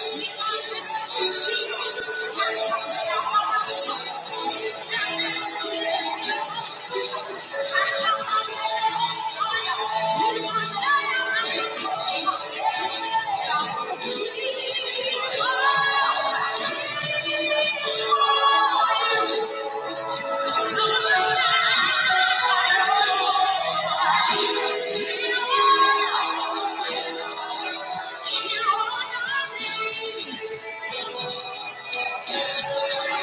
Thank you. Thank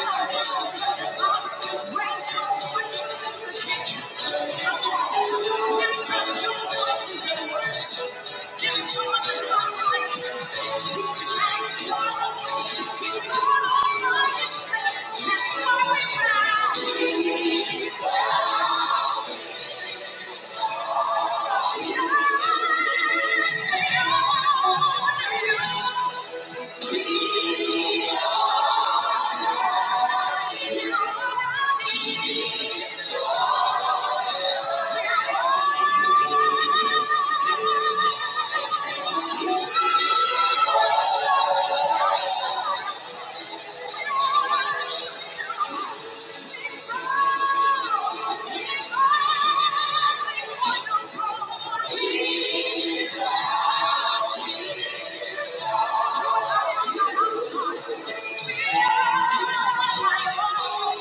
you.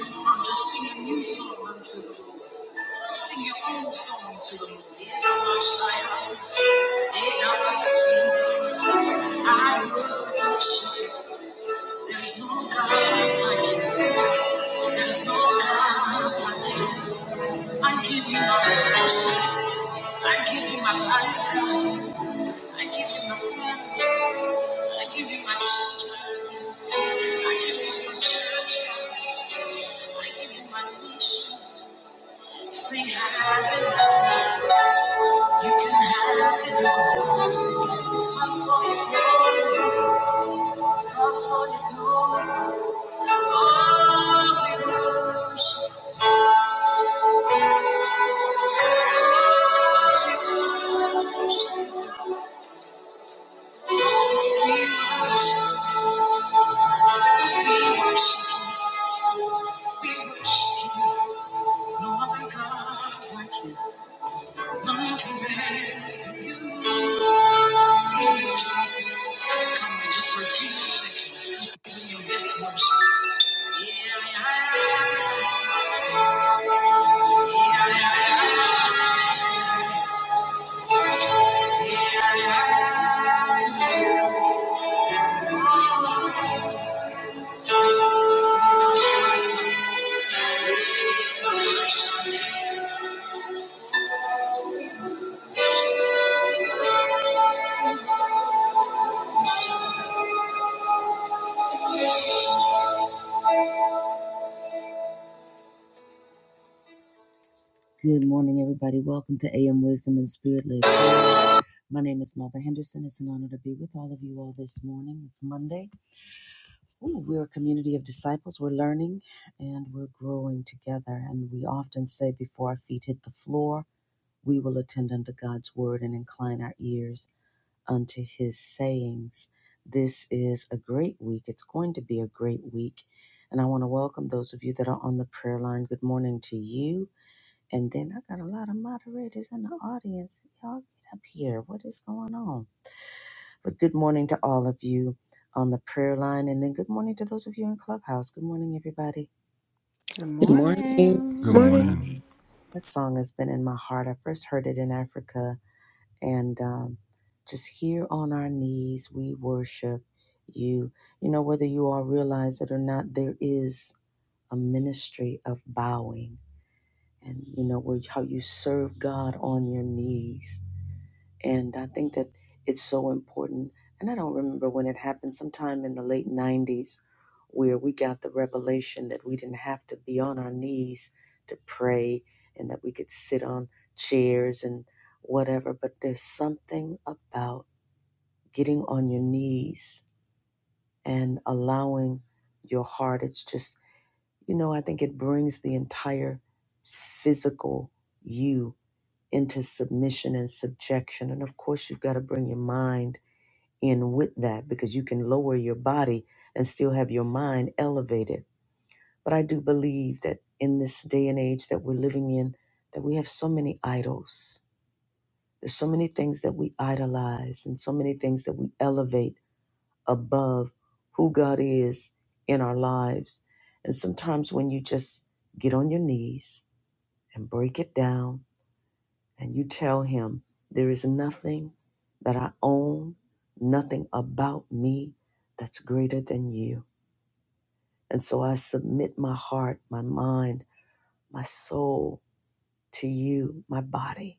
I'm just singing new song unto the Lord. Sing your own song to the Lord. Yeah, I shall. Yeah, I sing. I will worship you. There's no God like you. There's no God like you. I give you my worship. I give you my life, God. I give you my family. I give you my children. I give you my church. God. I give you my nation. Say have it You can have it all. It's all for your glory. It's all for your glory. Oh, we worship, we worship, we worship, we worship, you. No other God like you. None compares to you. We lift you up. Come, we just refuse it. Just give you this worship. Yeah, yeah, yeah, yeah, yeah. yeah. yeah. Good morning, everybody. Welcome to AM Wisdom and Spirit Live. My name is Melva Henderson. It's an honor to be with all of you all this morning. It's Monday. Ooh, we're a community of disciples. We're learning and we're growing together. And we often say, before our feet hit the floor, we will attend unto God's word and incline our ears. unto his sayings. This is a great week. It's going to be a great week. And I want to welcome those of you that are on the prayer line. Good morning to you. And then I got a lot of moderators in the audience. Y'all get up here. What is going on? But good morning to all of you on the prayer line. And then good morning to those of you in Clubhouse. Good morning, everybody. Good Good morning. morning. Good Good Morning. morning. morning. This song has been in my heart. I first heard it in Africa and um, just here on our knees, we worship you. You know, whether you all realize it or not, there is a ministry of bowing, and you know, where how you serve God on your knees and I think that it's so important. And I don't remember when it happened, sometime in the late 90s, where we got the revelation that we didn't have to be on our knees to pray and that we could sit on chairs and whatever. But there's something about getting on your knees and allowing your heart. It's just, you know, I think it brings the entire physical you into submission and subjection. And of course, you've got to bring your mind in with that because you can lower your body and still have your mind elevated. But I do believe that in this day and age that we're living in, that we have so many idols. There's so many things that we idolize and so many things that we elevate above who God is in our lives. And sometimes when you just get on your knees and break it down and you tell him, There is nothing that I own, nothing about me that's greater than you. And so I submit my heart, my mind, my soul to you, my body.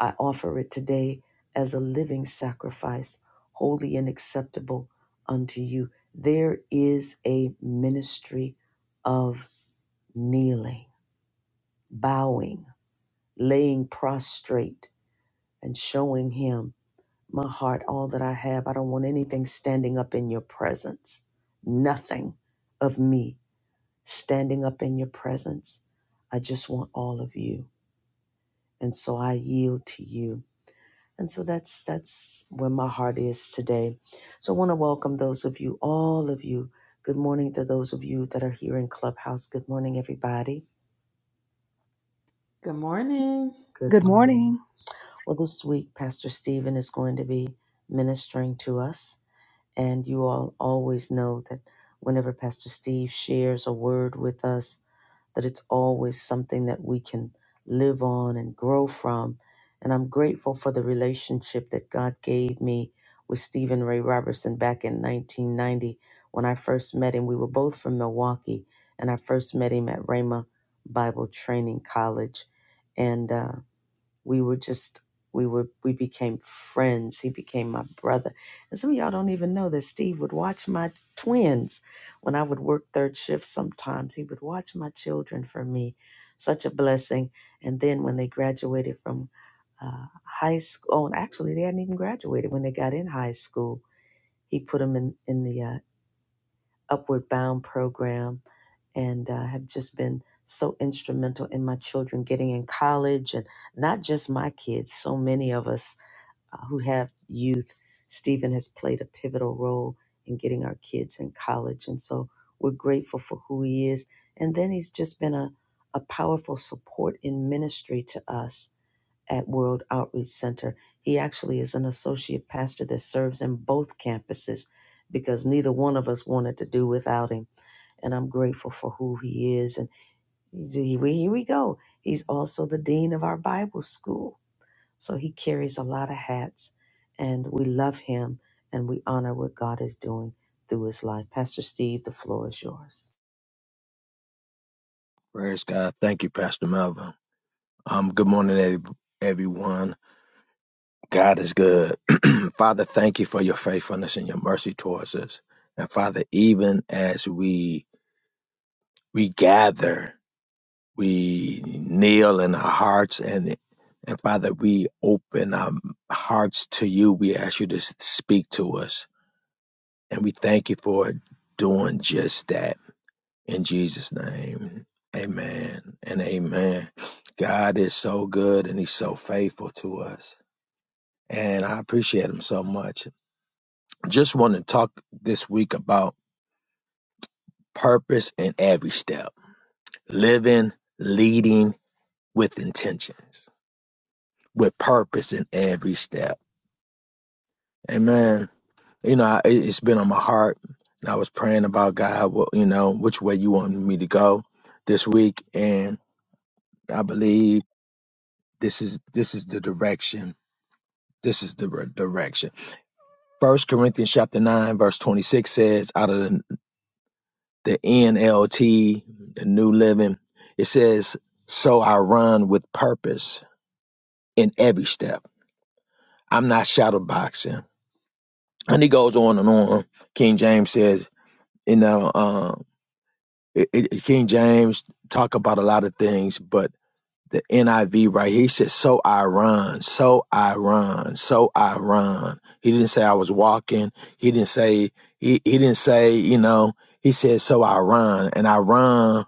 I offer it today as a living sacrifice, holy and acceptable unto you. There is a ministry of kneeling, bowing, laying prostrate, and showing him my heart, all that I have. I don't want anything standing up in your presence. Nothing of me standing up in your presence. I just want all of you. And so I yield to you. And so that's that's where my heart is today. So I want to welcome those of you, all of you. Good morning to those of you that are here in Clubhouse. Good morning, everybody. Good morning. Good Good morning. morning. Well, this week, Pastor Stephen is going to be ministering to us. And you all always know that whenever Pastor Steve shares a word with us, that it's always something that we can live on and grow from. And I'm grateful for the relationship that God gave me with Stephen Ray Robertson back in 1990 when I first met him. We were both from Milwaukee, and I first met him at Rhema Bible Training College. And uh, we were just we were we became friends he became my brother and some of y'all don't even know that steve would watch my twins when i would work third shift sometimes he would watch my children for me such a blessing and then when they graduated from uh, high school oh, and actually they hadn't even graduated when they got in high school he put them in in the uh, Upward Bound program and uh, have just been so instrumental in my children getting in college and not just my kids, so many of us uh, who have youth. Stephen has played a pivotal role in getting our kids in college. And so we're grateful for who he is. And then he's just been a, a powerful support in ministry to us at World Outreach Center. He actually is an associate pastor that serves in both campuses because neither one of us wanted to do without him. And I'm grateful for who he is. And here we here we go. He's also the dean of our Bible school. So he carries a lot of hats, and we love him and we honor what God is doing through his life. Pastor Steve, the floor is yours. Praise God. Thank you, Pastor Melvin. Um, good morning, ev- everyone. God is good. Father, thank you for your faithfulness and your mercy towards us. And Father, even as we we gather, we kneel in our hearts and and Father, we open our hearts to you. We ask you to speak to us. And we thank you for doing just that. In Jesus' name, amen and amen. God is so good and he's so faithful to us. And I appreciate him so much. Just want to talk this week about purpose in every step, living, leading with intentions, with purpose in every step. Amen. You know, I, it- has been on my heart. And I was praying about God, well, you know, which way you want me to go this week. And I believe this is this is the direction This is the re- direction. First Corinthians chapter 9, verse 26 says, out of the, the NLT, the New Living, it says, So I run with purpose in every step. I'm not shadow boxing. And he goes on and on. King James says, you know, um, it, it, King James talk about a lot of things, but the NIV right here. He said, So I run, so I run, so I run. He didn't say I was walking. He didn't say, he, he didn't say, you know, he said, So I run. And I run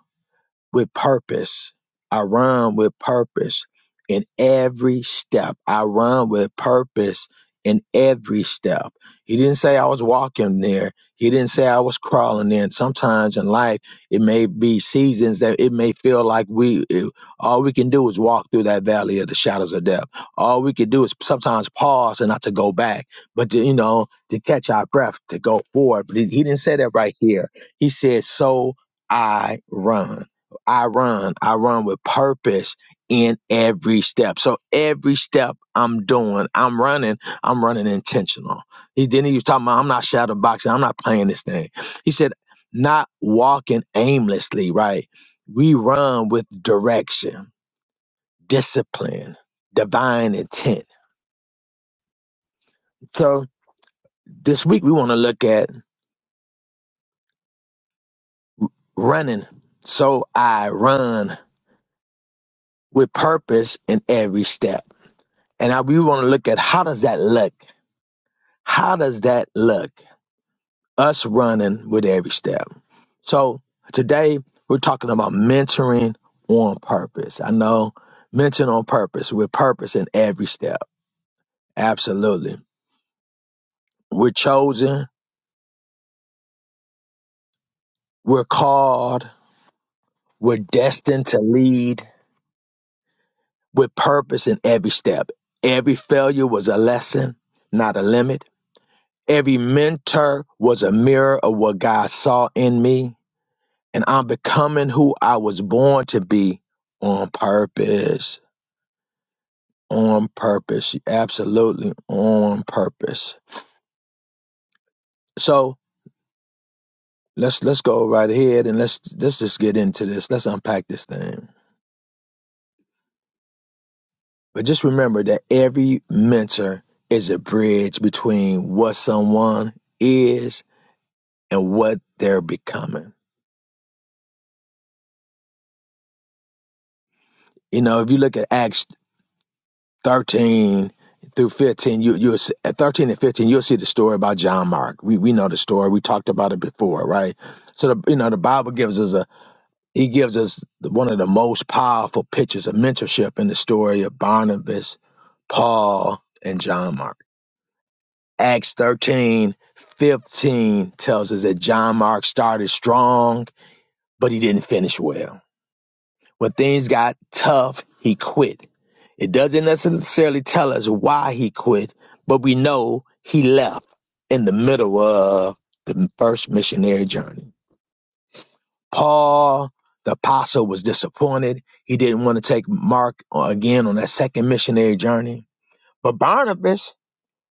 with purpose. I run with purpose in every step. I run with purpose in every step. He didn't say I was walking there. He didn't say I was crawling in. Sometimes in life, it may be seasons that it may feel like we it- all we can do is walk through that valley of the shadows of death. All we can do is sometimes pause and not to go back, but to, you know, to catch our breath, to go forward. But he he didn't say that right here. He said, "So I run." I run. I run with purpose in every step. So every step I'm doing, I'm running, I'm running intentional. He didn't he was talking about I'm not shadow boxing, I'm not playing this thing. He said, not walking aimlessly, right? We run with direction, discipline, divine intent. So this week we want to look at running. So I run with purpose in every step. And I, we want to look at how does that look? How does that look? Us running with every step. So today we're talking about mentoring on purpose. I know mentoring on purpose with purpose in every step. Absolutely. We're chosen, we're called, we're destined to lead with purpose in every step. Every failure was a lesson, not a limit. Every mentor was a mirror of what God saw in me and I'm becoming who I was born to be on purpose. On purpose. Absolutely on purpose. So let's let's go right ahead and let's let's just get into this. Let's unpack this thing. But just remember that every mentor is a bridge between what someone is and what they're becoming. You know, if you look at Acts 13 through 15 you you at 13 and 15 you'll see the story about john mark we we know the story we talked about it before right so the you know the bible gives us a he gives us one of the most powerful pictures of mentorship in the story of barnabas paul and john mark acts 13 15 tells us that john mark started strong but he didn't finish well when things got tough, he quit. It doesn't necessarily tell us why he quit, but we know he left in the middle of the first missionary journey. Paul, the apostle, was disappointed. He didn't want to take Mark again on that second missionary journey. But Barnabas,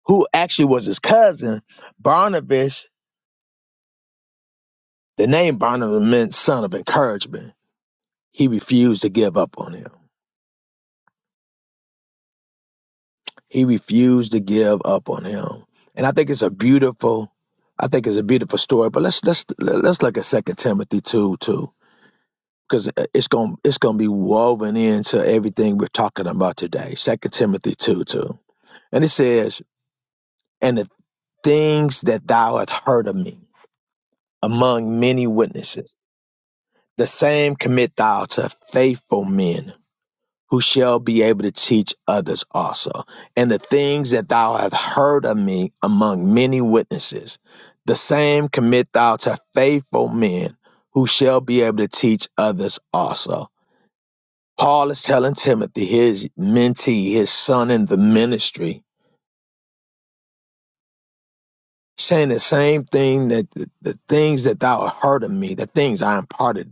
who actually was his cousin, Barnabas, the name Barnabas meant son of encouragement. He refused to give up on him. He refused to give up on him. And I think it's a beautiful, I think it's a beautiful story. But let's let's let's look at Second Timothy two too, because it's gonna it's gonna be woven into everything we're talking about today. Second Timothy two two, and it says, "And the things that thou hast heard of me among many witnesses, the same commit thou to faithful men." who shall be able to teach others also. And the things that thou hast heard of me among many witnesses, the same commit thou to faithful men who shall be able to teach others also. Paul is telling Timothy, his mentee, his son in the ministry, saying the same thing that the, the things that thou hast heard of me, the things I imparted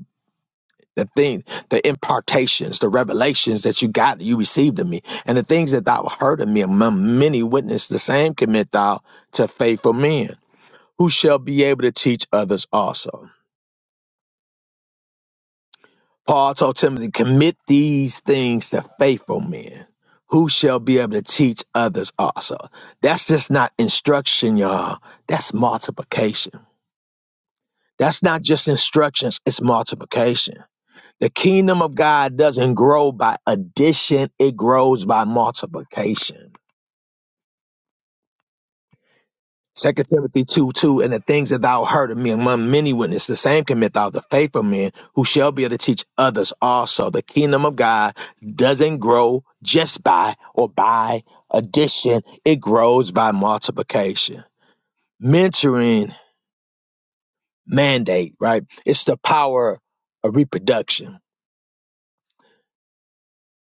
the thing, the impartations, the revelations that you got, you received of me, and the things that thou heard of me among many witnesses, the same commit thou to faithful men, who shall be able to teach others also. Paul told Timothy, commit these things to faithful men, who shall be able to teach others also. That's just not instruction, y'all. That's multiplication. That's not just instructions, it's multiplication. The kingdom of God doesn't grow by addition, it grows by multiplication. Second Timothy 2 2, and the things that thou heard of me among many witnesses, the same commit thou the faithful men who shall be able to teach others also. The kingdom of God doesn't grow just by or by addition, it grows by multiplication. Mentoring mandate, right? It's the power of reproduction.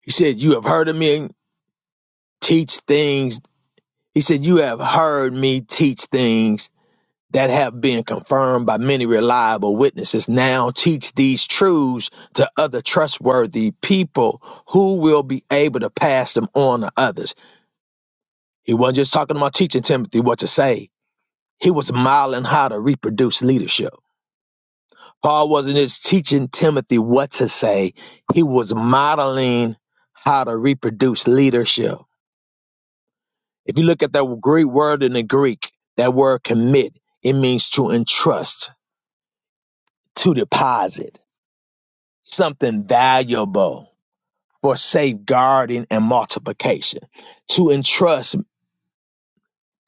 He said, You have heard of me, teach things He said, You have heard me teach things that have been confirmed by many reliable witnesses. Now teach these truths to other trustworthy people who will be able to pass them on to others. He wasn't just talking about teaching Timothy what to say, he was modeling how to reproduce leadership. Paul wasn't just teaching Timothy what to say, he was modeling how to reproduce leadership. If you look at that great word in the Greek, that word commit, it means to entrust, to deposit something valuable for safeguarding and multiplication. To entrust,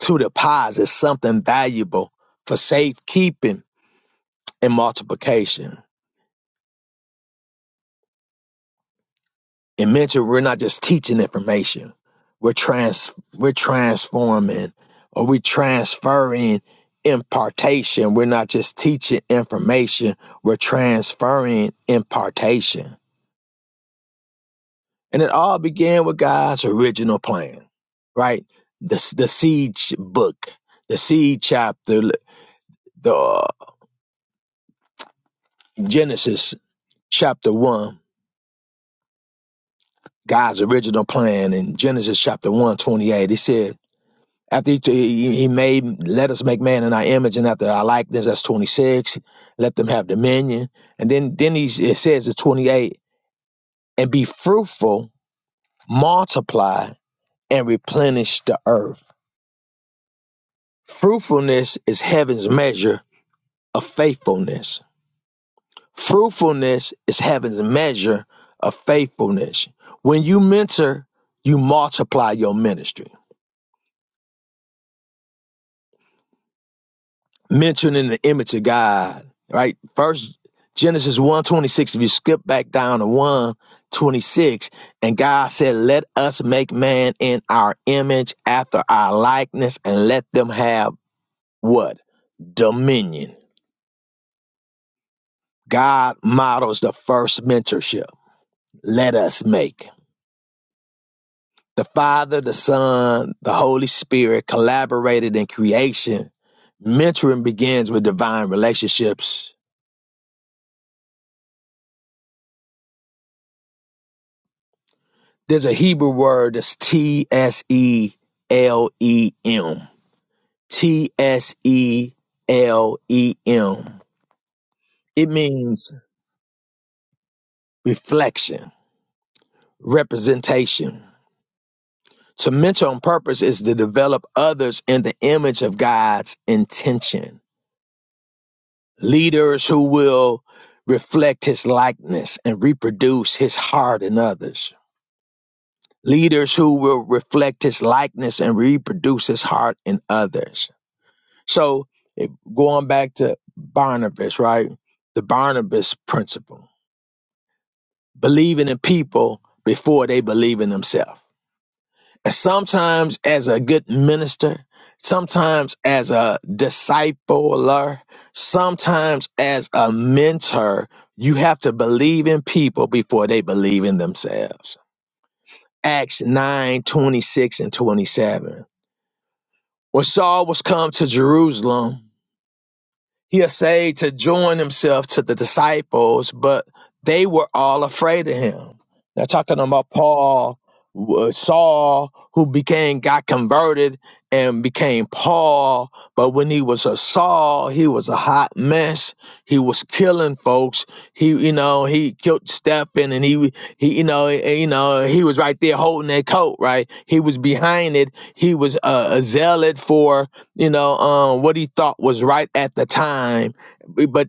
to deposit something valuable for safekeeping and multiplication. In mentor, we're not just teaching information. We're trans we're transforming or we're transferring impartation. We're not just teaching information, we're transferring impartation. And it all began with God's original plan, right? The, the seed book, the seed chapter, the uh, Genesis chapter 1, God's original plan in Genesis chapter one twenty eight. 28. He said, After he, he, he made, let us make man in our image, and after our likeness, that's 26. Let them have dominion, and then then he it says in 28, and be fruitful, multiply, and replenish the earth. Fruitfulness is heaven's measure of faithfulness. Fruitfulness is heaven's measure of faithfulness. When you mentor, you multiply your ministry mentioning the image of God, right? First Genesis 126, if you skip back down to 126, and God said, Let us make man in our image after our likeness, and let them have what? Dominion. God models the first mentorship. Let us make. The Father, the Son, the Holy Spirit collaborated in creation. Mentoring begins with divine relationships There's a Hebrew word that's T S E L E M. T S E L E M. It means reflection, representation. To mentor on purpose is to develop others in the image of God's intention. Leaders who will reflect his likeness and reproduce his heart in others. Leaders who will reflect his likeness and reproduce his heart in others So if, going back to Barnabas, right? The Barnabas principle, believing in people before they believe in themselves. And sometimes as a good minister, sometimes as a discipler, sometimes as a mentor, you have to believe in people before they believe in themselves. Acts 9 26 and 27. When Saul was come to Jerusalem, he essayed to join himself to the disciples, but they were all afraid of him. Now, talking about Paul, uh, Saul, who became, got converted and became Paul, but when he was a Saul, he was a hot mess. He was killing folks. He, you know, he killed Stephen and he, he, you know, eh, eh, you know, he was right there holding that coat, right? He was behind it. He was uh, a zealot for you know, um, what he thought was right at the time. But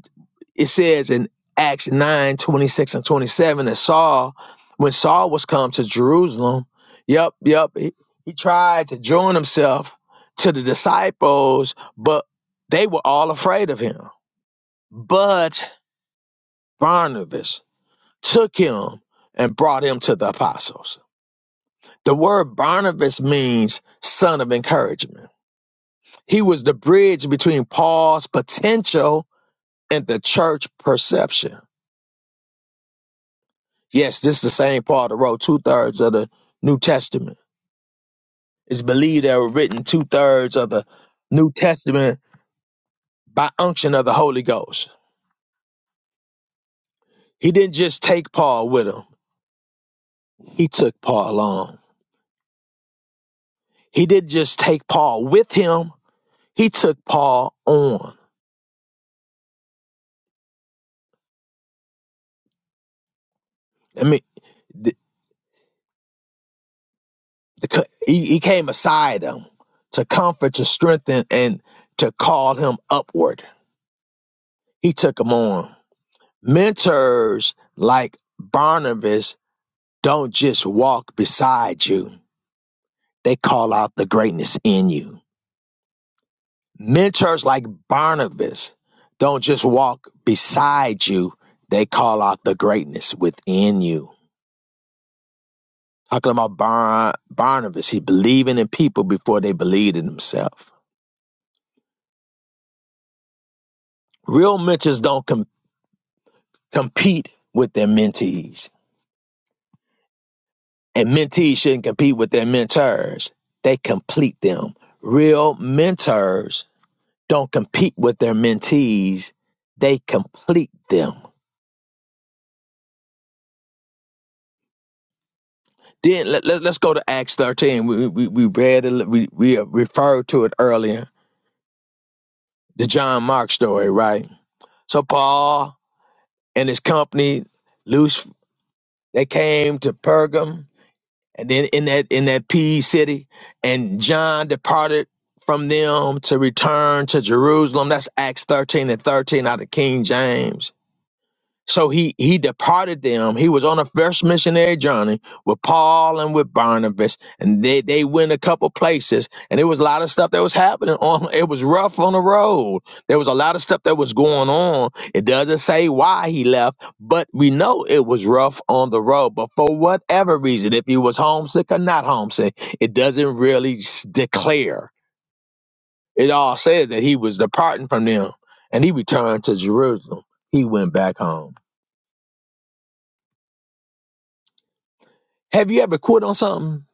it says in Acts 9 26 and 27 that Saul, when Saul was come to Jerusalem, yep, yep, he, he tried to join himself to the disciples, but they were all afraid of him. But Barnabas took him and brought him to the apostles. The word Barnabas means son of encouragement. He was the bridge between Paul's potential and the church perception. Yes, this is the same Paul that wrote two thirds of the New Testament. It's believed that were written two thirds of the New Testament by unction of the Holy Ghost. He didn't just take Paul with him, he took Paul along. He didn't just take Paul with him, he took Paul on. I mean, the, the, co- he, he came beside him to comfort, to strengthen, and to call him upward. He took him on. Mentors like Barnabas don't just walk beside you, they call out the greatness in you. Mentors like Barnabas don't just walk beside you, they call out the greatness within you. Talking about Bar- Barnabas, he's believing in people before they believed in himself. Real mentors don't com- compete with their mentees, and mentees shouldn't compete with their mentors. They complete them. Real mentors don't compete with their mentees, they complete them. Then let, let, us go to Acts 13. We, we, we read, it, we, we referred to it earlier, the John Mark story, right? So Paul and his company, loose, they came to Pergam and then in that, in that P E city and John departed from them to return to Jerusalem. That's Acts 13 and 13 out of King James So he he departed them. He was on a first missionary journey with Paul and with Barnabas, and they they went a couple places, and it was a lot of stuff that was happening on. It was rough on the road. There was a lot of stuff that was going on. It doesn't say why he left, but we know it was rough on the road. But for whatever reason, if he was homesick or not homesick, it doesn't really s- declare. It all says that he was departing from them, and he returned to Jerusalem. He went back home. Have you ever quit on something?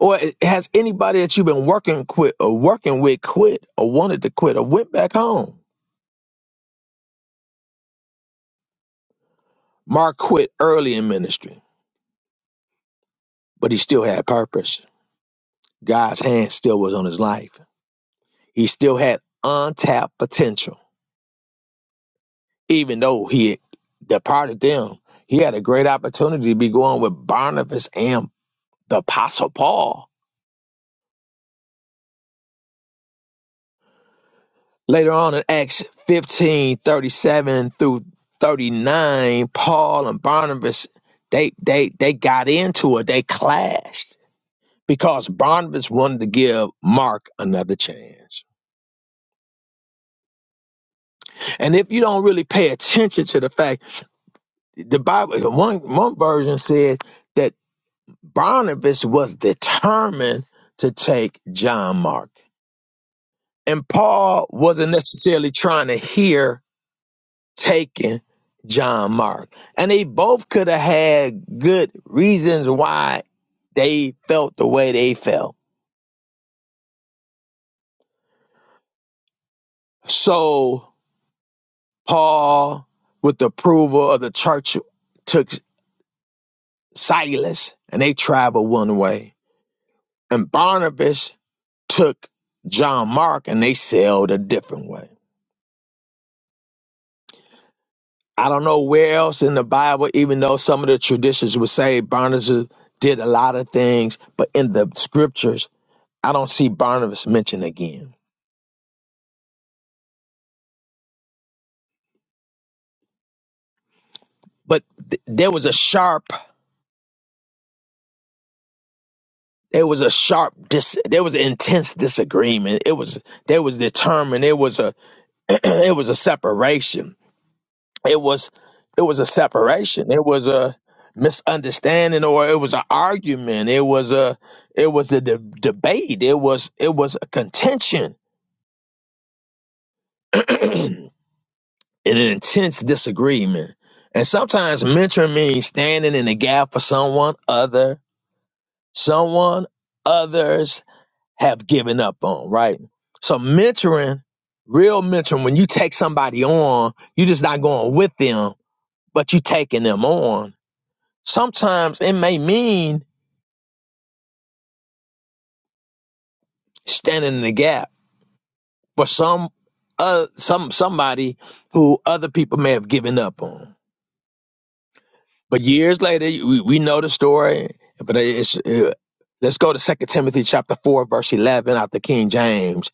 Or has anybody that you've been working quit or working with quit or wanted to quit or went back home? Mark quit early in ministry, but he still had purpose. God's hand still was on his life. He still had untapped potential, even though he had departed them. He had a great opportunity to be going with Barnabas and the Apostle Paul Later on in Acts 15 37 through 39, Paul and Barnabas, they, they, they got into it. They clashed because Barnabas wanted to give Mark another chance. And if you don't really pay attention to the fact, the Bible, one, one version said that Barnabas was determined to take John Mark. And Paul wasn't necessarily trying to hear taking John Mark. And they both could have had good reasons why they felt the way they felt. So Paul, with the approval of the church, took Silas and they traveled one way. And Barnabas took John Mark and they sailed a different way. I don't know where else in the Bible, even though some of the traditions would say Barnabas did a lot of things, but in the scriptures, I don't see Barnabas mentioned again. But th- there was a sharp, there was a sharp, dis- there was an intense disagreement. It was, there was determined. It was a, it was a separation. It was, it was a separation. It was a misunderstanding, or it was an argument. It was a, it was a de- debate. It was, it was a contention, and an intense disagreement. And sometimes mentoring means standing in the gap for someone other someone others have given up on, right? So mentoring, real mentoring, when you take somebody on, you're just not going with them, but you are taking them on. Sometimes it may mean standing in the gap for some uh some somebody who other people may have given up on. But years later, we, we know the story, but it's uh, let's go to Second Timothy chapter 4 verse 11 out the King James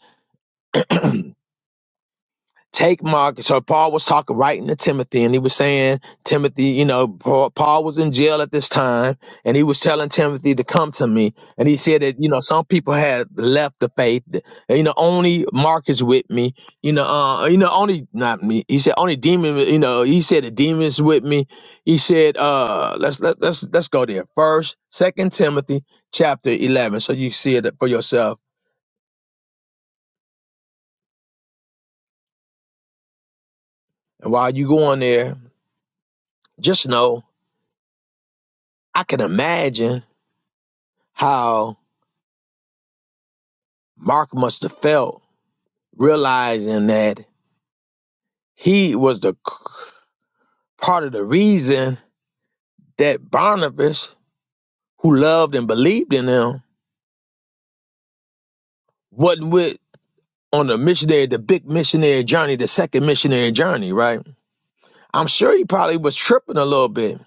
take Mark. So Paul was talking right into Timothy, and he was saying, Timothy, you know, Paul, Paul was in jail at this time, and he was telling Timothy to come to me. And he said that, you know, some people had left the faith. that, You know, only Mark is with me. You know, uh, you know, only not me. He said only demon. You know, he said the demons with me. He said, uh, let's let, let's let's go there first. Second Timothy chapter eleven, so you see it for yourself. And while you go on there, just know I can imagine how Mark must have felt realizing that he was the part of the reason that Barnabas, who loved and believed in him, wasn't with on the missionary, the big missionary journey, the second missionary journey, right? I'm sure he probably was tripping a little bit.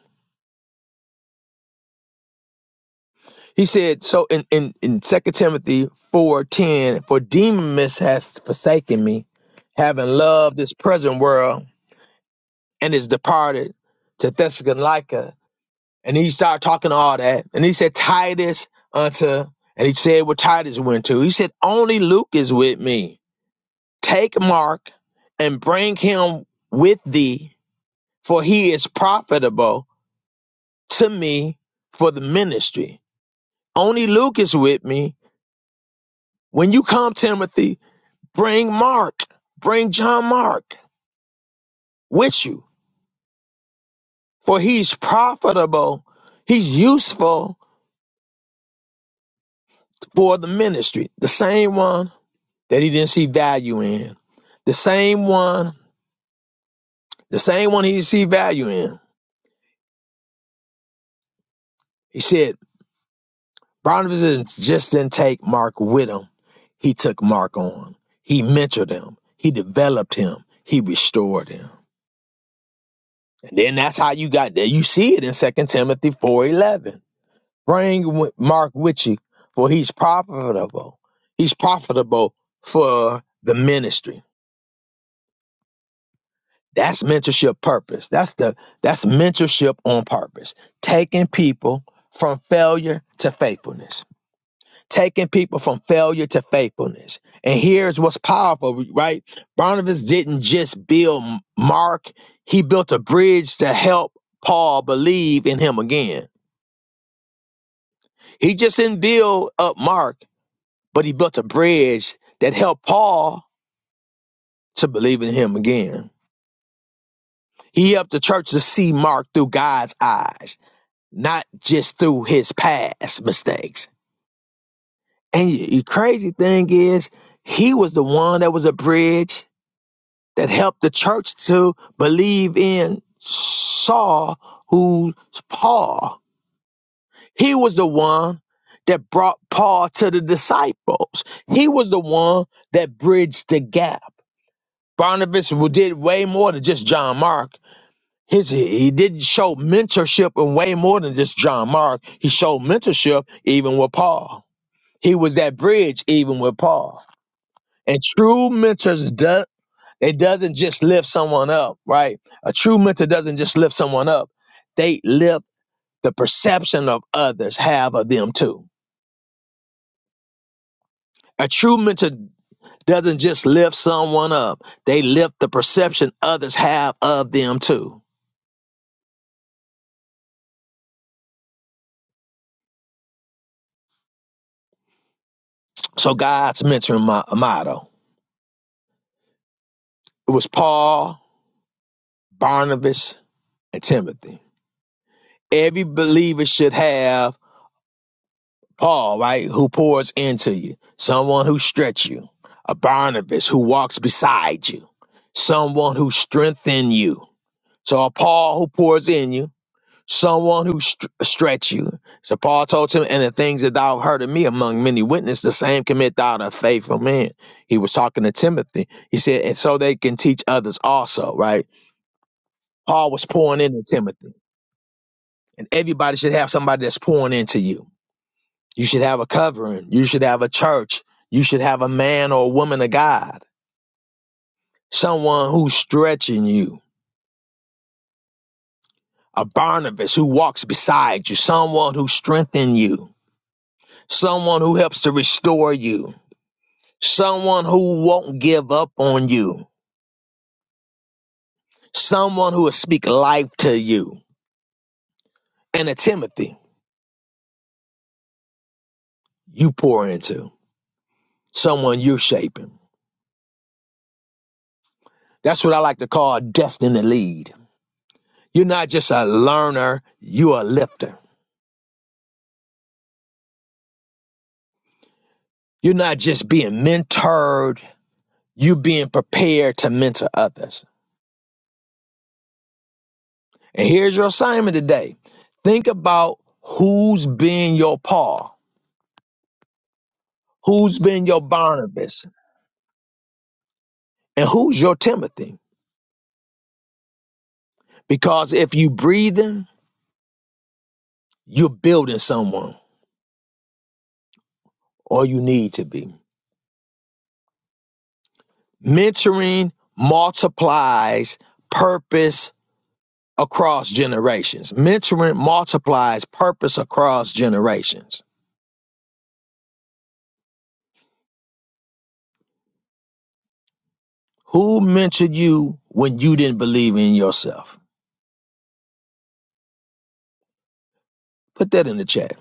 He said, so in, in, in 2 Timothy 4.10, for Demas has forsaken me, having loved this present world, and is departed to Thessalonica And he started talking all that. And he said, Titus unto, and he said where Titus went to. He said, Only Luke is with me. Take Mark and bring him with thee, for he is profitable to me for the ministry. Only Luke is with me. When you come, Timothy, bring Mark, bring John Mark with you, for he's profitable, he's useful for the ministry. The same one that he didn't see value in. The same one, the same one he didn't see value in. He said, Barnabas didn't, just didn't take Mark with him. He took Mark on. He mentored him. He developed him. He restored him. And then that's how you got there. You see it in Second Timothy 4.11. Bring Mark with you, for he's profitable. He's profitable for the ministry. That's mentorship purpose. That's the that's mentorship on purpose. Taking people from failure to faithfulness. Taking people from failure to faithfulness. And here's what's powerful, right? Barnabas didn't just build Mark, he built a bridge to help Paul believe in him again. He just didn't build up Mark, but he built a bridge that helped Paul to believe in him again. He helped the church to see Mark through God's eyes. not just through his past mistakes. And the crazy thing is, he was the one that was a bridge that helped the church to believe in Saul, who's Paul. He was the one that brought Paul to the disciples. He was the one that bridged the gap. Barnabas did way more than just John Mark. His, he didn't show mentorship in way more than just John Mark. He showed mentorship even with Paul. He was that bridge even with Paul. And true mentors do, it doesn't just lift someone up, right? A true mentor doesn't just lift someone up. They lift the perception of others have of them too. A true mentor doesn't just lift someone up. They lift the perception others have of them too. So God's mentoring motto. It was Paul, Barnabas, and Timothy. Every believer should have Paul, right, who pours into you, someone who stretch you, a Barnabas who walks beside you, someone who strengthens you. So a Paul who pours in you, someone who str- stretch you. So Paul told him, and the things that thou heard of me among many witnesses, the same commit thou to faithful men. He was talking to Timothy. He said, and so they can teach others also, right? Paul was pouring into Timothy, and everybody should have somebody that's pouring into you. You should have a covering. You should have a church. You should have a man or a woman of God, someone who's stretching you, a Barnabas who walks beside you, someone who strengthens you, someone who helps to restore you, someone who won't give up on you, someone who will speak life to you, and a Timothy you pour into, someone you're shaping. That's what I like to call a destiny lead. You're not just a learner, you're a lifter. You're not just being mentored, you're being prepared to mentor others. And here's your assignment today think about who's been your Paul, who's been your Barnabas, and who's your Timothy. Because if you breathing, you're building someone, or you need to be. Mentoring multiplies purpose across generations. Mentoring multiplies purpose across generations. Who mentored you when you didn't believe in yourself? Put that in the chat.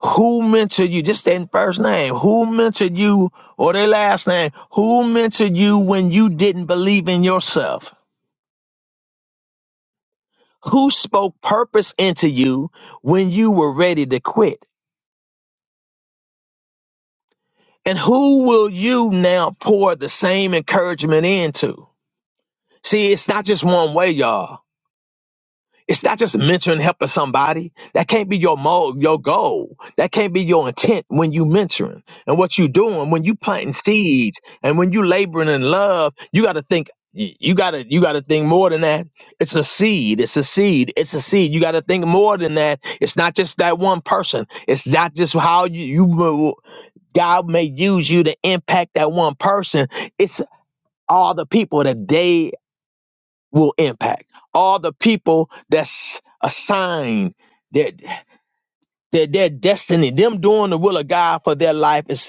Who mentored you? Just that first name. Who mentored you or their last name? Who mentored you when you didn't believe in yourself? Who spoke purpose into you when you were ready to quit? And who will you now pour the same encouragement into? See, it's not just one way, y'all. It's not just mentoring, helping somebody. That can't be your mo, your goal. That can't be your intent when you mentoring and what you doing when you planting seeds and when you laboring in love. You got to think. y- You got to you got to think more than that. It's a seed. It's a seed. It's a seed. You got to think more than that. It's not just that one person. It's not just how you you mo- God may use you to impact that one person. It's all the people that they will impact. All the people that's assigned their their, their destiny, them doing the will of God for their life is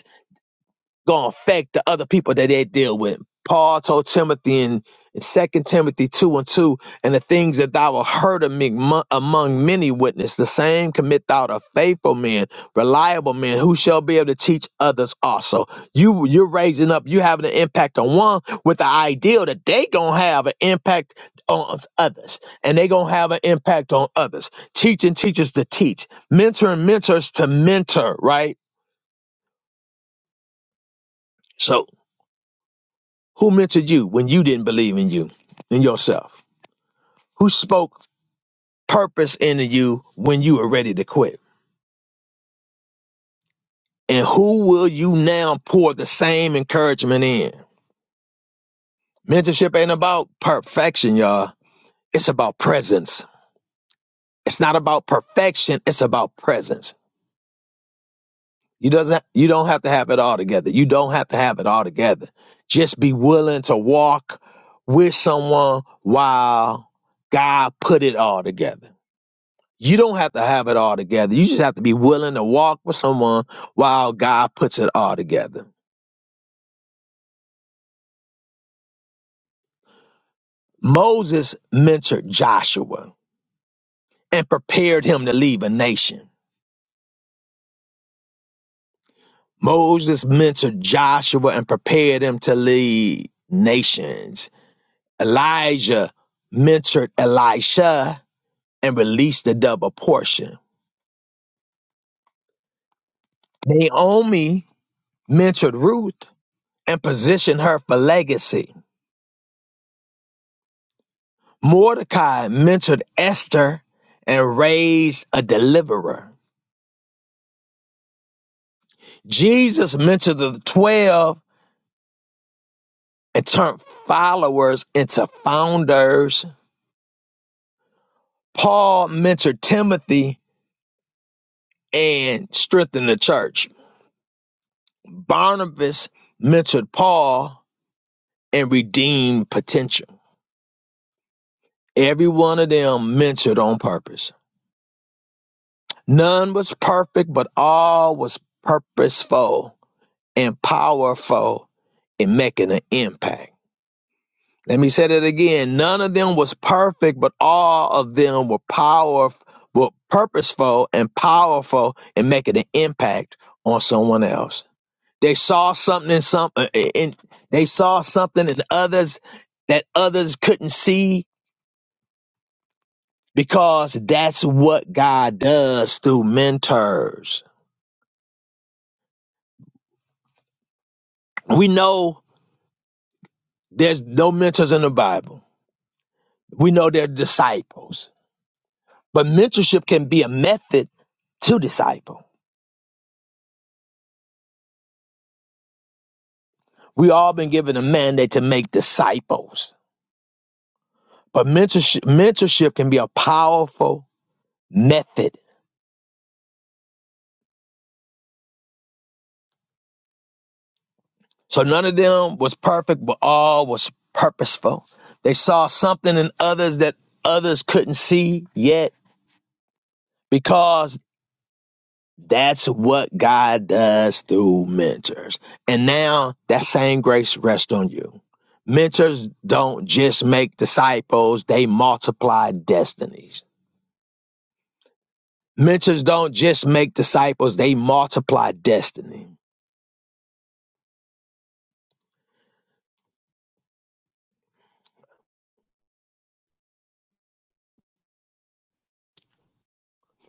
gonna affect the other people that they deal with. Paul told Timothy in, in Second Timothy 2 and 2, and the things that thou hast heard of me mo- among many witnesses, the same commit thou to faithful men, reliable men, who shall be able to teach others also. You you're raising up, you having an impact on one with the idea that they gonna have an impact on us- others, and they gonna have an impact on others. Teaching teachers to teach, mentoring mentors to mentor, right? so. Who mentored you when you didn't believe in you, in yourself? Who spoke purpose into you when you were ready to quit? And who will you now pour the same encouragement in? Mentorship ain't about perfection, y'all. It's about presence. It's not about perfection. It's about presence. You doesn't, you don't have to have it all together. You don't have to have it all together. Just be willing to walk with someone while God put it all together. You don't have to have it all together. You just have to be willing to walk with someone while God puts it all together. Moses mentored Joshua and prepared him to lead a nation. Moses mentored Joshua and prepared him to lead nations. Elijah mentored Elisha and released the double portion. Naomi mentored Ruth and positioned her for legacy. Mordecai mentored Esther and raised a deliverer. Jesus mentored the 12 and turned followers into founders. Paul mentored Timothy and strengthened the church. Barnabas mentored Paul and redeemed potential. Every one of them mentored on purpose. None was perfect, but all was purposeful and powerful in making an impact. Let me say that again. None of them was perfect, but all of them were power, were purposeful and powerful in making an impact on someone else. They saw something in some, uh, in, they saw something in others that others couldn't see because that's what God does through mentors. We know there's no mentors in the Bible. We know they're disciples, but mentorship can be a method to disciple We all been given a mandate to make disciples, but mentorship, mentorship can be a powerful method. So none of them was perfect, but all was purposeful. They saw something in others that others couldn't see yet because that's what God does through mentors. And now that same grace rests on you. Mentors don't just make disciples, they multiply destinies. Mentors don't just make disciples, they multiply destiny.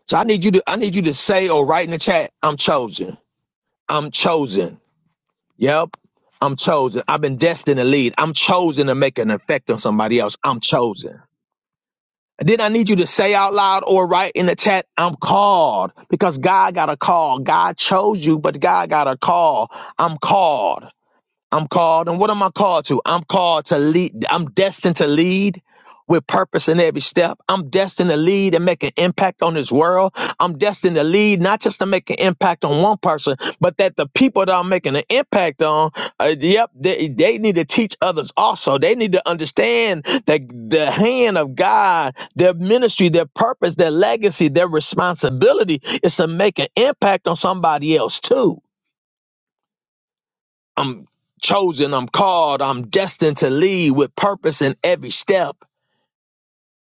So I need you to I need you to say or write in the chat, I'm chosen. I'm chosen. Yep. I'm chosen. I've been destined to lead. I'm chosen to make an effect on somebody else. I'm chosen. And then I need you to say out loud or write in the chat, I'm called because God got a call. God chose you, but God got a call. I'm called. I'm called, and what am I called to? I'm called to lead. I'm destined to lead with purpose in every step. I'm destined to lead and make an impact on this world. I'm destined to lead not just to make an impact on one person, but that the people that I'm making an impact on, uh, yep, they, they need to teach others also. They need to understand that the hand of God, their ministry, their purpose, their legacy, their responsibility is to make an impact on somebody else too. I'm chosen, I'm called, I'm destined to lead with purpose in every step.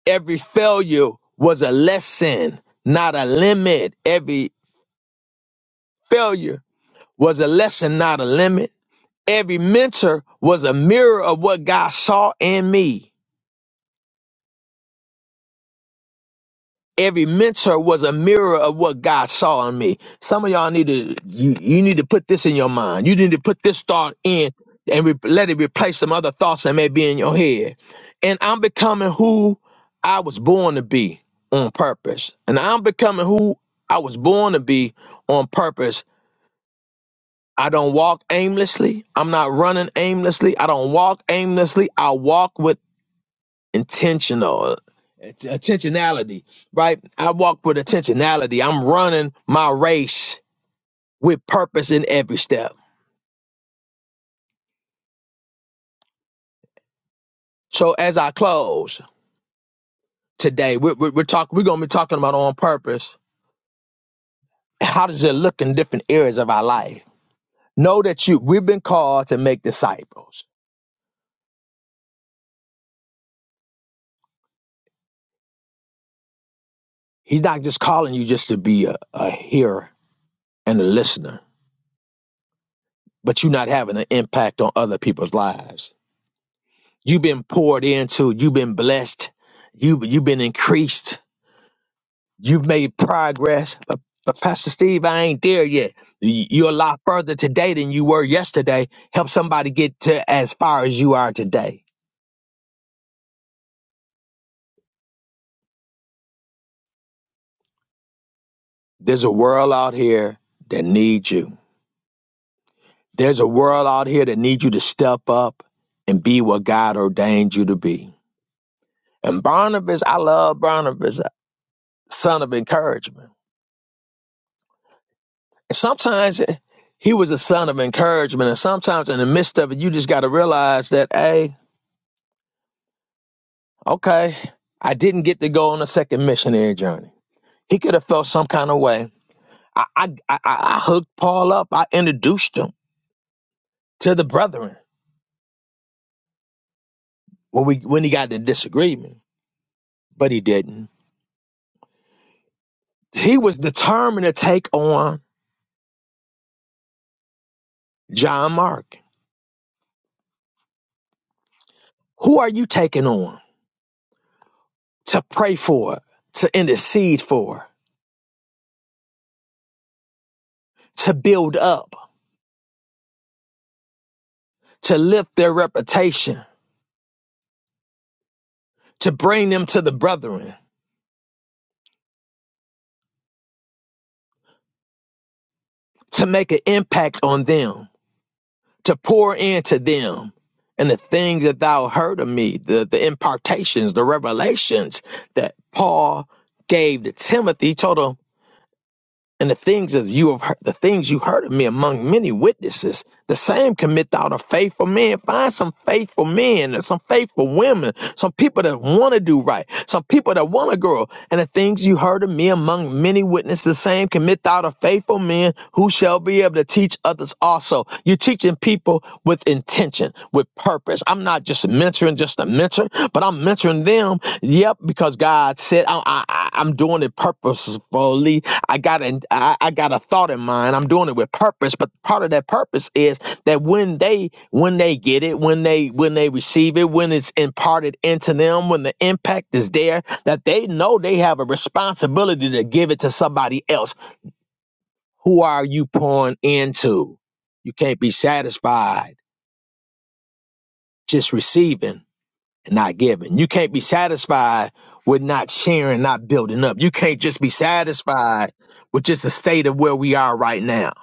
Every failure was a lesson, not a limit. Every failure was a lesson, not a limit. Every mentor was a mirror of what God saw in me. every mentor was a mirror of what God saw in me. Some of y'all need to you, you need to put this in your mind. You need to put this thought in and re- let it replace some other thoughts that may be in your head. And I'm becoming who I was born to be on purpose. And I'm becoming who I was born to be on purpose. I don't walk aimlessly. I'm not running aimlessly. I don't walk aimlessly. I walk with intentional att- intentionality right i walk with intentionality i'm running my race with purpose in every step so as i close today we're, we're, we're talking we're going to be talking about on purpose how does it look in different areas of our life know that you we've been called to make disciples he's not just calling you just to be a, a hearer and a listener but you're not having an impact on other people's lives You've been poured into. You've been blessed. You you've been increased. You've made progress. But, but Pastor Steve, I ain't there yet. You- You're a lot further today than you were yesterday. Help somebody get to as far as you are today. There's a world out here that needs you. There's a world out here that needs you to step up and be what God ordained you to be. And Barnabas, I love Barnabas, son of encouragement sometimes he was a son of encouragement. And sometimes in the midst of it, you just got to realize that, hey, okay, I didn't get to go on a second missionary journey. He could have felt some kind of way. I, I, I, I hooked Paul up. I introduced him to the brethren when we when he got the disagreement, but he didn't. He was determined to take on John Mark. Who are you taking on? To pray for, to intercede for, to build up, to lift their reputation to bring them to the brethren, to make an impact on them, to pour into them. And the things that thou heard of me, the, the impartations, the revelations that Paul gave to Timothy, he told him, And the things that you have heard, the things you heard of me among many witnesses, the same commit thou to faithful men. Find some faithful men and some faithful women, some people that want to do right, some people that want to grow. And the things you heard of me among many witnesses, the same commit thou to faithful men who shall be able to teach others also. You're teaching people with intention, with purpose. I'm not just mentoring just a mentor, but I'm mentoring them. Yep, because God said I, I, I- am doing it purposefully. I got an, I, I got a thought in mind. I'm doing it with purpose. But part of that purpose is that when they when they get it, when they when they receive it, when it's imparted into them, when the impact is there, that they know they have a responsibility to give it to somebody else. Who are you pouring into? You can't be satisfied just receiving and not giving. You can't be satisfied with not sharing, not building up. You can't just be satisfied with just the state of where we are right now.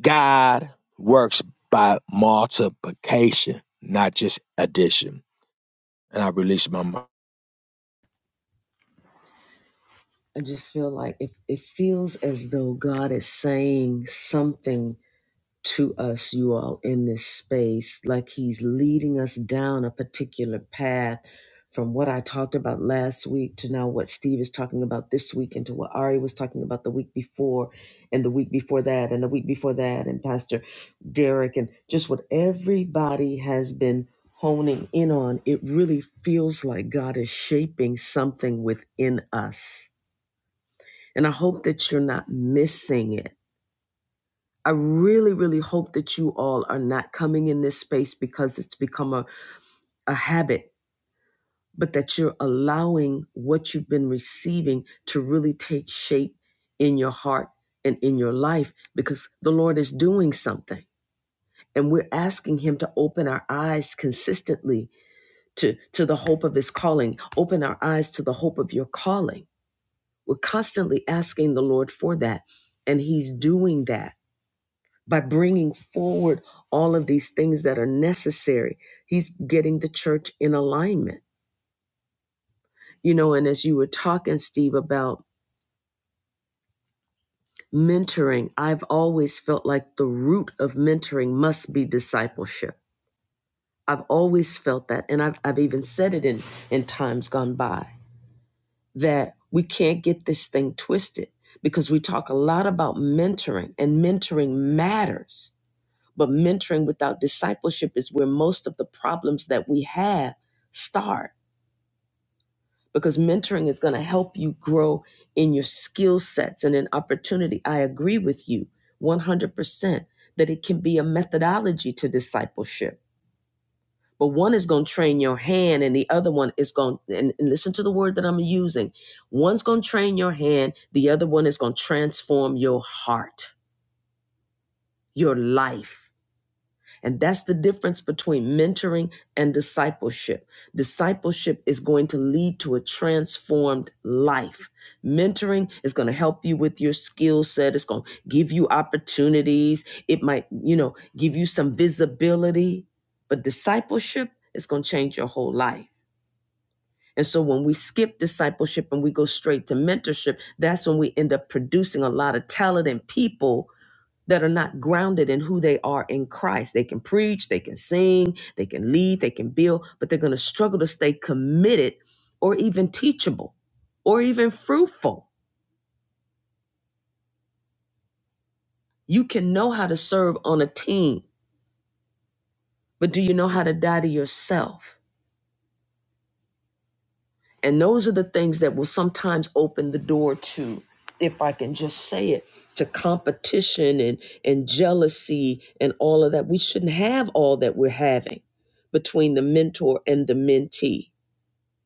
God works by multiplication, not just addition. And I release my mind. I just feel like if it feels as though God is saying something to us, you all, in this space, like He's leading us down a particular path from what I talked about last week to now what Steve is talking about this week and to what Ari was talking about the week before and the week before that and the week before that and Pastor Derek and just what everybody has been honing in on. It really feels like God is shaping something within us. And I hope that you're not missing it I really, really hope that you all are not coming in this space because it's become a, a habit, but that you're allowing what you've been receiving to really take shape in your heart and in your life because the Lord is doing something. And we're asking Him to open our eyes consistently to, to the hope of His calling, open our eyes to the hope of your calling. We're constantly asking the Lord for that, and He's doing that by bringing forward all of these things that are necessary. He's getting the church in alignment. You know, and as you were talking, Steve, about mentoring, I've always felt like the root of mentoring must be discipleship. I've always felt that. And I've, I've even said it in, in times gone by that we can't get this thing twisted because we talk a lot about mentoring and mentoring matters But mentoring without discipleship is where most of the problems that we have start because mentoring is going to help you grow in your skill sets and in opportunity. I agree with you 100% that it can be a methodology to discipleship. But one is going to train your hand, and the other one is going, and, and listen to the word that I'm using. One's going to train your hand, the other one is going to transform your heart, your life. And that's the difference between mentoring and discipleship. Discipleship is going to lead to a transformed life. Mentoring is going to help you with your skill set. It's going to give you opportunities. It might, you know, give you some visibility. But discipleship is going to change your whole life. And so when we skip discipleship and we go straight to mentorship, that's when we end up producing a lot of talented people that are not grounded in who they are in Christ. They can preach, they can sing, they can lead, they can build, but they're going to struggle to stay committed or even teachable or even fruitful. You can know how to serve on a team, but do you know how to die to yourself? And those are the things that will sometimes open the door to, if I can just say it, to competition and, and jealousy and all of that. We shouldn't have all that we're having between the mentor and the mentee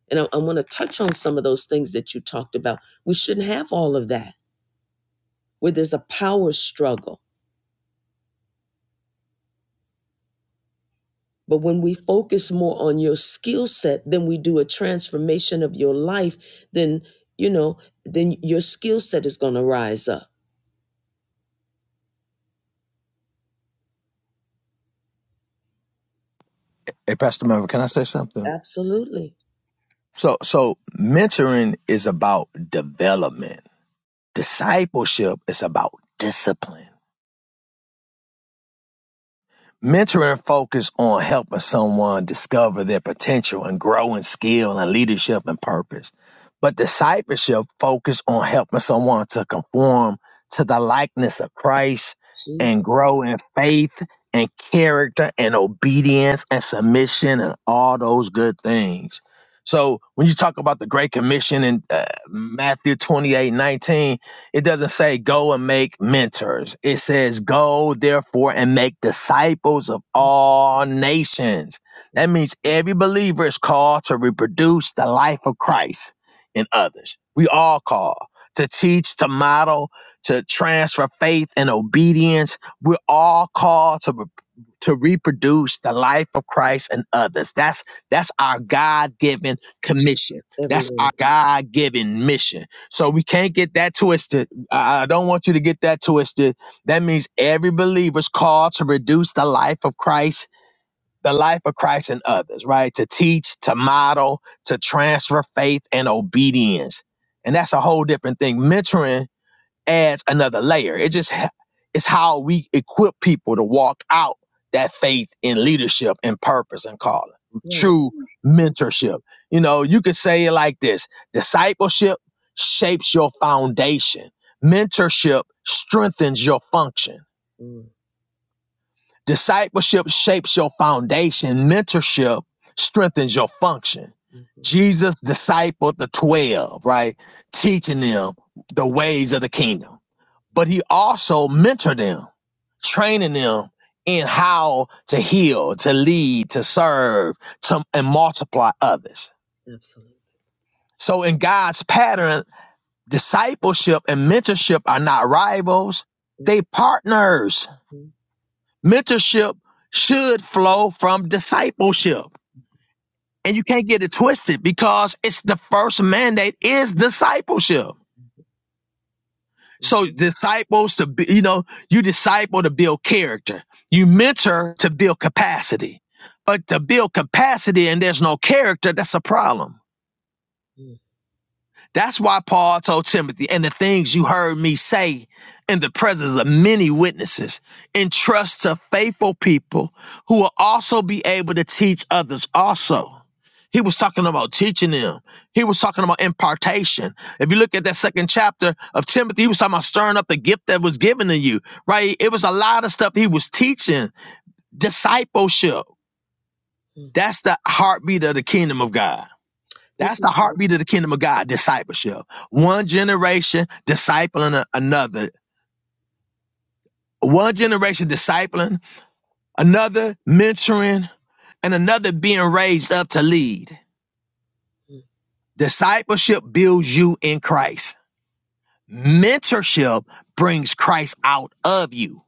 And I, I want to touch on some of those things that you talked about. We shouldn't have all of that where there's a power struggle. But when we focus more on your skill set than we do a transformation of your life, then, you know, then your skill set is going to rise up. Hey, Pastor Melvin, can I say something? Absolutely. So, so mentoring is about development. Discipleship is about discipline. Mentoring focus on helping someone discover their potential and grow in skill and leadership and purpose. But discipleship focus on helping someone to conform to the likeness of Christ and Jesus. grow in faith and character and obedience and submission and all those good things. So when you talk about the Great Commission in uh, Matthew twenty-eight nineteen it doesn't say go and make mentors. It says go therefore and make disciples of all nations. That means every believer is called to reproduce the life of Christ in others. We all call to teach, to model, to transfer faith and obedience. We're all called to re- to reproduce the life of Christ in others. That's that's our God-given commission. Every That's one our of us. God-given mission so we can't get that twisted. I I don't want you to get that twisted. That means every believer's called to reduce the life of Christ, the life of Christ and others, right? To teach, to model, to transfer faith and obedience. And that's a whole different thing. Mentoring adds another layer. It just ha- it's how we equip people to walk out that faith in leadership and purpose and calling. Right. True mentorship. You know, you could say it like this: discipleship shapes your foundation. Mentorship strengthens your function. Mm, Discipleship shapes your foundation. Mentorship strengthens your function. mhm. Jesus discipled the 12, right? Teaching them the ways of the kingdom but he also mentored them, training them in how to heal, to lead, to serve, to, and multiply others. Absolutely. So in God's pattern, discipleship and mentorship are not rivals, they partners. Mm, Mentorship should flow from discipleship. And you can't get it twisted because it's the first mandate is discipleship. mhm, So mhm, disciples to be, you know, you disciple to build character. You mentor to build capacity. But to build capacity and there's no character, that's a problem. That's why Paul told Timothy, and the things you heard me say in the presence of many witnesses, entrust to faithful people who will also be able to teach others also. He was talking about teaching them. He was talking about impartation. If you look at that second chapter of Timothy, he was talking about stirring up the gift that was given to you, right? It was a lot of stuff he was teaching. Discipleship. mhm. That's the heartbeat of the kingdom of God. This That's is. the heartbeat of the kingdom of God, discipleship. One generation discipling another. One generation discipling, another mentoring, and another being raised up to lead. mm, Discipleship builds you in Christ. Mentorship brings Christ out of you.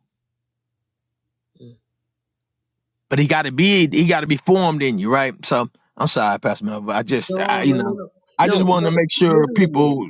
mm. But he gotta be he gotta be formed in you, right? So I'm sorry, Pastor Mel, but I just I, No, you no, no, know, no. I No, just wanted to no, make sure literally. people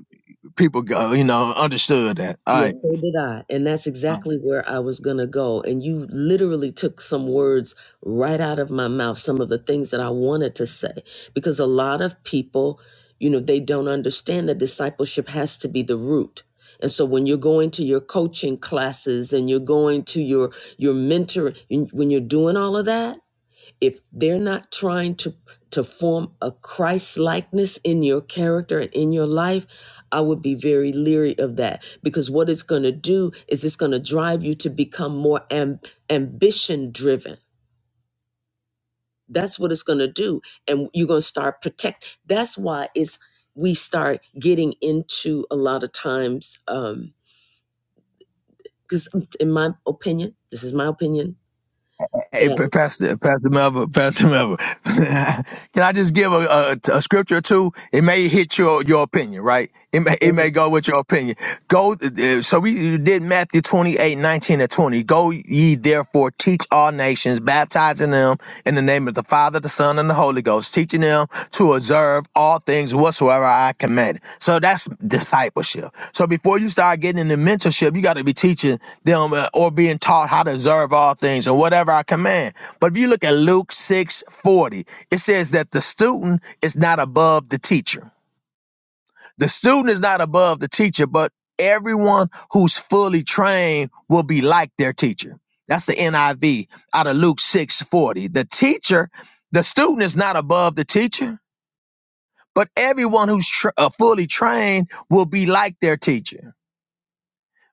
people uh, you know understood that. All Yeah, right. so did I. And that's exactly where I was going to go. And you literally took some words right out of my mouth, some of the things that I wanted to say. Because a lot of people, you know, they don't understand that discipleship has to be the root. And so when you're going to your coaching classes and you're going to your your mentoring, when you're doing all of that, if they're not trying to to form a Christ likeness in your character and in your life, I would be very leery of that because what it's going to do is it's going to drive you to become more am- ambition driven. That's what it's going to do, and you're going to start protect. That's why it's we start getting into a lot of times because, in my opinion, this is my opinion. Hey, That Pastor, Pastor Melvin, Pastor Melvin, can I just give a, a, a scripture or two? It may hit your, your opinion, right? It may, it may go with your opinion. Go, uh, so we did Matthew twenty-eight, nineteen 19 and 20. Go ye therefore teach all nations Christians, baptizing them in the name of the Father, the Son, and the Holy Ghost, teaching them to observe all things whatsoever I command. So that's discipleship. So before you start getting into mentorship, you got to be teaching them uh, or being taught how to observe all things and whatever I command. But if you look at Luke six forty, it says that the student is not above the teacher. The student is not above the teacher, but everyone who's fully trained will be like their teacher. That's the NIV out of Luke 6:40. The teacher, the student is not above the teacher, but everyone who's tr uh, fully trained will be like their teacher.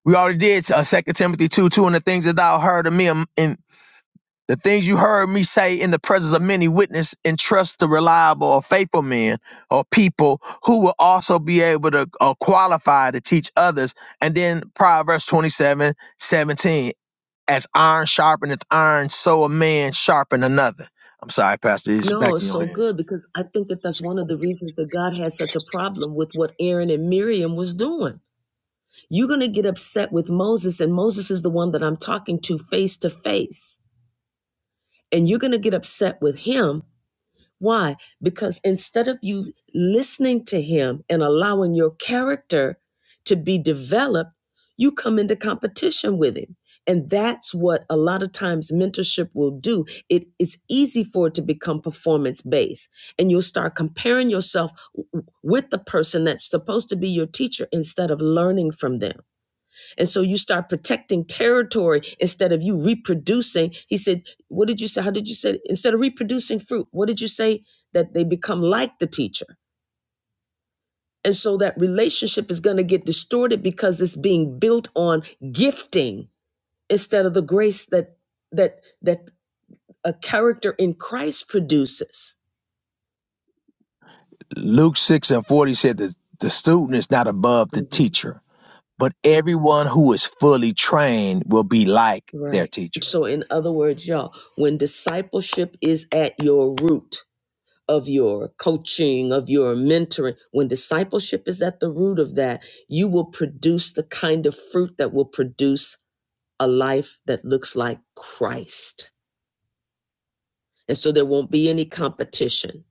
We already did uh, 2 Timothy 2, 2, and the things that thou heard of me in, in, the things you heard me say in the presence of many witness entrust to reliable or faithful men or people who will also be able to uh, qualify to teach others. And then Proverbs 27, 17: as iron sharpeneth iron, so a man sharpen another. I'm sorry, Pastor, it's No, back it's in your so hands. good because I think that that's one of the reasons that God had such a problem with what Aaron and Miriam was doing. You're going to get upset with Moses, and Moses is the one that I'm talking to face to face. And you're going to get upset with him why? Because instead of you listening to him and allowing your character to be developed, you come into competition with him. And that's what a lot of times mentorship will do. It is easy for it to become performance based. And you'll start comparing yourself w- with the person that's supposed to be your teacher instead of learning from them. And so you start protecting territory instead of you reproducing. He said, What did you say? How did you say? Instead of reproducing fruit, what did you say? That they become like the teacher. And so that relationship is going to get distorted because it's being built on gifting instead of the grace that that that a character in Christ produces. Luke 6 and 40 said that the student is not above the Mhm. teacher, but everyone who is fully trained will be like their Right. teacher. So in other words, y'all, when discipleship is at your root, of your coaching, of your mentoring, when discipleship is at the root of that, you will produce the kind of fruit that will produce a life that looks like Christ. And so there won't be any competition.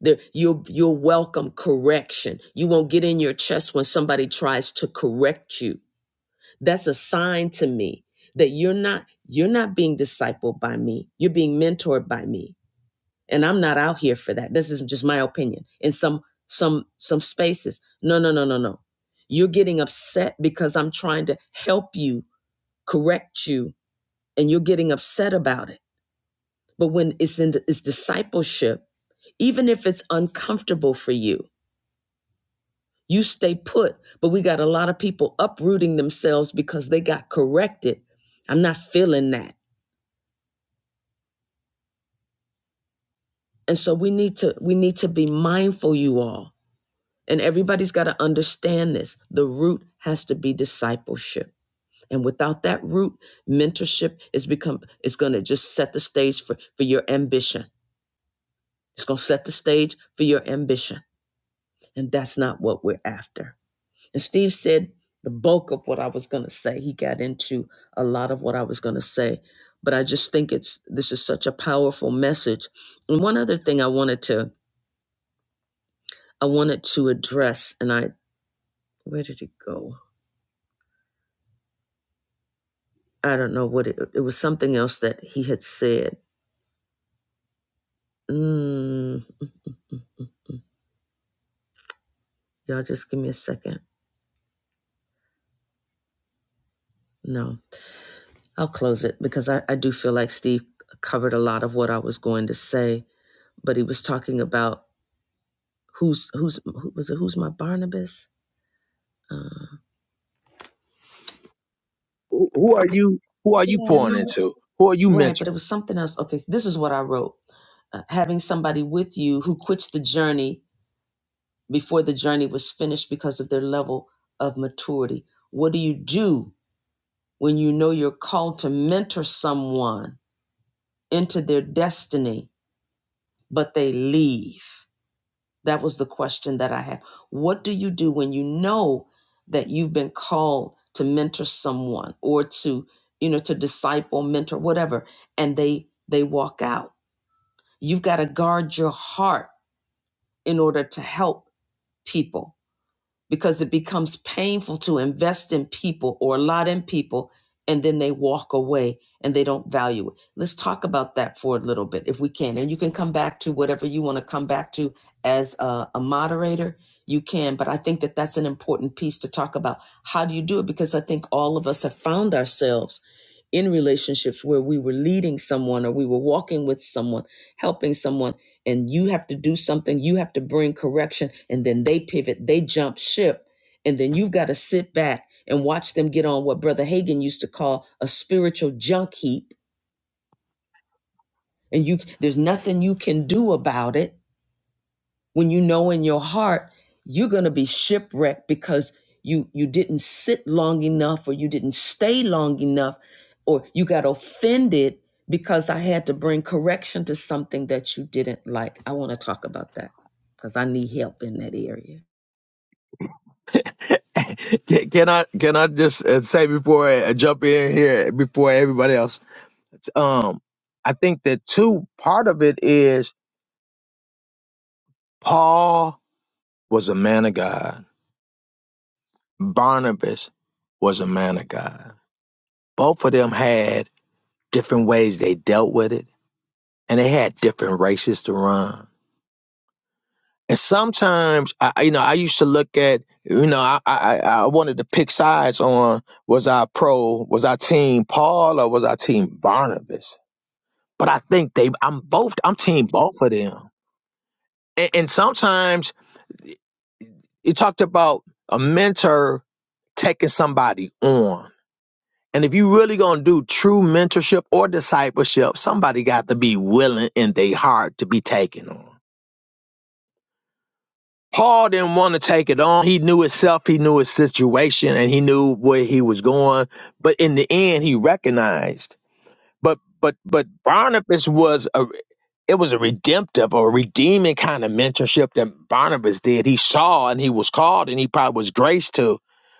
There, you'll, you'll welcome correction. You won't get in your chest when somebody tries to correct you. That's a sign to me that you're not, you're not being discipled by me. You're being mentored by me and i'm not out here for that this is just my opinion in some some some spaces no no no no no you're getting upset because i'm trying to help you correct you and you're getting upset about it but when it's in it's discipleship even if it's uncomfortable for you you stay put but we got a lot of people uprooting themselves because they got corrected i'm not feeling that and so we need to we need to be mindful you all And everybody's got to understand this. The root has to be discipleship. And without that root, mentorship is become it's going to just set the stage for for your ambition. It's going to set the stage for your ambition. And that's not what we're after. And Steve said the bulk of what I was going to say. He got into a lot of what I was going to say, but I just think it's this is such a powerful message. And one other thing I wanted to I wanted to address and I where did it go? I don't know what it, it was something else that he had said. Mm, y'all just give me a second. No, I'll close it because I, I do feel like Steve covered a lot of what I was going to say, but he was talking about who's, who's, who, was it who's my Barnabas? Uh, who who are you who are you yeah, pouring no. into who are you Right, but it mentoring was something else. Okay, so this is what I wrote. Uh, having somebody with you who quits the journey before the journey was finished because of their level of maturity. What do you do when you know you're called to mentor someone into their destiny, but they leave? That was the question that I had. What do you do when you know that you've been called to mentor someone or to, you know, to disciple, mentor, whatever, and they they walk out? You've got to guard your heart in order to help people because it becomes painful to invest in people or a lot in people and then they walk away and they don't value it. Let's talk about that for a little bit if we can. And you can come back to whatever you want to come back to as a, a moderator. You can, but I think that that's an important piece to talk about. How do you do it? Because I think all of us have found ourselves in relationships where we were leading someone or we were walking with someone, helping someone and you have to do something, you have to bring correction, and then they pivot, they jump ship, and then you've got to sit back and watch them get on what Brother Hagan used to call a spiritual junk heap, and you there's nothing you can do about it when you know in your heart you're going to be shipwrecked because you you didn't sit long enough or you didn't stay long enough or you got offended because I had to bring correction to something that you didn't like. I want to talk about that because I need help in that area. can, can i can i just uh, say before i jump in here before everybody else um i think that too part of it is paul was a man of god barnabas was a man of god both of them had different ways they dealt with it and they had different races to run And sometimes, I, you know, I used to look at, you know, I, I, I I wanted to pick sides on was I pro, was I team Paul or was I team Barnabas? But I think they, I'm both, I'm team both of them. And, and sometimes you talked about a mentor taking somebody on. And if you really gonna do true mentorship or discipleship, somebody got to be willing in their heart to be taken on. Paul didn't want to take it on. He knew himself, he knew his situation, and he knew where he was going. But in the end, he recognized. But but but Barnabas was a it was a redemptive or redeeming kind of mentorship that Barnabas did. He saw and he was called and he probably was graced to.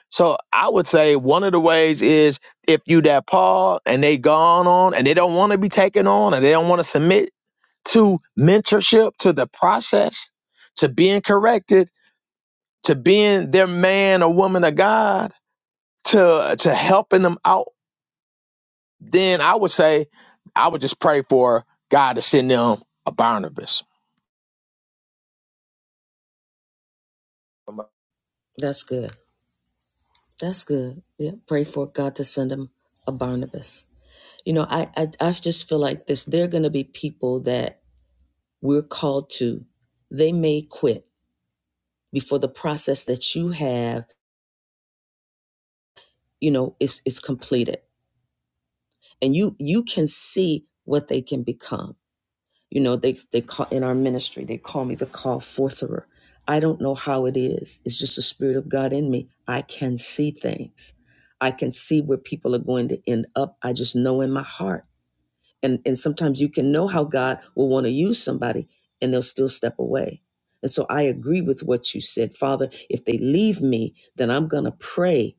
So I would say one of the ways is if you that Paul and they gone on and they don't want to be taken on and they don't want to submit to mentorship to the process to being corrected to being their man or woman of God, to to helping them out, then I would say I would just pray for God to send them a Barnabas. That's good. That's good. Yeah. Pray for God to send him a Barnabas. You know, I I, I just feel like this. There are going to be people that we're called to. They may quit before the process that you have you know is is completed and you you can see what they can become you know they they call in our ministry they call me the call fortherer i don't know how it is it's just the spirit of god in me i can see things i can see where people are going to end up i just know in my heart and and sometimes you can know how god will want to use somebody and they'll still step away and so i agree with what you said father if they leave me then i'm going to pray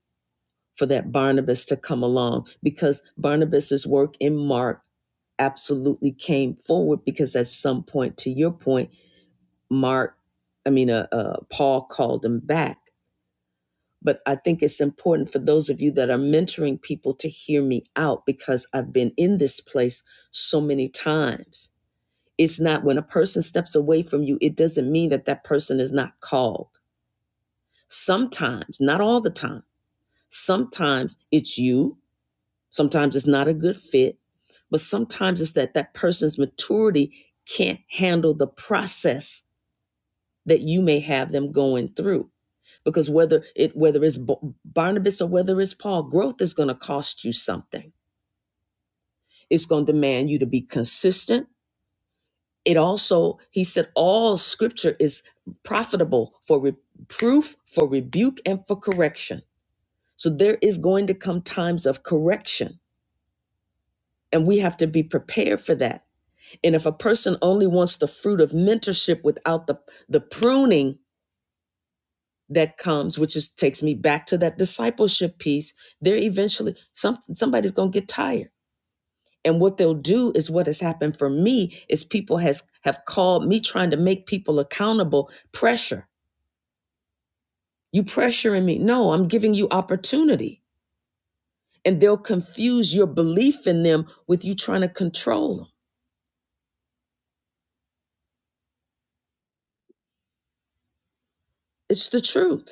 for that Barnabas to come along because Barnabas's work in Mark absolutely came forward because at some point, to your point, Mark, I mean, uh, uh, Paul called him back. But I think it's important for those of you that are mentoring people to hear me out because I've been in this place so many times. It's not when a person steps away from you, it doesn't mean that that person is not called. Sometimes, not all the time, sometimes it's you Sometimes it's not a good fit, but sometimes it's that that person's maturity can't handle the process that you may have them going through. Because whether it whether it's Barnabas or whether it's Paul, growth is going to cost you something. It's going to demand you to be consistent. It also, he said, all scripture is profitable for reproof, for rebuke, and for correction. So there is going to come times of correction, and we have to be prepared for that And if a person only wants the fruit of mentorship without the, the pruning that comes, which is takes me back to that discipleship piece, they're eventually some somebody's gonna get tired. And what they'll do is what has happened for me is people has have called me trying to make people accountable pressure. You pressuring me. No, I'm giving you opportunity. And they'll confuse your belief in them with you trying to control them. It's the truth.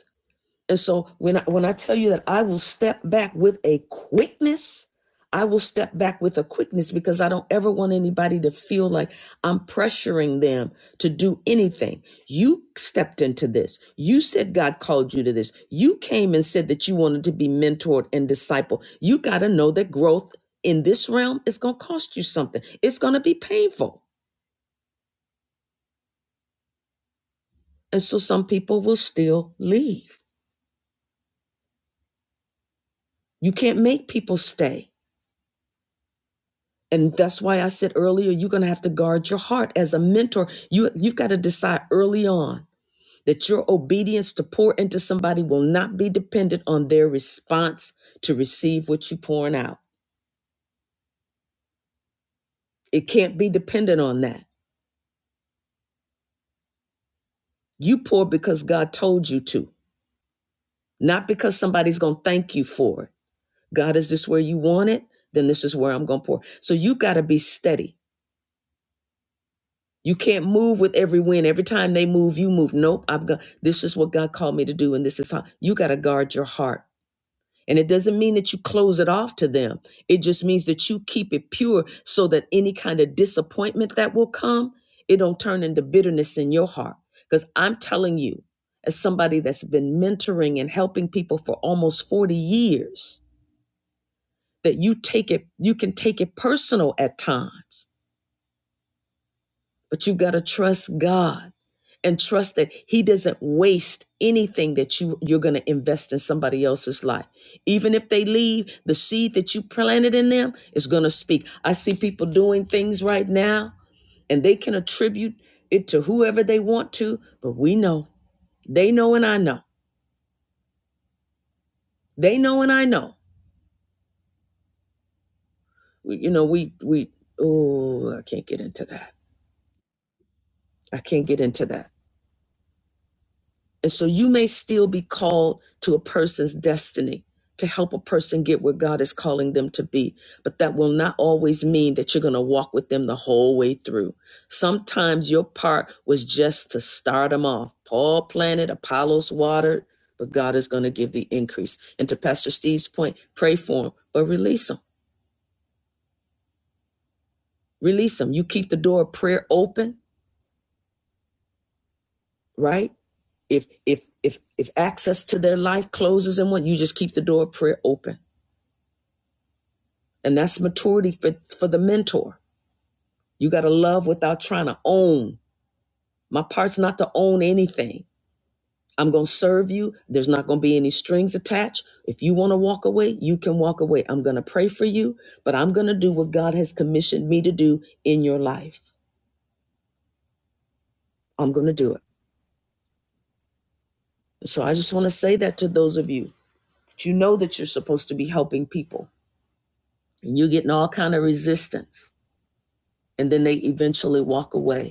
And so when I, when I tell you that I will step back with a quickness, I will step back with a quickness because I don't ever want anybody to feel like I'm pressuring them to do anything. You stepped into this. You said God called you to this. You came and said that you wanted to be mentored and disciple. You got to know that growth in this realm is going to cost you something. It's going to be painful. And so some people will still leave. You can't make people stay. And that's why I said earlier, you're going to have to guard your heart as a mentor. You, you've got to decide early on that your obedience to pour into somebody will not be dependent on their response to receive what you're pouring out. It can't be dependent on that. You pour because God told you to, not because somebody's going to thank you for it. God, is this where you want it? Then this is where I'm going to pour. So you got to be steady. You can't move with every wind. Every time they move, you move. Nope, I've got this is what God called me to do, and this is how you got to guard your heart. And it doesn't mean that you close it off to them. It just means that you keep it pure so that any kind of disappointment that will come, it don't turn into bitterness in your heart. Because I'm telling you, as somebody that's been mentoring and helping people for almost 40 years, that you take it, you can take it personal at times But you got to trust God and trust that He doesn't waste anything that you, you're going to invest in somebody else's life. Even if they leave, the seed that you planted in them is going to speak. I see people doing things right now and they can attribute it to whoever they want to, but we know. They know and I know. They know and I know. We, you know, we, we, oh, I can't get into that. I can't get into that. And so you may still be called to a person's destiny to help a person get where God is calling them to be. But that will not always mean that you're going to walk with them the whole way through. Sometimes your part was just to start them off. Paul planted, Apollos watered, but God is going to give the increase. And to Pastor Steve's point, pray for them, but release them. Release them. You keep the door of prayer open, right? If if if if access to their life closes in one, you just keep the door of prayer open And that's maturity for, for the mentor. You got to love without trying to own. My part's not to own anything. I'm going to serve you. There's not going to be any strings attached. If you want to walk away, you can walk away. I'm going to pray for you, but I'm going to do what God has commissioned me to do in your life. I'm going to do it. So I just want to say that to those of you that you know that you're supposed to be helping people and you're getting all kind of resistance and then they eventually walk away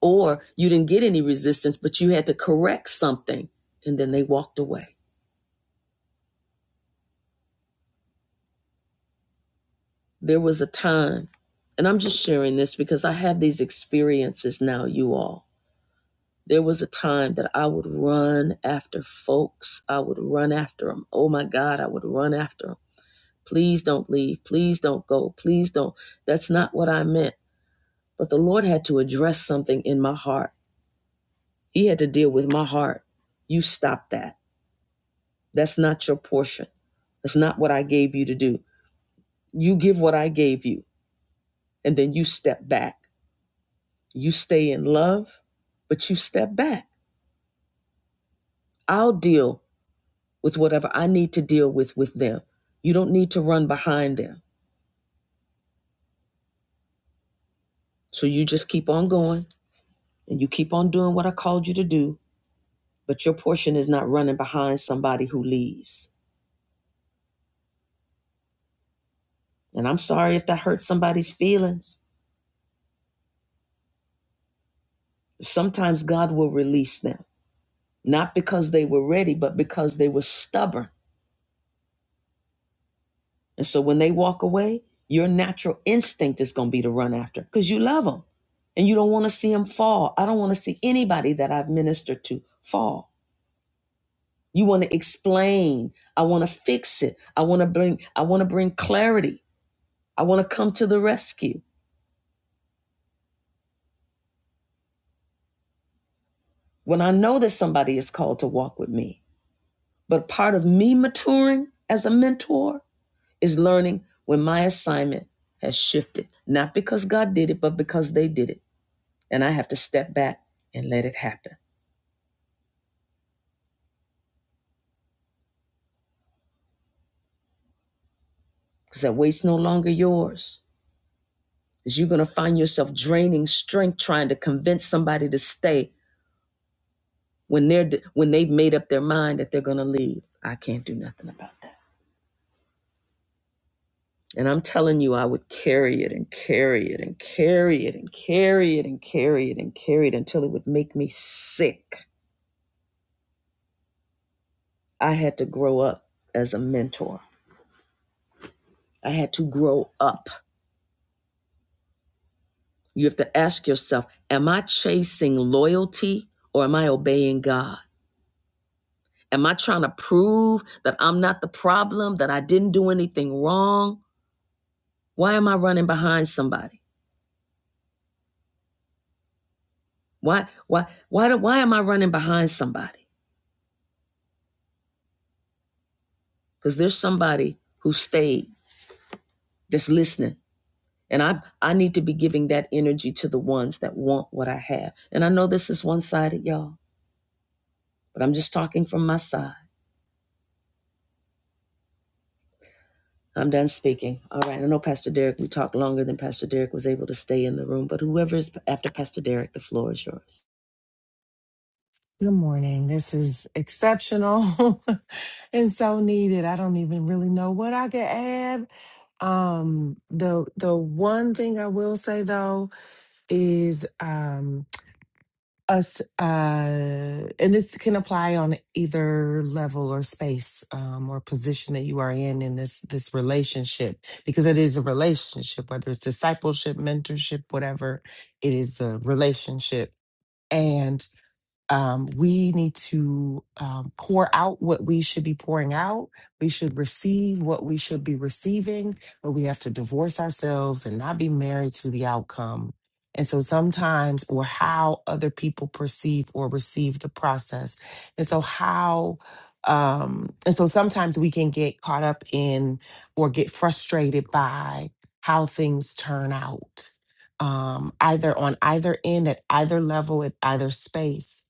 or you didn't get any resistance, but you had to correct something, and then they walked away. There was a time, and I'm just sharing this because I have these experiences now, you all. There was a time that I would run after folks. I would run after them. Oh my God, I would run after them. Please don't leave. Please don't go. Please don't. That's not what I meant. But the Lord had to address something in my heart. He had to deal with my heart. You stop that That's not your portion. That's not what I gave you to do. You give what I gave you, and then you step back. You stay in love, but you step back. I'll deal with whatever I need to deal with with them. You don't need to run behind them. So you just keep on going and you keep on doing what I called you to do, but your portion is not running behind somebody who leaves. And I'm sorry if that hurts somebody's feelings. Sometimes God will release them, not because they were ready, but because they were stubborn And so when they walk away, your natural instinct is going to be to run after because you love them and you don't want to see them fall. I don't want to see anybody that I've ministered to fall. You want to explain. I want to fix it. I want to bring I want to bring clarity. I want to come to the rescue when I know that somebody is called to walk with me. But part of me maturing as a mentor is learning when my assignment has shifted, not because God did it, but because they did it and I have to step back and let it happen. Because that weight's no longer yours. Because you're gonna find yourself draining strength trying to convince somebody to stay when they're when they've made up their mind that they're gonna leave. I can't do nothing about that. And I'm telling you, I would carry it and carry it and carry it and carry it and carry it and carry it until it would make me sick. I had to grow up as a mentor. I had to grow up You have to ask yourself Am I chasing loyalty or am I obeying God? Am I trying to prove that I'm not the problem, that I didn't do anything wrong? Why am I running behind somebody? Why, why, why, do, why am I running behind somebody? Because there's somebody who stayed that's listening. And I, I need to be giving that energy to the ones that want what I have. And I know this is one sided, y'all, but I'm just talking from my side. I'm done speaking. All right. I know Pastor Derek, we talked longer than Pastor Derek was able to stay in the room, but whoever is after Pastor Derek, the floor is yours. Good morning. This is exceptional and so needed. I don't even really know what I could add. Um, the the one thing I will say though is um, us, uh, and this can apply on either level or space um, or position that you are in in this this relationship because it is a relationship, whether it's discipleship, mentorship, whatever. It is a relationship um, we need to um, pour out what we should be pouring out. We should receive what we should be receiving, but we have to divorce ourselves and not be married to the outcome. And so sometimes, or how other people perceive or receive the process. And so, how, um, and so sometimes we can get caught up in or get frustrated by how things turn out, um, either on either end, at either level, at either space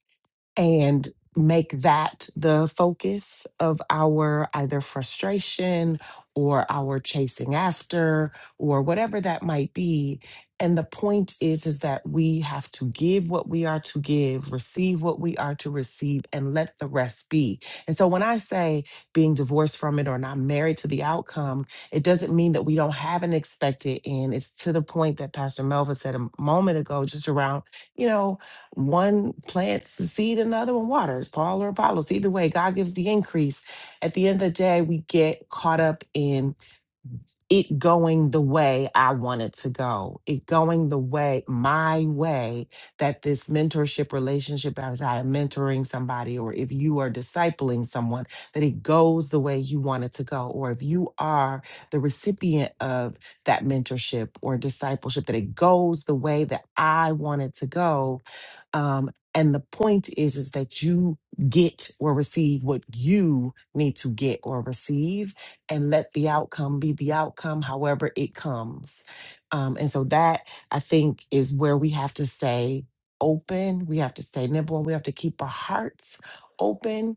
and make that the focus of our either frustration or our chasing after or whatever that might be and the point is is that we have to give what we are to give receive what we are to receive and let the rest be and so when i say being divorced from it or not married to the outcome it doesn't mean that we don't have an expected end it's to the point that pastor melva said a moment ago just around you know one plants the seed, another one waters, Paul or Apollos. Either way, God gives the increase. At the end of the day, we get caught up in it going the way I want it to go, it going the way, my way, that this mentorship relationship, as I am mentoring somebody, or if you are discipling someone, that it goes the way you want it to go, or if you are the recipient of that mentorship or discipleship, that it goes the way that I want it to go. Um, and the point is, is that you get or receive what you need to get or receive and let the outcome be the outcome, however it comes. Um, and so that I think is where we have to stay open, we have to stay nimble, and we have to keep our hearts open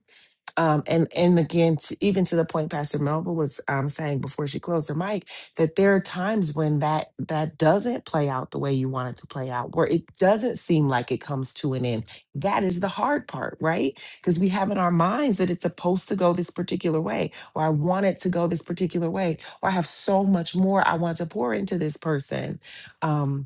um, and and again, t even to the point Pastor Melba was um, saying before she closed her mic, that there are times when that that doesn't play out the way you want it to play out, where it doesn't seem like it comes to an end. That is the hard part, right? Because we have in our minds that it's supposed to go this particular way, or I want it to go this particular way, or I have so much more I want to pour into this person. Um,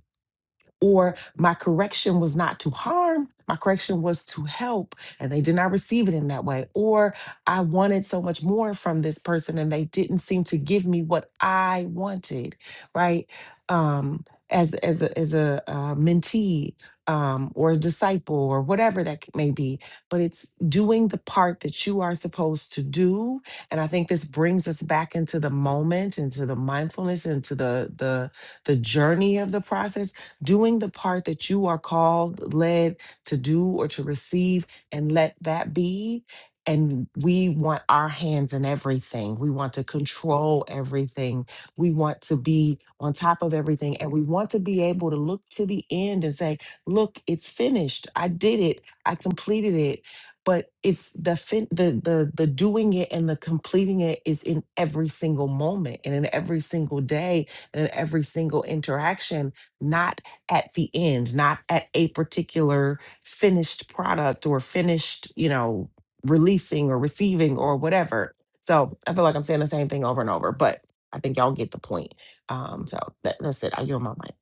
or my correction was not to harm, my correction was to help, and they did not receive it in that way, or I wanted so much more from this person and they didn't seem to give me what I wanted, right? Um, as as a, as a uh, mentee um, or a disciple or whatever that may be, but it's doing the part that you are supposed to do. And I think this brings us back into the moment, into the mindfulness, into the the the journey of the process doing the part that you are called, led to do or to receive, and let that be. And we want our hands in everything. We want to control everything. We want to be on top of everything. And we want to be able to look to the end and say, look, it's finished. I did it. I completed it but it's the fin- the the the doing it and the completing it is in every single moment and in every single day and in every single interaction not at the end, not at a particular finished product or finished, you know, releasing or receiving or whatever. So I feel like I'm saying the same thing over and over, but I think y'all get the point. Um, so that, that's it. I yield my mic.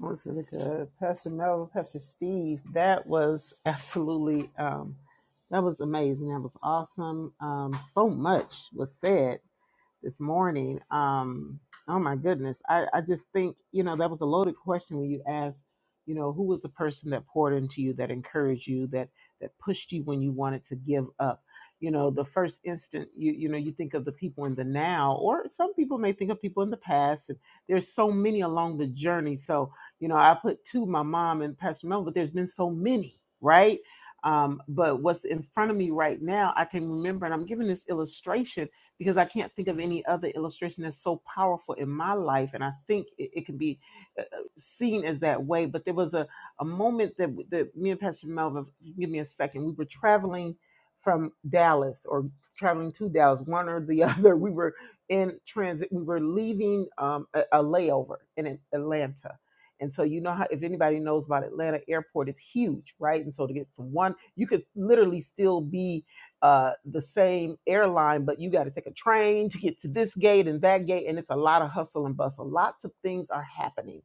That was really good. Pastor Melvin, Pastor Steve, that was absolutely um that was amazing. That was awesome. Um so much was said. this morning. Um, oh my goodness. I, I just think, you know, that was a loaded question when you asked, you know, who was the person that poured into you, that encouraged you, that that pushed you when you wanted to give up. You know, the first instant you you know, you think of the people in the now, or some people may think of people in the past. And there's so many along the journey. So, you know, I put two, my mom and Pastor Mel, but there's been so many, right? Um, but what's in front of me right now, I can remember, and I'm giving this illustration because I can't think of any other illustration that's so powerful in my life. And I think it, it can be uh, uh, seen as that way. But there was a, a moment that, that me and Pastor Melvin, give me a second, we were traveling from Dallas or traveling to Dallas, one or the other. We were in transit, we were leaving um, a, a layover in Atlanta. And so you know how if anybody knows about Atlanta airport it's huge, right? And so to get from one, you could literally still be uh, the same airline, but you got to take a train to get to this gate and that gate, and it's a lot of hustle and bustle. Lots of things are happening.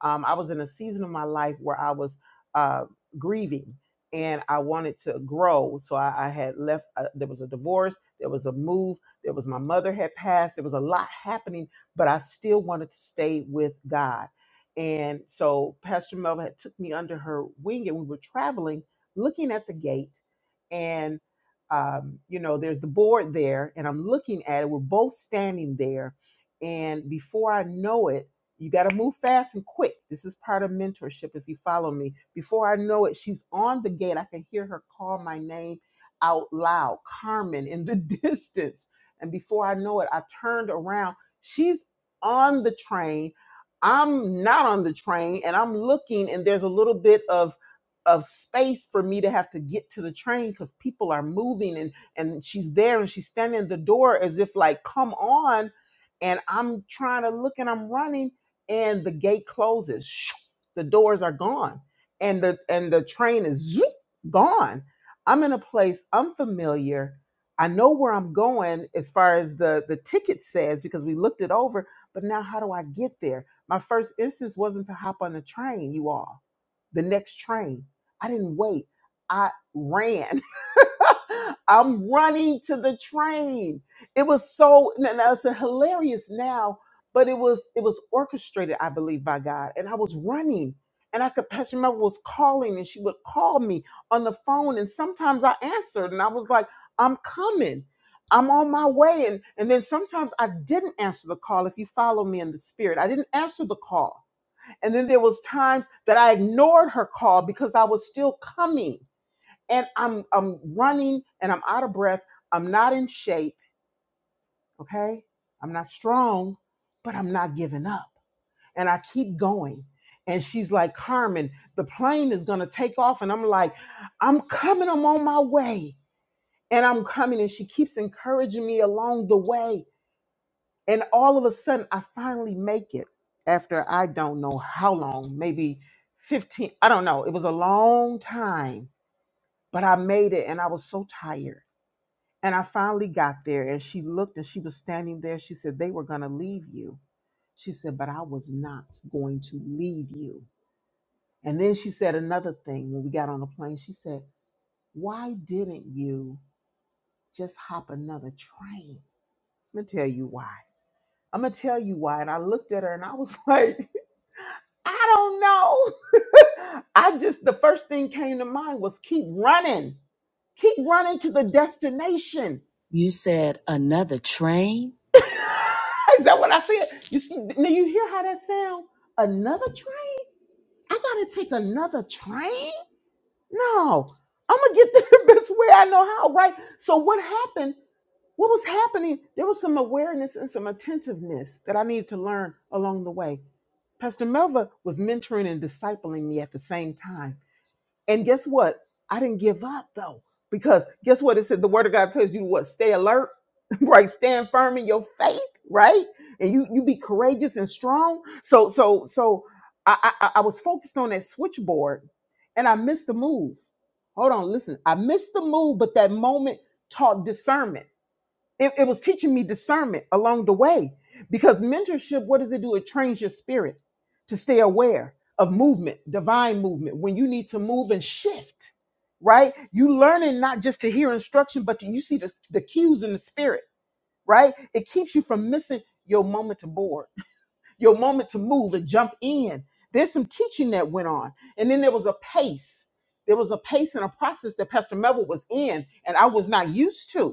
Um, I was in a season of my life where I was uh, grieving and I wanted to grow. So I, I had left, uh, there was a divorce, there was a move, there was my mother had passed, there was a lot happening, but I still wanted to stay with God. And so Pastor Melva had took me under her wing and we were traveling, looking at the gate um, you know, there's the board there, and I'm looking at it. We're both standing there, and before I know it, you got to move fast and quick. This is part of mentorship. If you follow me, before I know it, she's on the gate. I can hear her call my name out loud, Carmen, in the distance. And before I know it, I turned around. She's on the train. I'm not on the train, and I'm looking, and there's a little bit of of space for me to have to get to the train because people are moving and and she's there and she's standing at the door as if like come on and i'm trying to look and i'm running and the gate closes the doors are gone and the and the train is zoop, gone i'm in a place unfamiliar i know where i'm going as far as the the ticket says because we looked it over but now how do i get there my first instance wasn't to hop on the train you all the next train. I didn't wait. I ran. I'm running to the train. It was so and that's hilarious now, but it was it was orchestrated, I believe, by God. And I was running. And I could Pastor Mel was calling and she would call me on the phone. And sometimes I answered and I was like, I'm coming. I'm on my way. And and then sometimes I didn't answer the call if you follow me in the spirit. I didn't answer the call and then there was times that I ignored her call because I was still coming. And I'm I'm running and I'm out of breath. I'm not in shape, okay? I'm not strong, but I'm not giving up. And I keep going. And she's like, "Carmen, the plane is going to take off." And I'm like, "I'm coming. I'm on my way." And I'm coming and she keeps encouraging me along the way And all of a sudden, I finally make it after I don't know how long, maybe 15, I don't know. It was a long time, but I made it and I was so tired. And I finally got there and she looked and she was standing there. She said, They were going to leave you. She said, But I was not going to leave you. And then she said another thing when we got on the plane. She said, Why didn't you just hop another train? I'm going to tell you why. I'm going to tell you why. And I looked at her and I was like, I don't know. I just, the first thing came to mind was keep running. Keep running to the destination. You said another train? Is that what I said? You see, now you hear how that sound? Another train? I gotta take another train? No, I'm gonna get there the best way I know how, right? So what happened? What was happening? There was some awareness and some attentiveness that I needed to learn along the way. Pastor Melva was mentoring and discipling me at the same time. And guess what? I didn't give up though, because guess what? It said the word of God tells you to what? Stay alert, right? Stand firm in your faith, right? And you you be courageous and strong. So so so I I, I was focused on that switchboard, and I missed the move. Hold on, listen. I missed the move, but that moment taught discernment it, it was teaching me discernment along the way because mentorship what does it do it trains your spirit to stay aware of movement divine movement when you need to move and shift right you learning not just to hear instruction but to, you see the, the cues in the spirit right it keeps you from missing your moment to board your moment to move and jump in there's some teaching that went on and then there was a pace there was a pace and a process that pastor melville was in and i was not used to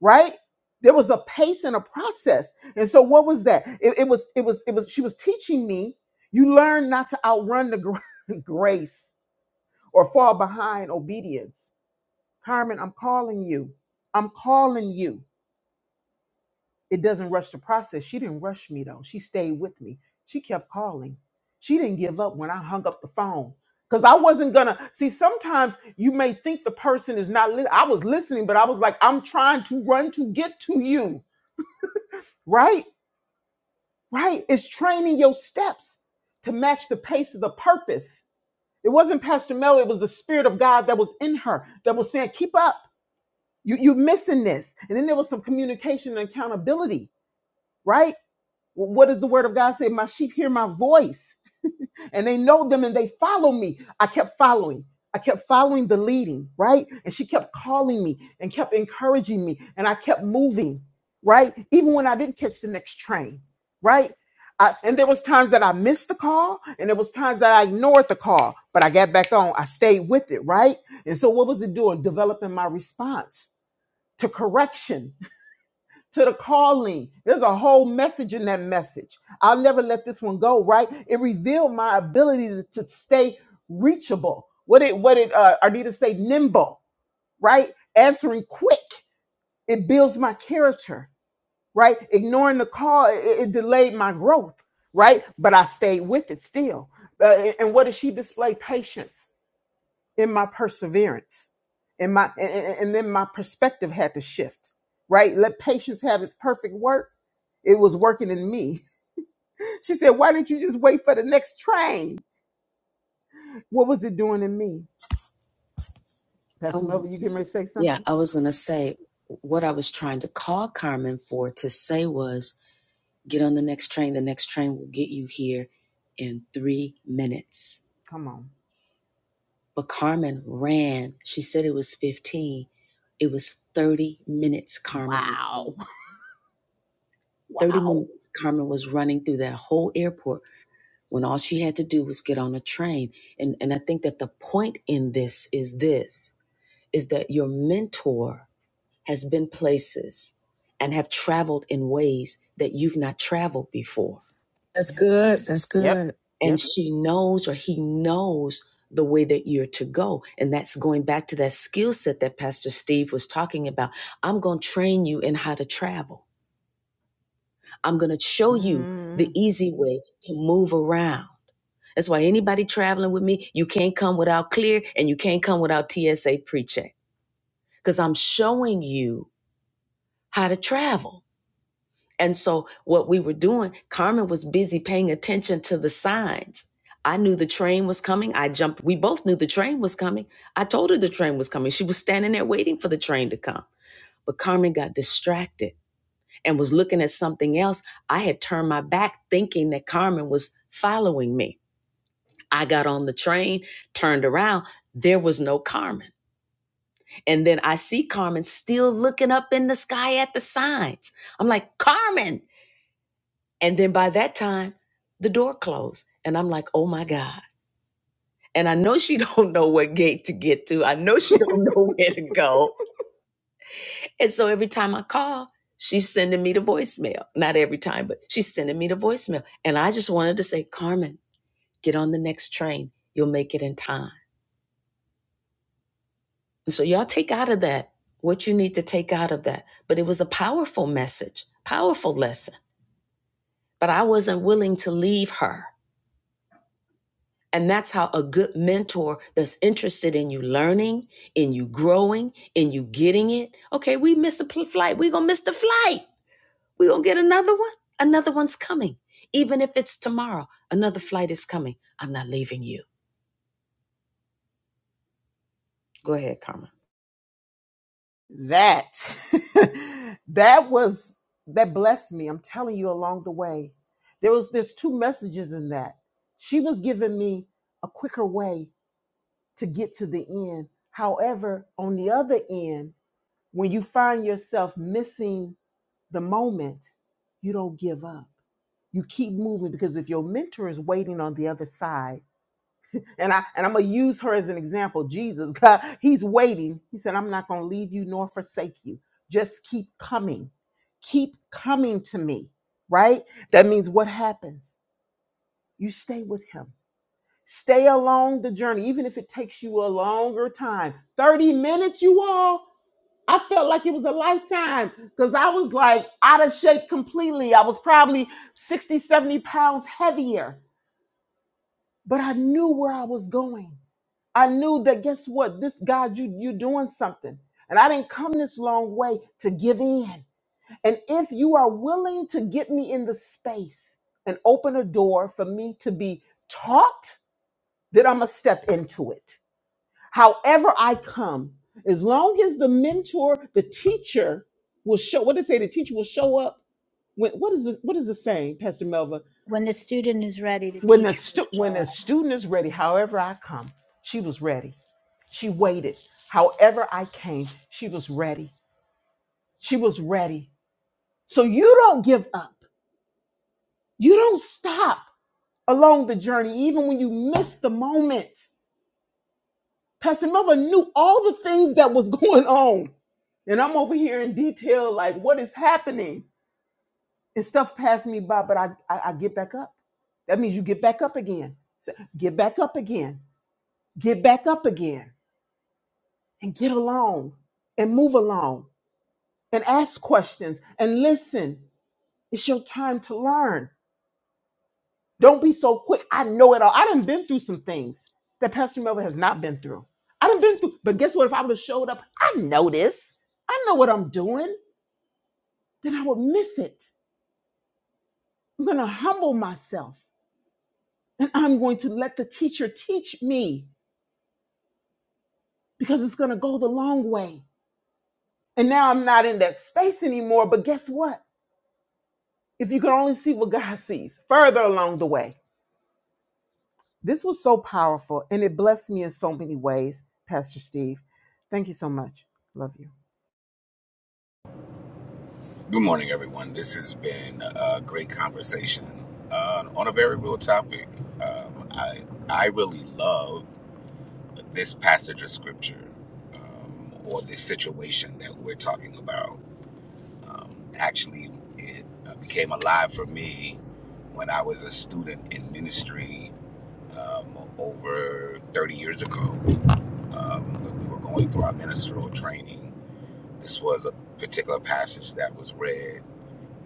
right there was a pace and a process and so what was that it, it was it was it was she was teaching me you learn not to outrun the gra- grace or fall behind obedience carmen i'm calling you i'm calling you it doesn't rush the process she didn't rush me though she stayed with me she kept calling she didn't give up when i hung up the phone because i wasn't gonna see sometimes you may think the person is not li- i was listening but i was like i'm trying to run to get to you right Right? It's training your steps to match the pace of the purpose. It wasn't Pastor Mel, it was the Spirit of God that was in her that was saying, Keep up. You, you're missing this. And then there was some communication and accountability, right? What does the Word of God say? My sheep hear my voice and they know them and they follow me. I kept following. I kept following the leading, right? And she kept calling me and kept encouraging me and I kept moving, right? Even when I didn't catch the next train, right? I, and there was times that I missed the call and there was times that I ignored the call, but I got back on. I stayed with it, right? And so what was it doing? Developing my response to correction to the calling. There's a whole message in that message. I'll never let this one go, right? It revealed my ability to, to stay reachable. What it what it uh Ardita say, nimble, right? Answering quick. It builds my character, right? Ignoring the call, it, it delayed my growth, right? But I stayed with it still. Uh, and and what did she display? Patience in my perseverance. And my and, and and then my perspective had to shift, right? Let patience have its perfect work it was working in me. She said, Why didn't you just wait for the next train? What was it doing in me? I Pastor was Melvin, you to getting ready to say yeah, something? I was going to say what I was trying to call Carmen for to say was get on the next train. The next train will get you here in three minutes. Come on. But Carmen ran. She said it was 15. It was 30 minutes, Carmen. Wow. 30 Wow. minutes. Carmen was running through that whole airport when all she had to do was get on a train. And, and I think that the point in this is this, is that your mentor has been places and have traveled in ways that you've not traveled before. That's Yep. good. That's Yep. good. And Yep. she knows or he knows the way that you're to go. And that's going back to that skill set that Pastor Steve was talking about. I'm going to train you in how to travel. I'm going to show you the Mm, easy way to move around. That's why anybody traveling with me, you can't come without clear and you can't come without TSA precheck. because I'm showing you how to travel. And so what we were doing, Carmen was busy paying attention to the signs. I knew the train was coming. I jumped. We both knew the train was coming. I told her the train was coming. She was standing there waiting for the train to come. But Carmen got distracted and was looking at something else. I had turned my back thinking that Carmen was following me. I got on the train, turned around, there was no Carmen. And then I see Carmen still looking up in the sky at the signs. I'm like, Carmen. And then by that time, the door closed. And I'm like, oh my God. And I know she don't know what gate to get to. I know she don't know where to go. And so every time I call, she's sending me the voicemail. Not every time, but she's sending me the voicemail. And I just wanted to say, Carmen, get on the next train. You'll make it in time. And So y'all take out of that what you need to take out of that. But it was a powerful message, powerful lesson. But I wasn't willing to leave her. And that's how a good mentor that's interested in you learning, in you growing, in you getting it. Okay, we missed a pl- flight. We're going to miss the flight. We're going to get another one. Another one's coming. Even if it's tomorrow, another flight is coming. I'm not leaving you. Go ahead, Carmen. that. that was that blessed me. I'm telling you along the way. There was there's two messages in that. She was giving me a quicker way to get to the end. However, on the other end, when you find yourself missing the moment, you don't give up. You keep moving because if your mentor is waiting on the other side, and I and I'm gonna use her as an example, Jesus, God, he's waiting. He said, I'm not gonna leave you nor forsake you. Just keep coming. Keep coming to me, right? That means what happens? You stay with him. Stay along the journey, even if it takes you a longer time. 30 minutes, you all. I felt like it was a lifetime because I was like out of shape completely. I was probably 60, 70 pounds heavier, but I knew where I was going. I knew that guess what? This God, you you are doing something. And I didn't come this long way to give in. And if you are willing to get me in the space and open a door for me to be taught, then I'm gonna step into it. However, I come, as long as the mentor, the teacher will show. What did it say? The teacher will show up. When, what is this? What is the saying, Pastor Melva? When the student is ready, the When the teacher will stu- when show the up. student is ready, however I come, she was ready. She waited. However I came, she was ready. She was ready. So you don't give up. You don't stop along the journey, even when you miss the moment. Pastor Melvin knew all the things that was going on. And I'm over here in detail, like what is happening. And stuff passed me by, but I, I, I get back up. That means you get back up again. So, Get back up again. Get back up again and get along and move along and ask questions and listen. It's your time to learn. Don't be so quick. I know it all. I done been through some things that Pastor Melvin has not been through. I done been through, but guess what? If I would have showed up, I know this. I know what I'm doing. Then I would miss it. I'm going to humble myself and I'm going to let the teacher teach me because it's going to go the long way. And now I'm not in that space anymore. But guess what? If you can only see what God sees further along the way. This was so powerful and it blessed me in so many ways, Pastor Steve. Thank you so much. Love you. Good morning, everyone. This has been a great conversation uh, on a very real topic. Um, I I really love this passage of scripture um, or this situation that we're talking about. Um, actually, it uh, became alive for me when I was a student in ministry um, over 30 years ago. Um, when we were going through our ministerial training, this was a particular passage that was read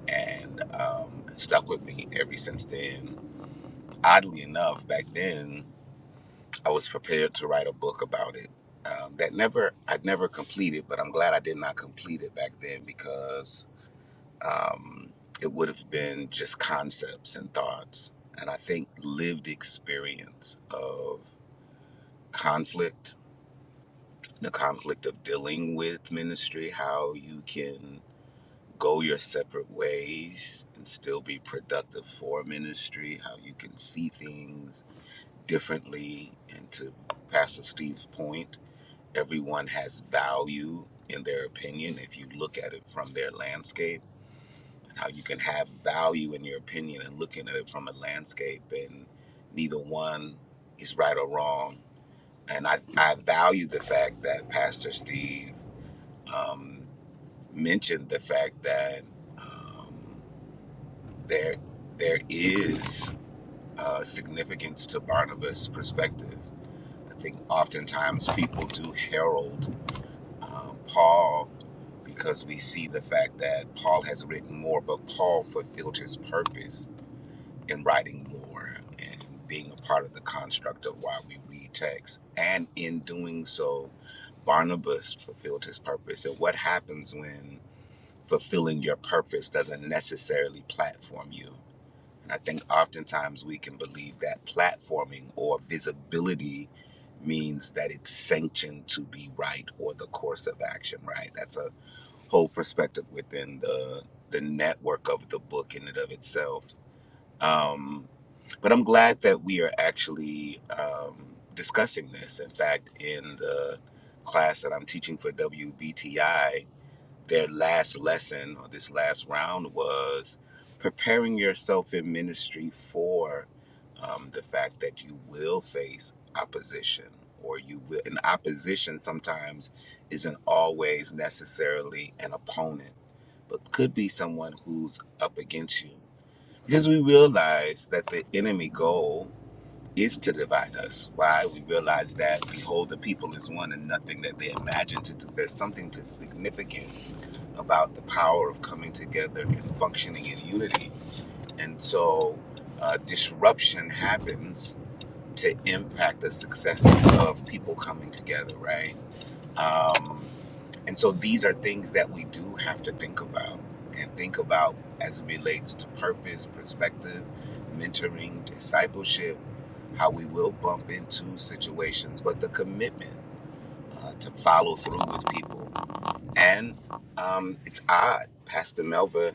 and um, stuck with me ever since then. Oddly enough, back then I was prepared to write a book about it. Um, that never I'd never completed, but I'm glad I did not complete it back then because um, it would have been just concepts and thoughts. And I think lived experience of conflict, the conflict of dealing with ministry, how you can go your separate ways and still be productive for ministry, how you can see things differently. And to Pastor Steve's point, everyone has value in their opinion if you look at it from their landscape, and how you can have value in your opinion and looking at it from a landscape, and neither one is right or wrong. And I, I value the fact that Pastor Steve um, mentioned the fact that. um, there there is uh, significance to Barnabas' perspective. I think oftentimes people do herald um, Paul because we see the fact that Paul has written more, but Paul fulfilled his purpose in writing more and being a part of the construct of why we read text. And in doing so, Barnabas fulfilled his purpose. And what happens when fulfilling your purpose doesn't necessarily platform you? And I think oftentimes we can believe that platforming or visibility means that it's sanctioned to be right or the course of action right. That's a whole perspective within the the network of the book in and of itself. Um, but I'm glad that we are actually um, discussing this. In fact, in the class that I'm teaching for WBTI, their last lesson or this last round was preparing yourself in ministry for um, the fact that you will face opposition or you will and opposition sometimes isn't always necessarily an opponent but could be someone who's up against you because we realize that the enemy goal is to divide us why we realize that behold the people is one and nothing that they imagine to do there's something to significant about the power of coming together and functioning in unity. And so uh, disruption happens to impact the success of people coming together, right? Um, and so these are things that we do have to think about and think about as it relates to purpose, perspective, mentoring, discipleship, how we will bump into situations, but the commitment uh, to follow through with people. And um, it's odd. Pastor Melva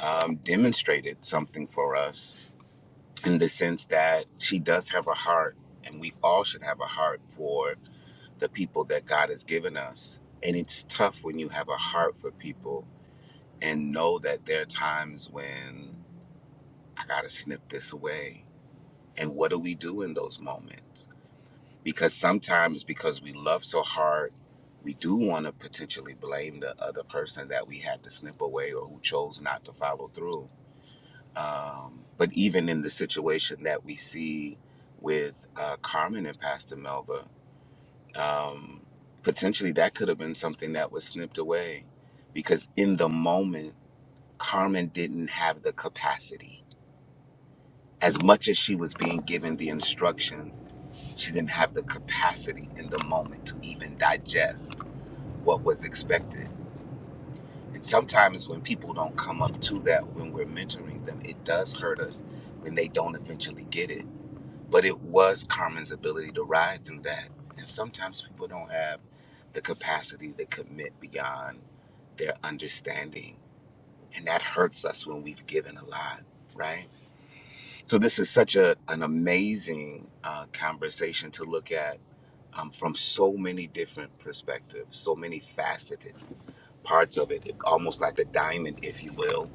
um, demonstrated something for us in the sense that she does have a heart, and we all should have a heart for the people that God has given us. And it's tough when you have a heart for people and know that there are times when I got to snip this away. And what do we do in those moments? Because sometimes, because we love so hard, we do want to potentially blame the other person that we had to snip away or who chose not to follow through Um, but even in the situation that we see with uh, Carmen and Pastor Melba, um, potentially that could have been something that was snipped away because in the moment, Carmen didn't have the capacity. As much as she was being given the instruction, she didn't have the capacity in the moment to even digest what was expected. And sometimes when people don't come up to that when we're mentoring them, it does hurt us when they don't eventually get it But it was Carmen's ability to ride through that. And sometimes people don't have the capacity to commit beyond their understanding. And that hurts us when we've given a lot, right? So, this is such a, an amazing uh, conversation to look at um, from so many different perspectives, so many faceted parts of it, almost like a diamond, if you will.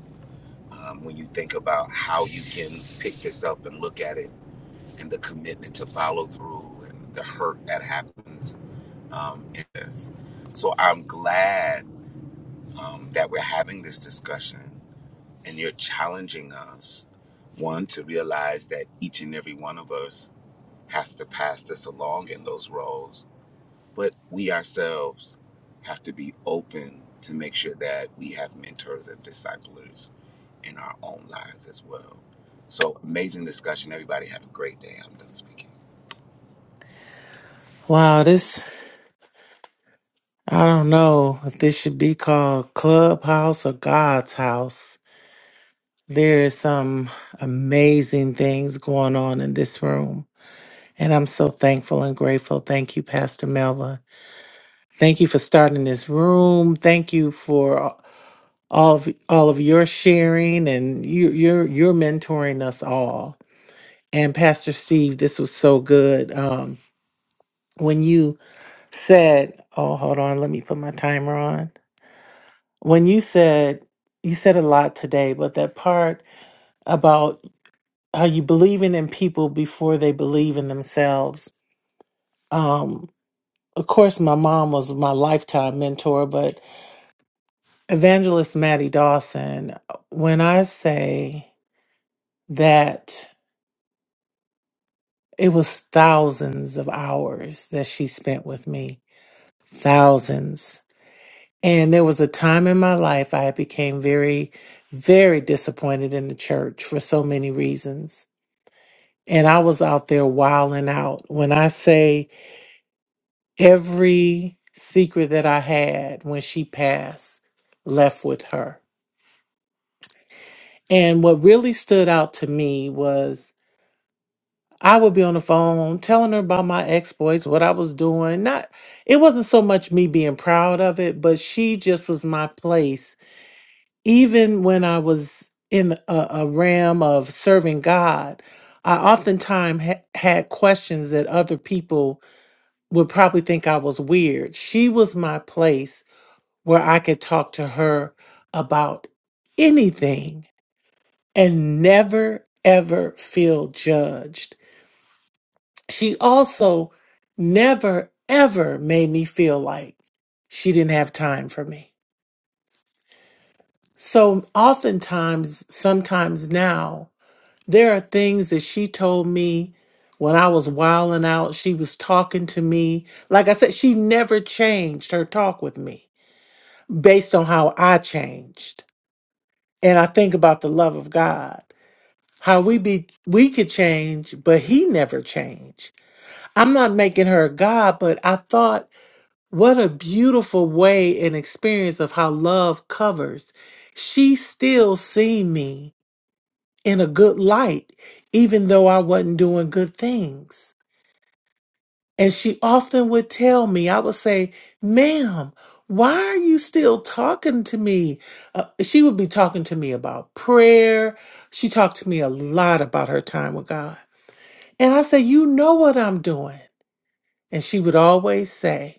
Um, when you think about how you can pick this up and look at it and the commitment to follow through and the hurt that happens um, in this. So I'm glad um, that we're having this discussion and you're challenging us, one, to realize that each and every one of us has to pass this along in those roles, but we ourselves have to be open to make sure that we have mentors and disciplers in our own lives as well. So amazing discussion. Everybody have a great day. I'm done speaking. Wow, this, I don't know if this should be called Clubhouse or God's House. There is some amazing things going on in this room. And I'm so thankful and grateful. Thank you, Pastor Melva. Thank you for starting this room. Thank you for all of all of your sharing and you you're you're mentoring us all. And Pastor Steve, this was so good. Um when you said, oh hold on, let me put my timer on when you said you said a lot today, but that part about how you believing in people before they believe in themselves. Um, of course, my mom was my lifetime mentor, but evangelist Maddie Dawson. uh, When I say that it was thousands of hours that she spent with me, thousands. And there was a time in my life I became very, very disappointed in the church for so many reasons and I was out there wilding out. When I say every secret that I had when she passed left with her. And what really stood out to me was I would be on the phone telling her about my exploits, what I was doing. Not it wasn't so much me being proud of it, but she just was my place. Even when I was in a, a realm of serving God, I oftentimes ha- had questions that other people would probably think I was weird. She was my place where I could talk to her about anything and never, ever feel judged. She also never, ever made me feel like she didn't have time for me. So, oftentimes, sometimes now, there are things that she told me when I was wilding out. She was talking to me. Like I said, she never changed her talk with me based on how I changed. And I think about the love of God. How we be we could change, but he never changed. I'm not making her a God, but I thought what a beautiful way and experience of how love covers. She still seen me in a good light, even though I wasn't doing good things. And she often would tell me, I would say, ma'am, why are you still talking to me? Uh, she would be talking to me about prayer. She talked to me a lot about her time with God. And I say, you know what I'm doing. And she would always say,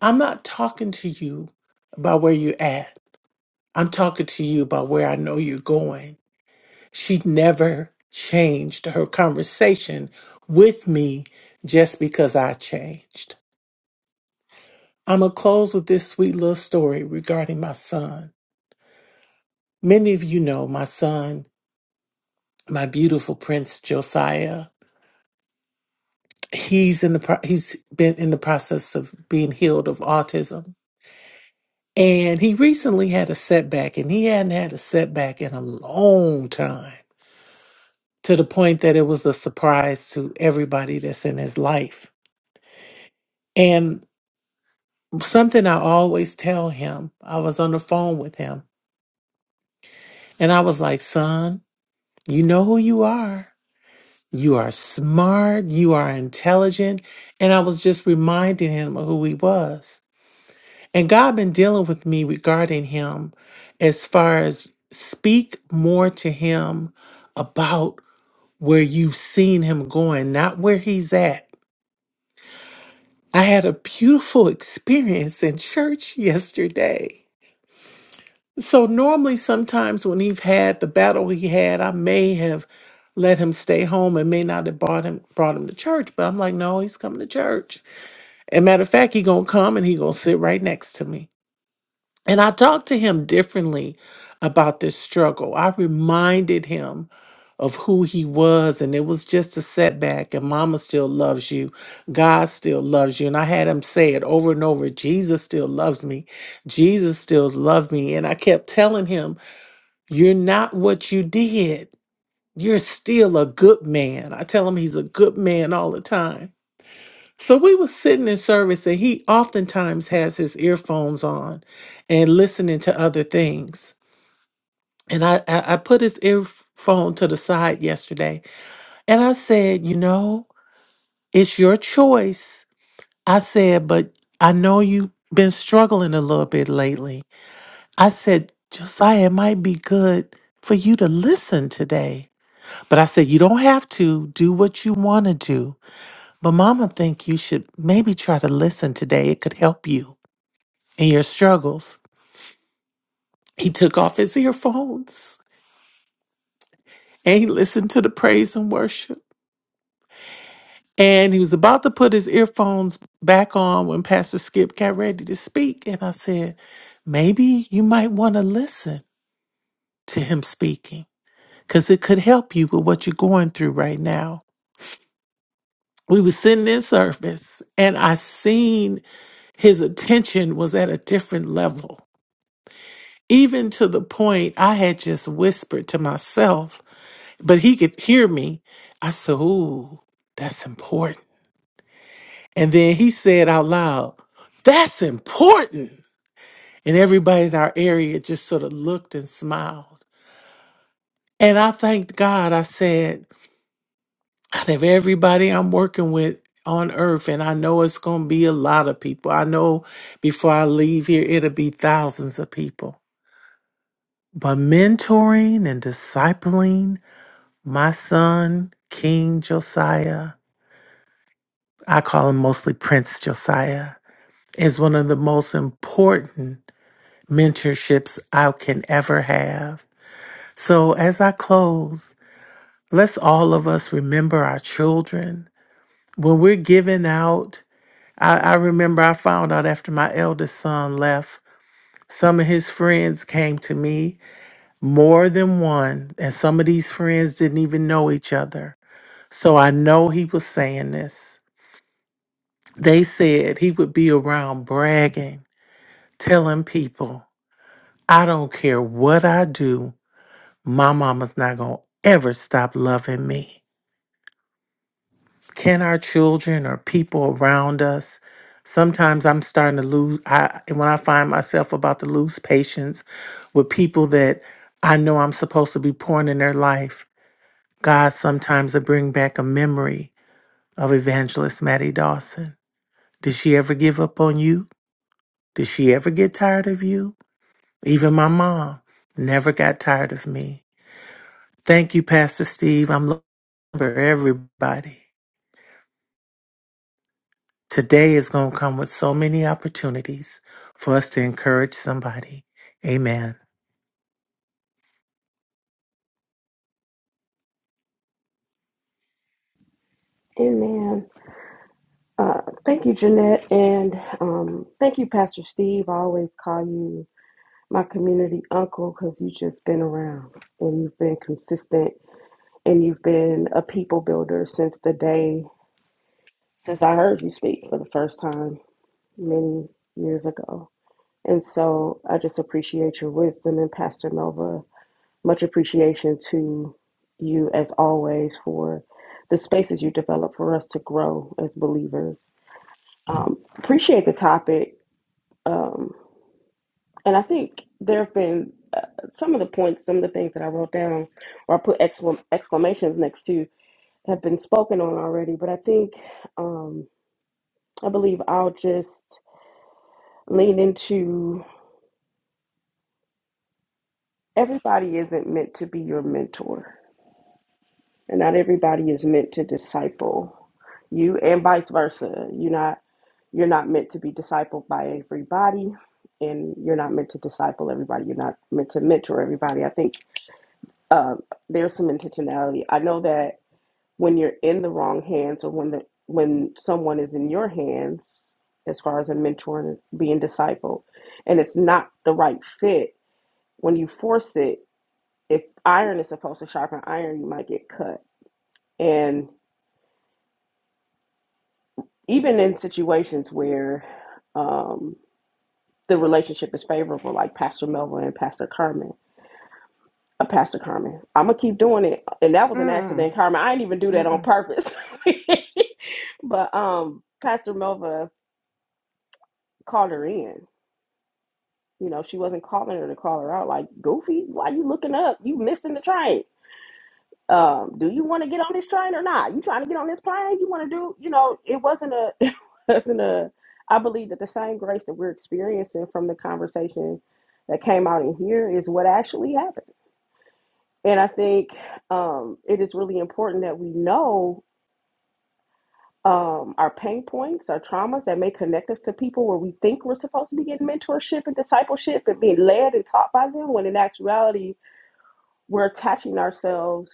I'm not talking to you about where you're at. I'm talking to you about where I know you're going. She never changed her conversation with me just because I changed. I'm going to close with this sweet little story regarding my son. Many of you know my son, my beautiful prince Josiah. He's in the pro- he's been in the process of being healed of autism. And he recently had a setback and he hadn't had a setback in a long time to the point that it was a surprise to everybody that's in his life. And something I always tell him, I was on the phone with him and I was like, "Son, you know who you are." You are smart. You are intelligent. And I was just reminding him of who he was. And God been dealing with me regarding him as far as speak more to him about where you've seen him going, not where he's at. I had a beautiful experience in church yesterday. So normally sometimes when he've had the battle he had, I may have let him stay home and may not have brought him brought him to church, but I'm like, no, he's coming to church. And matter of fact, he gonna come and he gonna sit right next to me. And I talked to him differently about this struggle. I reminded him of who he was, and it was just a setback. And Mama still loves you. God still loves you. And I had him say it over and over. Jesus still loves me. Jesus still loves me. And I kept telling him, "You're not what you did. You're still a good man." I tell him he's a good man all the time so we were sitting in service, and he oftentimes has his earphones on and listening to other things. And I, I, I put his earphone to the side yesterday and I said, You know, it's your choice. I said, But I know you've been struggling a little bit lately. I said, Josiah, it might be good for you to listen today. But I said, You don't have to do what you want to do. But mama think you should maybe try to listen today. It could help you. and your struggles. He took off his earphones and he listened to the praise and worship. And he was about to put his earphones back on when Pastor Skip got ready to speak. And I said, maybe you might want to listen to him speaking because it could help you with what you're going through right now. We were sitting in service and I seen his attention was at a different level. Even to the point I had just whispered to myself but he could hear me. I said, Ooh, that's important. And then he said out loud, That's important. And everybody in our area just sort of looked and smiled. And I thanked God. I said, Out of everybody I'm working with on earth, and I know it's going to be a lot of people, I know before I leave here, it'll be thousands of people. But mentoring and discipling my son, King Josiah, I call him mostly Prince Josiah, is one of the most important mentorships I can ever have. So as I close, let's all of us remember our children. When we're giving out, I, I remember I found out after my eldest son left, some of his friends came to me, more than one, and some of these friends didn't even know each other. So I know he was saying this. They said he would be around bragging telling people, I don't care what I do, my mama's not going to ever stop loving me. Can our children or people around us? Sometimes I'm starting to lose. I when I find myself about to lose patience with people that I know I'm supposed to be pouring in their life. God sometimes I bring back a memory of Evangelist Maddie Dawson. Did she ever give up on you? Did she ever get tired of you? Even my mom never got tired of me. Thank you, Pastor Steve. I'm looking for everybody. Today is going to come with so many opportunities for us to encourage somebody. Amen. Amen. Uh, thank you, Jeanette, and um, thank you, Pastor Steve. I always call you my community uncle because you've just been around and you've been consistent and you've been a people builder since the day since I heard you speak for the first time many years ago. And so I just appreciate your wisdom and Pastor Nova. Much appreciation to you as always for the spaces you develop for us to grow as believers Um, appreciate the topic. Um, and I think there have been uh, some of the points, some of the things that I wrote down or I put exclam- exclamations next to have been spoken on already. But I think, um, I believe I'll just lean into everybody isn't meant to be your mentor. And not everybody is meant to disciple you and vice versa. You're not you're not meant to be discipled by everybody and you're not meant to disciple everybody. You're not meant to mentor everybody. I think um, there's some intentionality. I know that when you're in the wrong hands or when the when someone is in your hands as far as a mentor and being discipled and it's not the right fit, when you force it, if iron is supposed to sharpen iron, you might get cut. and even in situations where um, the relationship is favorable, like Pastor Melvin and Pastor Carmen. Uh, Pastor Carmen, I'm gonna keep doing it, and that was an Mm, accident, Carmen. I didn't even do that on mm-mm. purpose, but um, Pastor Melva called her in. You know, she wasn't calling her to call her out. Like, Goofy, why you looking up? You missing the train um, do you want to get on this train or not? You trying to get on this plane? You want to do, you know, it wasn't a, it wasn't a, I believe that the same grace that we're experiencing from the conversation that came out in here is what actually happened. And I think um, it is really important that we know um, our pain points, our traumas that may connect us to people where we think we're supposed to be getting mentorship and discipleship and being led and taught by them, when in actuality, we're attaching ourselves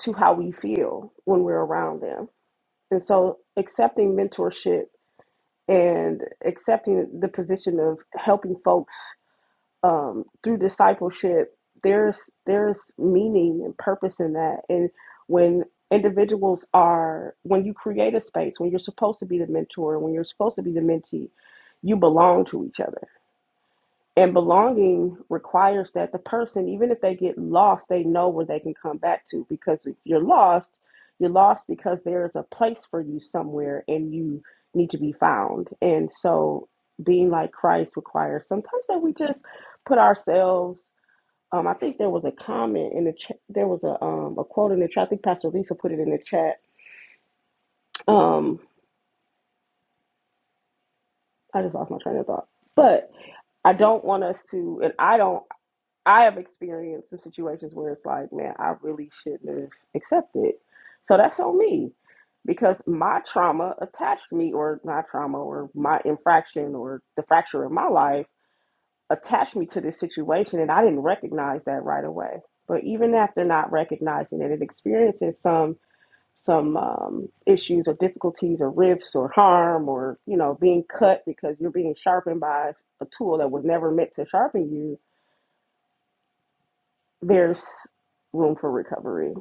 to how we feel when we're around them And so accepting mentorship and accepting the position of helping folks um, through discipleship, there's there's meaning and purpose in that. And when individuals are when you create a space, when you're supposed to be the mentor, when you're supposed to be the mentee, you belong to each other and belonging requires that the person, even if they get lost, they know where they can come back to. Because if you're lost, you're lost because there is a place for you somewhere and you need to be found. And so being like Christ requires sometimes that we just put ourselves. Um, I think there was a comment in the chat. There was a um, a quote in the chat. I think Pastor Lisa put it in the chat. Um, I just lost my train of thought. But I don't want us to, and I don't. I have experienced some situations where it's like, man, I really shouldn't have accepted. So that's on me because my trauma attached me, or my trauma, or my infraction, or the fracture in my life attached me to this situation, and I didn't recognize that right away. But even after not recognizing it and experiencing some some um, issues or difficulties or rifts or harm or you know being cut because you're being sharpened by a tool that was never meant to sharpen you there's room for recovery.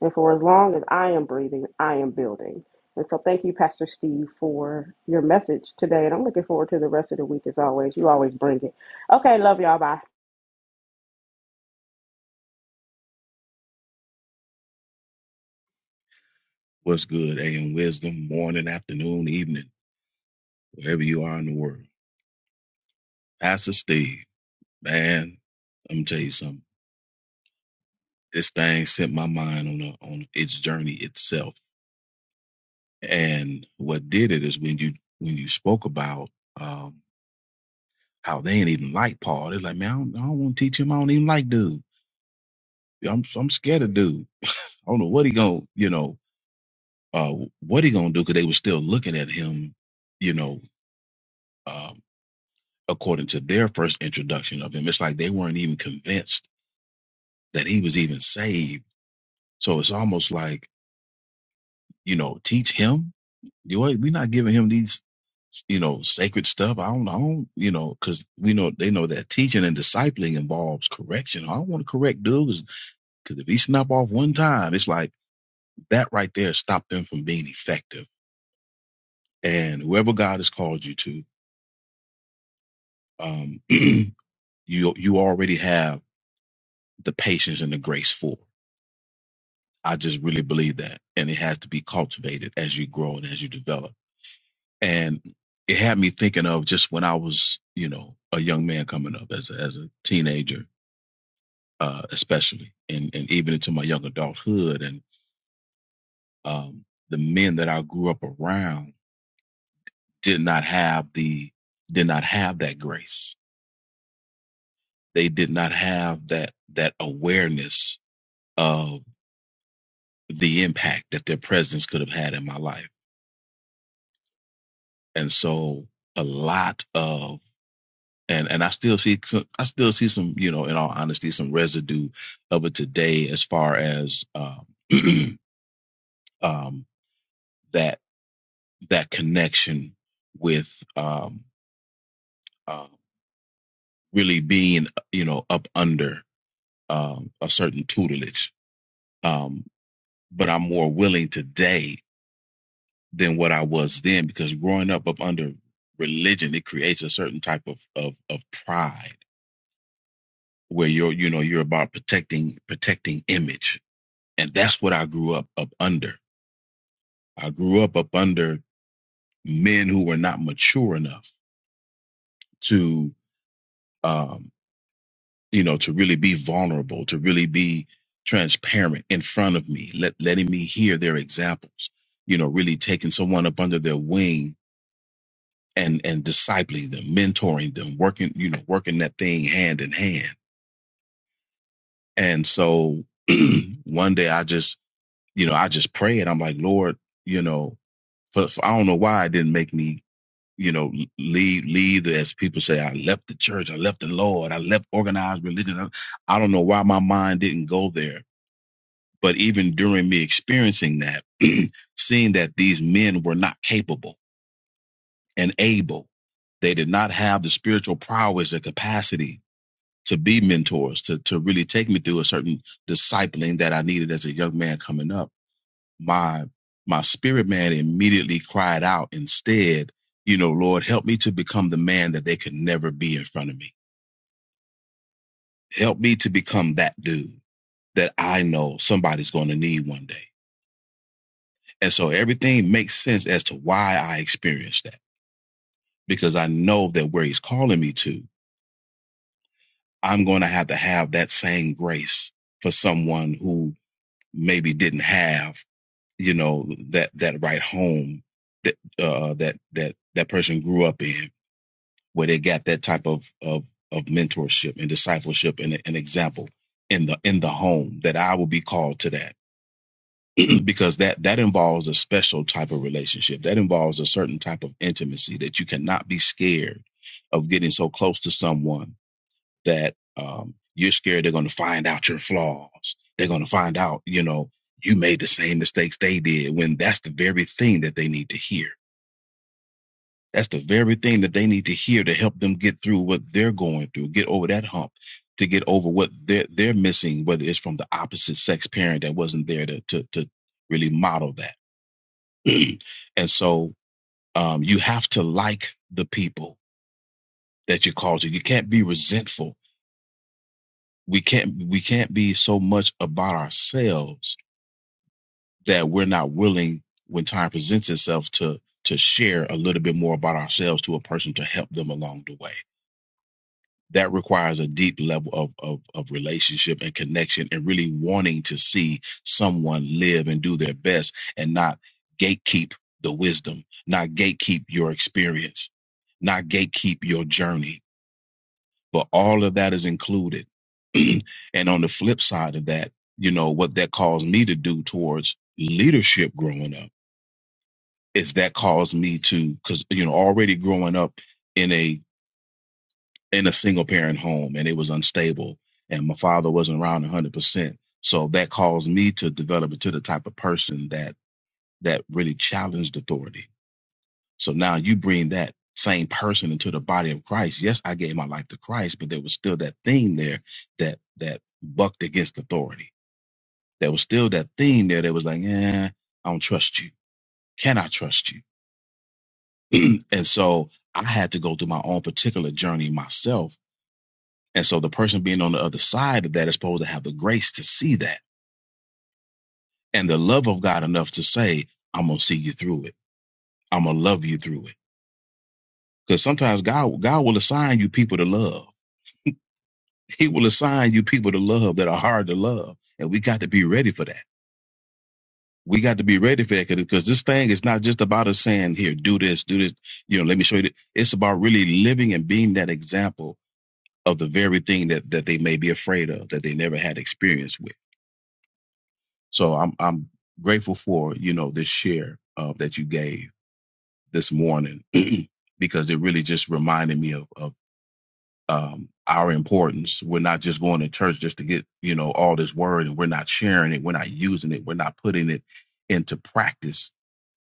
And for as long as I am breathing, I am building. And so thank you, Pastor Steve, for your message today. And I'm looking forward to the rest of the week as always. You always bring it. Okay, love y'all. Bye. What's good, AM Wisdom, morning, afternoon, evening, wherever you are in the world. Pastor Steve, man, let me tell you something. This thing sent my mind on a, on its journey itself, and what did it is when you when you spoke about um, how they ain't even like Paul. They're like, man, I don't, I don't want to teach him. I don't even like dude. I'm I'm scared of dude. I don't know what he gonna you know uh, what he gonna do because they were still looking at him, you know. um, according to their first introduction of him. It's like they weren't even convinced that he was even saved. So it's almost like, you know, teach him. You know, we're not giving him these, you know, sacred stuff. I don't, I you know, because we know they know that teaching and discipling involves correction. I don't want to correct dudes because if he snap off one time, it's like that right there stopped them from being effective. And whoever God has called you to, um, you you already have the patience and the grace for. I just really believe that. And it has to be cultivated as you grow and as you develop. And it had me thinking of just when I was, you know, a young man coming up as a, as a teenager, uh, especially, and, and even into my young adulthood. And um, the men that I grew up around did not have the did not have that grace. They did not have that that awareness of the impact that their presence could have had in my life. And so a lot of and and I still see some, I still see some you know in all honesty some residue of it today as far as um, um, that that connection with um, uh, really being you know up under um, a certain tutelage. Um, but I'm more willing today than what I was then because growing up up under religion it creates a certain type of of, of pride where you're you know you're about protecting protecting image and that's what I grew up up under. I grew up up under men who were not mature enough to, um, you know, to really be vulnerable, to really be transparent in front of me, let, letting me hear their examples. You know, really taking someone up under their wing and and discipling them, mentoring them, working, you know, working that thing hand in hand. And so one day I just, you know, I just prayed. I'm like, Lord, you know, for, for- I don't know why it didn't make me you know, leave, leave, as people say, I left the church, I left the Lord, I left organized religion. I, I don't know why my mind didn't go there. But even during me experiencing that, seeing that these men were not capable and able, they did not have the spiritual prowess or capacity to be mentors, to, to really take me through a certain discipling that I needed as a young man coming up my my spirit man immediately cried out instead you know lord help me to become the man that they could never be in front of me help me to become that dude that i know somebody's going to need one day and so everything makes sense as to why i experienced that because i know that where he's calling me to i'm going to have to have that same grace for someone who maybe didn't have you know that that right home that uh that that that person grew up in where they got that type of of of mentorship and discipleship and an example in the in the home that I will be called to that because that that involves a special type of relationship that involves a certain type of intimacy that you cannot be scared of getting so close to someone that um, you're scared they're going to find out your flaws they're going to find out you know you made the same mistakes they did when that's the very thing that they need to hear that's the very thing that they need to hear to help them get through what they're going through, get over that hump, to get over what they're they're missing, whether it's from the opposite sex parent that wasn't there to to, to really model that. and so um, you have to like the people that you're called You can't be resentful. We can't we can't be so much about ourselves that we're not willing when time presents itself to to share a little bit more about ourselves to a person to help them along the way that requires a deep level of, of, of relationship and connection and really wanting to see someone live and do their best and not gatekeep the wisdom, not gatekeep your experience, not gatekeep your journey. But all of that is included. and on the flip side of that, you know, what that caused me to do towards leadership growing up is that caused me to, because, you know, already growing up in a in a single parent home and it was unstable and my father wasn't around 100% so that caused me to develop into the type of person that that really challenged authority so now you bring that same person into the body of christ yes i gave my life to christ but there was still that thing there that that bucked against authority there was still that thing there that was like eh, i don't trust you can i trust you and so i had to go through my own particular journey myself And so the person being on the other side of that is supposed to have the grace to see that and the love of God enough to say, I'm gonna see you through it. I'm gonna love you through it. Because sometimes God God will assign you people to love. He will assign you people to love that are hard to love. And we got to be ready for that. We got to be ready for that because this thing is not just about us saying, here, do this, do this, you know, let me show you. that. It's about really living and being that example of the very thing that, that they may be afraid of, that they never had experience with. So I'm I'm grateful for you know this share uh, that you gave this morning because it really just reminded me of of um, our importance. We're not just going to church just to get you know all this word, and we're not sharing it, we're not using it, we're not putting it into practice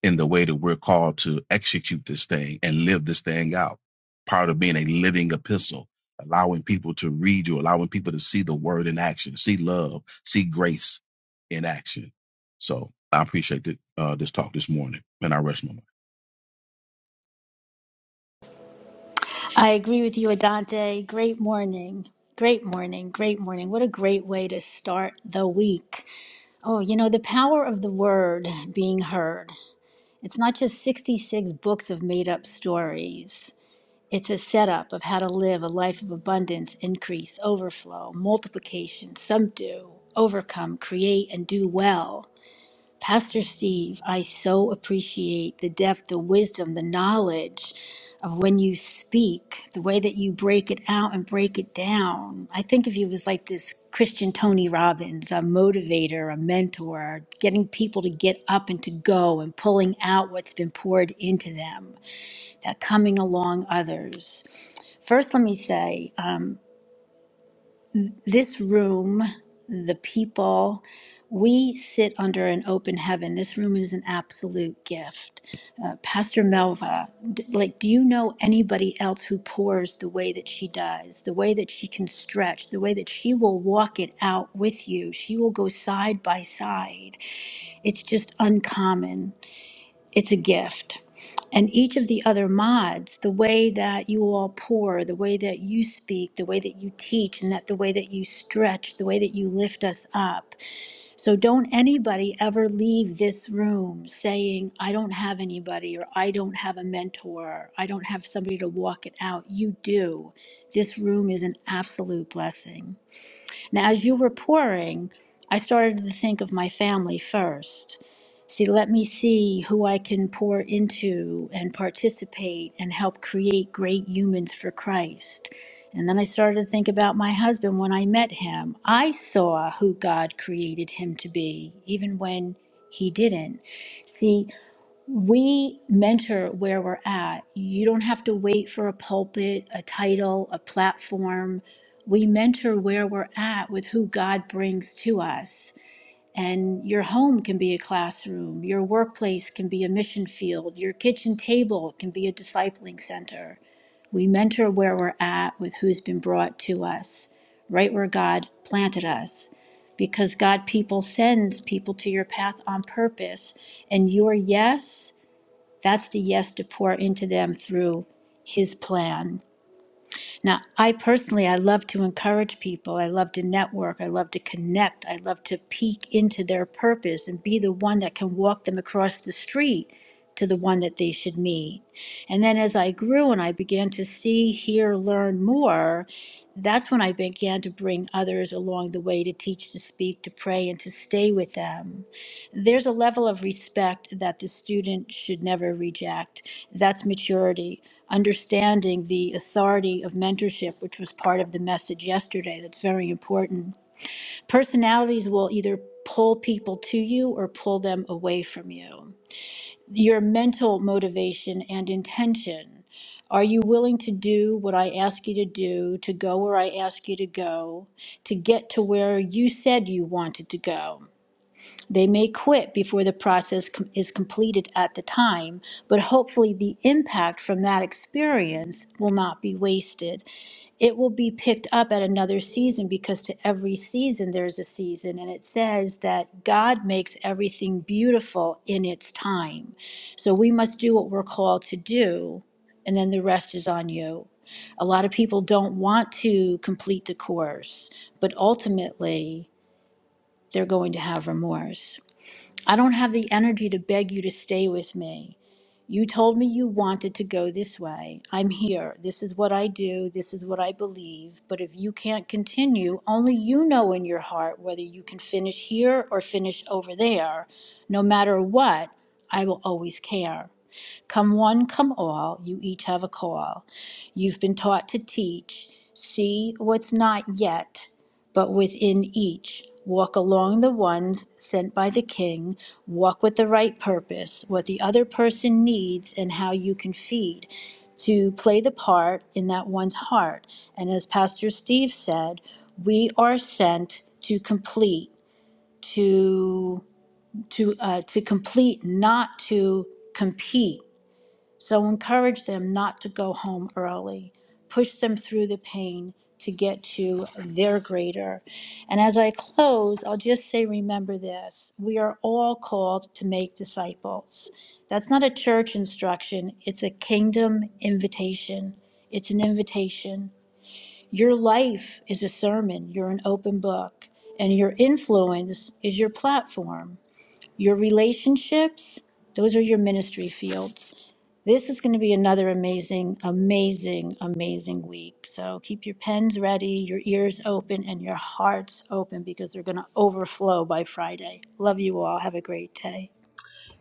in the way that we're called to execute this thing and live this thing out. Part of being a living epistle, allowing people to read you, allowing people to see the word in action, see love, see grace in action. So I appreciate that, uh, this talk this morning, and I rest my mic. I agree with you, Adante. Great morning. Great morning. Great morning. What a great way to start the week. Oh, you know, the power of the word being heard. It's not just 66 books of made up stories, it's a setup of how to live a life of abundance, increase, overflow, multiplication, subdue, overcome, create, and do well. Pastor Steve, I so appreciate the depth, the wisdom, the knowledge of when you speak, the way that you break it out and break it down. I think of you as like this Christian Tony Robbins, a motivator, a mentor, getting people to get up and to go and pulling out what's been poured into them, that coming along others. First, let me say, um, this room, the people, we sit under an open heaven. This room is an absolute gift. Uh, Pastor Melva, d- like, do you know anybody else who pours the way that she does, the way that she can stretch, the way that she will walk it out with you? She will go side by side. It's just uncommon it's a gift. And each of the other mods, the way that you all pour, the way that you speak, the way that you teach, and that the way that you stretch, the way that you lift us up. So don't anybody ever leave this room saying, I don't have anybody, or I don't have a mentor, I don't have somebody to walk it out. You do. This room is an absolute blessing. Now, as you were pouring, I started to think of my family first. See, let me see who I can pour into and participate and help create great humans for Christ. And then I started to think about my husband when I met him. I saw who God created him to be, even when he didn't. See, we mentor where we're at. You don't have to wait for a pulpit, a title, a platform. We mentor where we're at with who God brings to us. And your home can be a classroom, your workplace can be a mission field, your kitchen table can be a discipling center. We mentor where we're at with who's been brought to us, right where God planted us. Because God people sends people to your path on purpose. And your yes that's the yes to pour into them through his plan. Now, I personally, I love to encourage people. I love to network. I love to connect. I love to peek into their purpose and be the one that can walk them across the street to the one that they should meet. And then as I grew and I began to see, hear, learn more, that's when I began to bring others along the way to teach, to speak, to pray, and to stay with them there's a level of respect that the student should never reject. That's maturity, understanding the authority of mentorship, which was part of the message yesterday. That's very important. Personalities will either pull people to you or pull them away from you. Your mental motivation and intention. Are you willing to do what I ask you to do, to go where I ask you to go, to get to where you said you wanted to go? They may quit before the process com- is completed at the time, but hopefully the impact from that experience will not be wasted. It will be picked up at another season because to every season there's a season, and it says that God makes everything beautiful in its time. So we must do what we're called to do, and then the rest is on you. A lot of people don't want to complete the course, but ultimately they're going to have remorse. I don't have the energy to beg you to stay with me. You told me you wanted to go this way. I'm here. This is what I do. This is what I believe. But if you can't continue, only you know in your heart whether you can finish here or finish over there. No matter what, I will always care. Come one, come all, you each have a call. You've been taught to teach, see what's not yet, but within each. Walk along the ones sent by the King, walk with the right purpose, what the other person needs, and how you can feed to play the part in that one's heart. And as Pastor Steve said, we are sent to complete, to to uh, to complete, not to compete so encourage them not to go home early. Push them through the pain to get to their greater. And as I close, I'll just say remember this we are all called to make disciples. That's not a church instruction, it's a kingdom invitation. It's an invitation. Your life is a sermon, you're an open book, and your influence is your platform. Your relationships, those are your ministry fields. This is going to be another amazing, amazing, amazing week. So keep your pens ready, your ears open, and your hearts open because they're going to overflow by Friday. Love you all. Have a great day.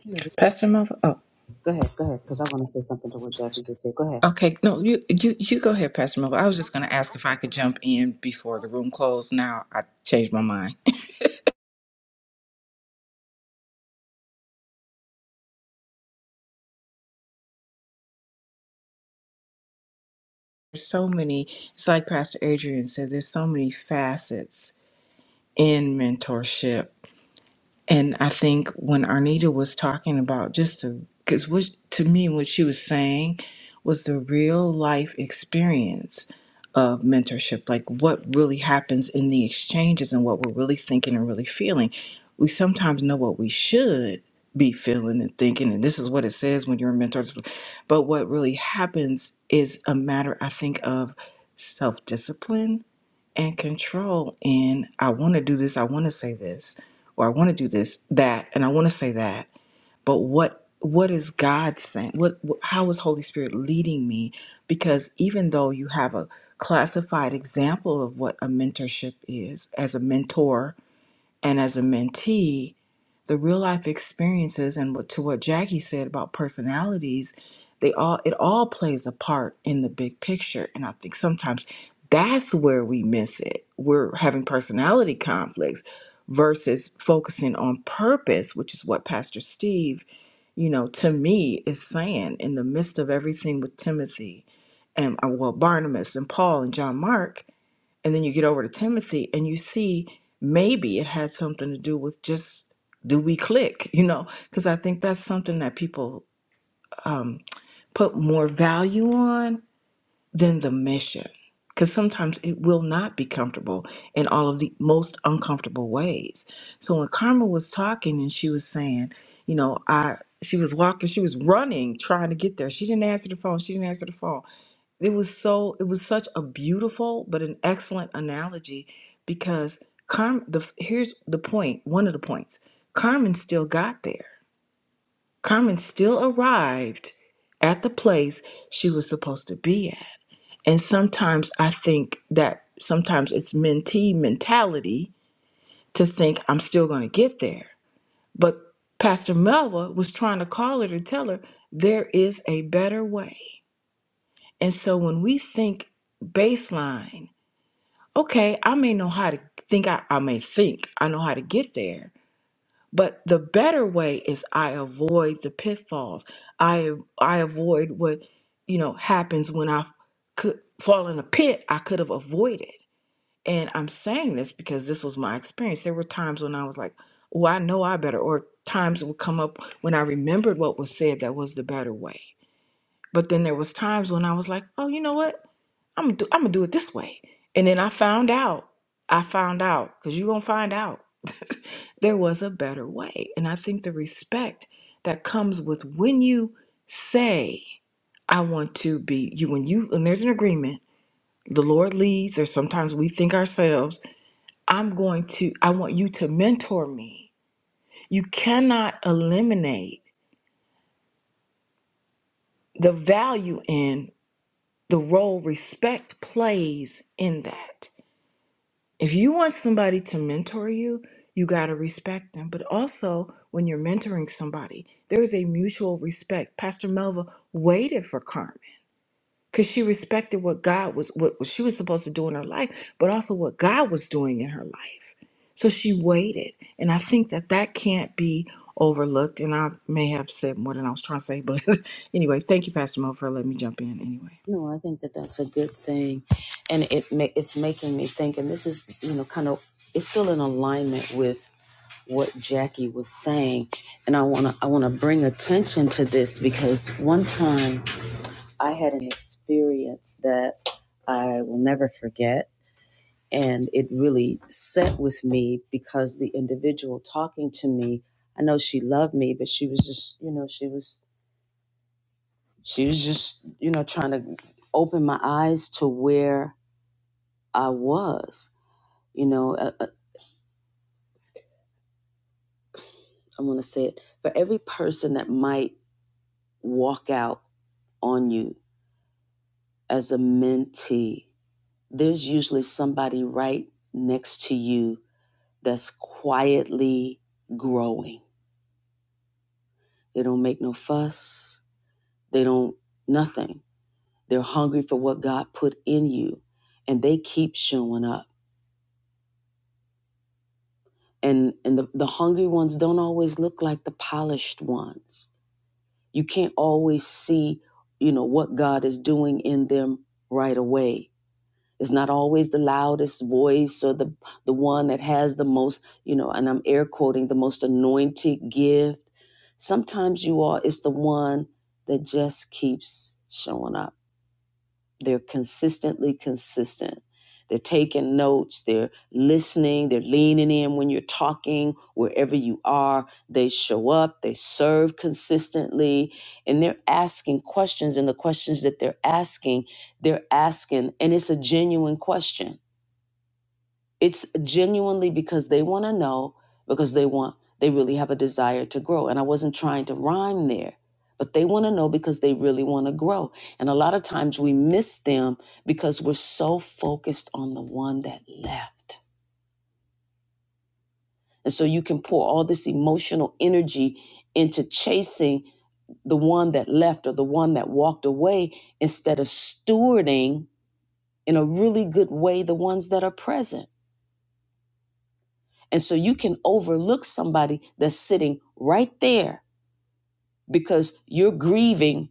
Go Pastor Melville. Oh, ahead, go ahead, because I want to say something to what Jackie just said. Go ahead. okay. No, you you you go ahead, Pastor Melville. I was just going to ask if I could jump in before the room closed. Now I changed my mind. There's so many. It's like Pastor Adrian said. There's so many facets in mentorship And I think when Arnita was talking about just the, because what to me what she was saying was the real life experience of mentorship, like what really happens in the exchanges and what we're really thinking and really feeling. We sometimes know what we should be feeling and thinking, and this is what it says when you're a mentor. But what really happens is a matter, I think, of self discipline and control in I want to do this, I want to say this, or I want to do this, that, and I want to say that. But what what is God saying? What wh- how is Holy Spirit leading me? Because even though you have a classified example of what a mentorship is as a mentor, and as a mentee, the real life experiences and what, to what Jackie said about personalities, they all it all plays a part in the big picture. And I think sometimes that's where we miss it. We're having personality conflicts versus focusing on purpose, which is what Pastor Steve, you know, to me is saying in the midst of everything with Timothy and uh, well Barnabas and Paul and John Mark and then you get over to Timothy and you see maybe it had something to do with just do we click, you know? Because I think that's something that people um, put more value on than the mission. Because sometimes it will not be comfortable in all of the most uncomfortable ways. So when Karma was talking and she was saying, you know, I she was walking, she was running, trying to get there. She didn't answer the phone. She didn't answer the phone it was so it was such a beautiful but an excellent analogy because Carmen the here's the point one of the points Carmen still got there Carmen still arrived at the place she was supposed to be at and sometimes I think that sometimes it's mentee mentality to think I'm still going to get there but Pastor Melva was trying to call her to tell her there is a better way and so when we think baseline okay, I may know how to think, I, I may think I know how to get there, but the better way is I avoid the pitfalls. I I avoid what you know happens when I could fall in a pit I could have avoided. And I'm saying this because this was my experience. There were times when I was like, "Oh, I know I better, or times would come up when I remembered what was said that was the better way. But then there was times when I was like, oh, you know what? I'm gonna do, I'm gonna do it this way. And then I found out. I found out because you're gonna find out there was a better way. And I think the respect that comes with when you say, I want to be you, when you, when there's an agreement, the Lord leads, or sometimes we think ourselves, I'm going to, I want you to mentor me. You cannot eliminate the value in the role respect plays in that If you want somebody to mentor you, you got to respect them. But also, when you're mentoring somebody, there is a mutual respect. Pastor Melva waited for Carmen because she respected what God was, what, what she was supposed to do in her life, but also what God was doing in her life. So she waited. And I think that that can't be overlooked. And I may have said more than I was trying to say, but anyway, thank you, Pastor Melva, for letting me jump in anyway. No, I think that that's a good thing, and it ma- it's making me think. And this is, you know, kind of it's still in alignment with what Jackie was saying, and I wanna I wanna bring attention to this because one time I had an experience that I will never forget, and it really set with me because the individual talking to me, I know she loved me, but she was just, you know, she was she was just, you know, trying to open my eyes to where I was. You know, I, I, I want to say it for every person that might walk out on you as a mentee, there's usually somebody right next to you that's quietly growing. They don't make no fuss, they don't, nothing. They're hungry for what God put in you, and they keep showing up. And, and the, the hungry ones don't always look like the polished ones You can't always see, you know, what God is doing in them right away. It's not always the loudest voice or the the one that has the most, you know, and I'm air quoting the most anointed gift. Sometimes you are it's the one that just keeps showing up they're consistently consistent. They're taking notes, they're listening, they're leaning in when you're talking, wherever you are. They show up, they serve consistently, and they're asking questions. And the questions that they're asking, they're asking, and it's a genuine question it's genuinely because they want to know, because they want, they really have a desire to grow. And I wasn't trying to rhyme there, but they want to know because they really want to grow. And a lot of times we miss them because we're so focused on the one that left. And so you can pour all this emotional energy into chasing the one that left or the one that walked away instead of stewarding in a really good way the ones that are present. And so you can overlook somebody that's sitting right there because you're grieving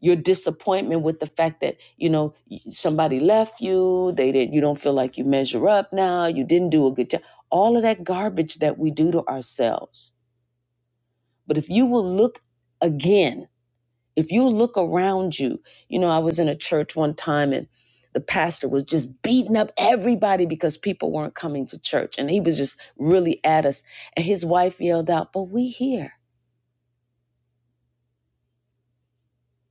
your disappointment with the fact that, you know, somebody left you, they didn't you don't feel like you measure up now, you didn't do a good job. All of that garbage that we do to ourselves. But if you will look again if you look around you, you know, I was in a church one time and the pastor was just beating up everybody because people weren't coming to church and he was just really at us. And his wife yelled out, But we here.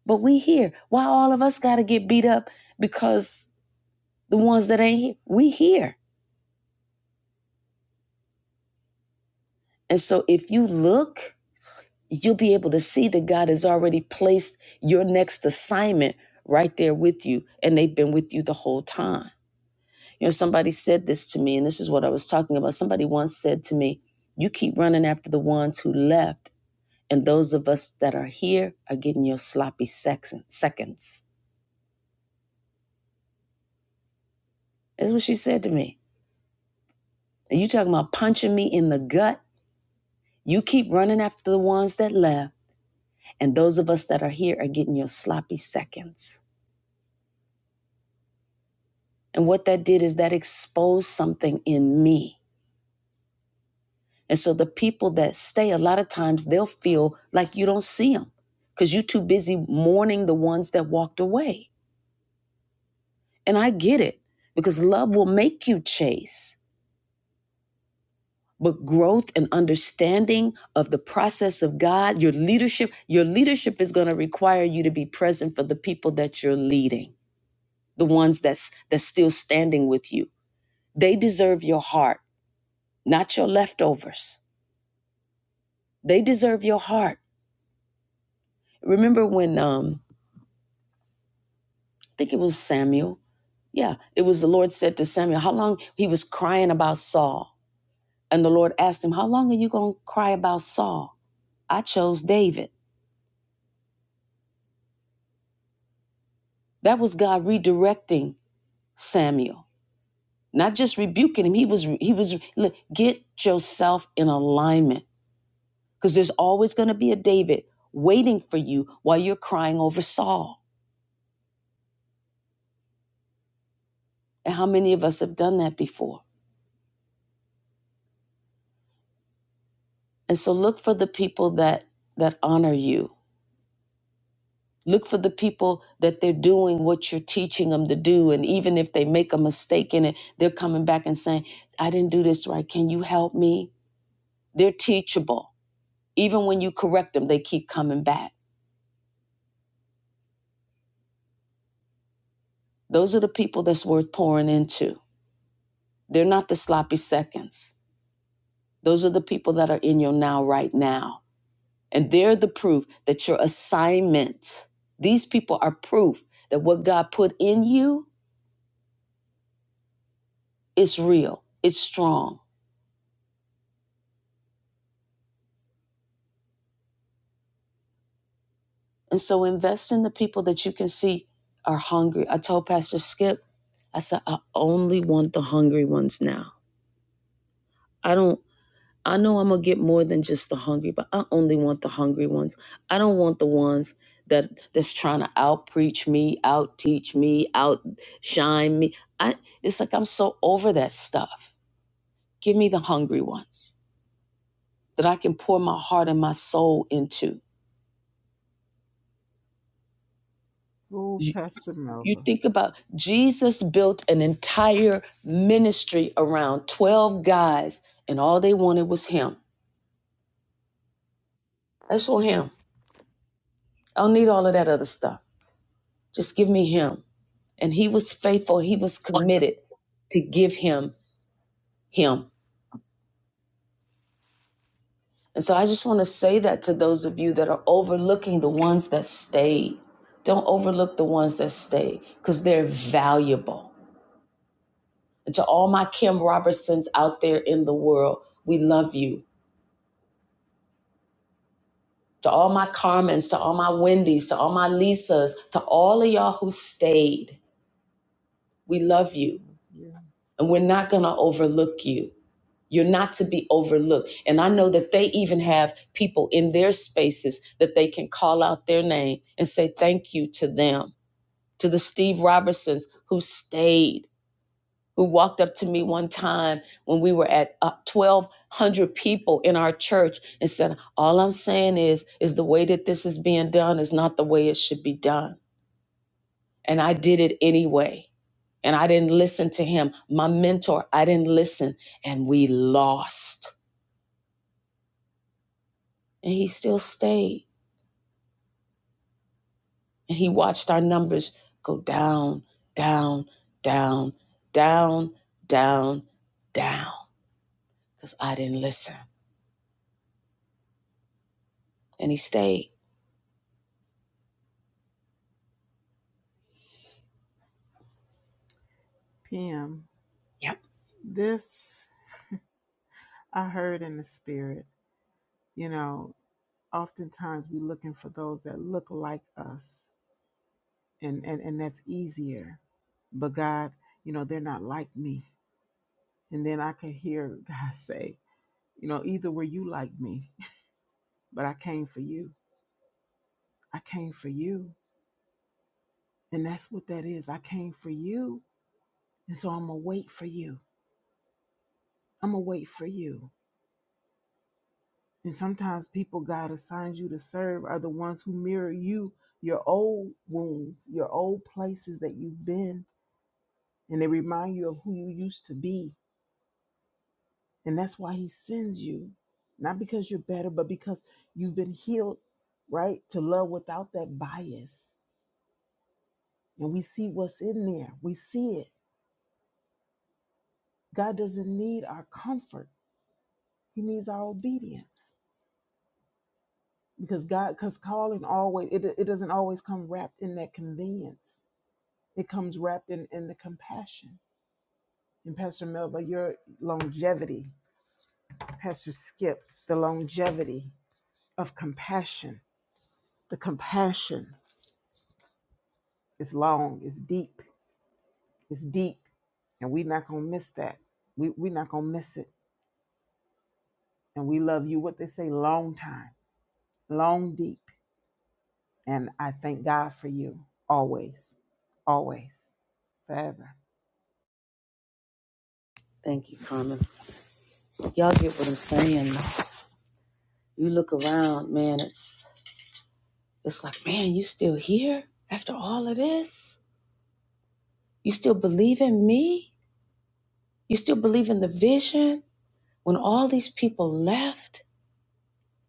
But we here. Why all of us got to get beat up because the ones that ain't here, we here. And so if you look, you'll be able to see that God has already placed your next assignment right there with you and they've been with you the whole time. You know, somebody said this to me, and this is what I was talking about. Somebody once said to me, You keep running after the ones who left, and those of us that are here are getting your sloppy seconds. That's what she said to me. Are you talking about punching me in the gut? You keep running after the ones that left, and those of us that are here are getting your sloppy seconds. And what that did is that exposed something in me And so the people that stay, a lot of times they'll feel like you don't see them because you're too busy mourning the ones that walked away. And I get it because love will make you chase. But growth and understanding of the process of God, your leadership, your leadership is going to require you to be present for the people that you're leading, the ones that's that's still standing with you. They deserve your heart, not your leftovers. They deserve your heart. Remember when um, think it was Samuel. Yeah, it was the Lord said to Samuel, How long? He was crying about Saul. And the Lord asked him, How long are you going to cry about Saul? I chose David. That was God redirecting Samuel, not just rebuking him. He was, he was, look, get yourself in alignment because there's always going to be a David waiting for you while you're crying over Saul. And how many of us have done that before? And so look for the people that, that honor you Look for the people that they're doing what you're teaching them to do. And even if they make a mistake in it, they're coming back and saying, I didn't do this right. Can you help me? They're teachable. Even when you correct them, they keep coming back. Those are the people that's worth pouring into. They're not the sloppy seconds. Those are the people that are in your now, right now. And they're the proof that your assignment, these people are proof that what God put in you is real, it's strong And so invest in the people that you can see are hungry. I told Pastor Skip, I said, I only want the hungry ones now. I don't, I know I'm going to get more than just the hungry, but I only want the hungry ones. I don't want the ones that that's trying to out preach me, out teach me, outshine me. I, it's like I'm so over that stuff. Give me the hungry ones that I can pour my heart and my soul into. Ooh, Pastor You Melva. think about Jesus built an entire ministry around 12 guys, and all they wanted was him. I just want him. I don't need all of that other stuff. Just give me him. And he was faithful, he was committed to give him him. And so I just want to say that to those of you that are overlooking the ones that stayed. Don't overlook the ones that stayed because they're valuable. And to all my Kim Robertsons out there in the world, we love you. to all my Carmens, to all my Wendy's, to all my Lisas, to all of y'all who stayed. We love you Yeah. and we're not going to overlook you. You're not to be overlooked. And I know that they even have people in their spaces that they can call out their name and say thank you to them, to the Steve Robertsons who stayed. who walked up to me one time when we were at uh, 1200 people in our church and said all i'm saying is is the way that this is being done is not the way it should be done and i did it anyway and i didn't listen to him my mentor i didn't listen and we lost and he still stayed and he watched our numbers go down down down down down down because i didn't listen and he stayed PM. Yep. This I heard in the spirit. You know, oftentimes we're looking for those that look like us, and, and, and that's easier. But God, you know, they're not like me. And then I could hear God say, you know, either were you like me, but I came for you. I came for you. And that's what that is. I came for you. And so I'm going to wait for you. I'm going to wait for you. And sometimes people God assigns you to serve are the ones who mirror you, your old wounds, your old places that you've been, and they remind you of who you used to be. And that's why He sends you, not because you're better, but because you've been healed, right? To love without that bias. And we see what's in there, we see it. God doesn't need our comfort, He needs our obedience. Because God, because calling always, it, it doesn't always come wrapped in that convenience It comes wrapped in, in the compassion. And Pastor Melba, your longevity, Pastor Skip, the longevity of compassion. The compassion is long, it's deep, it's deep. And we not gonna miss that. We we not gonna miss it. And we love you, what they say, long time, long deep. And I thank God for you always, always, forever. Thank you, Carmen. Y'all get what I'm saying. You look around, man, it's it's like, man, you still here after all of this? You still believe in me? You still believe in the vision when all these people left?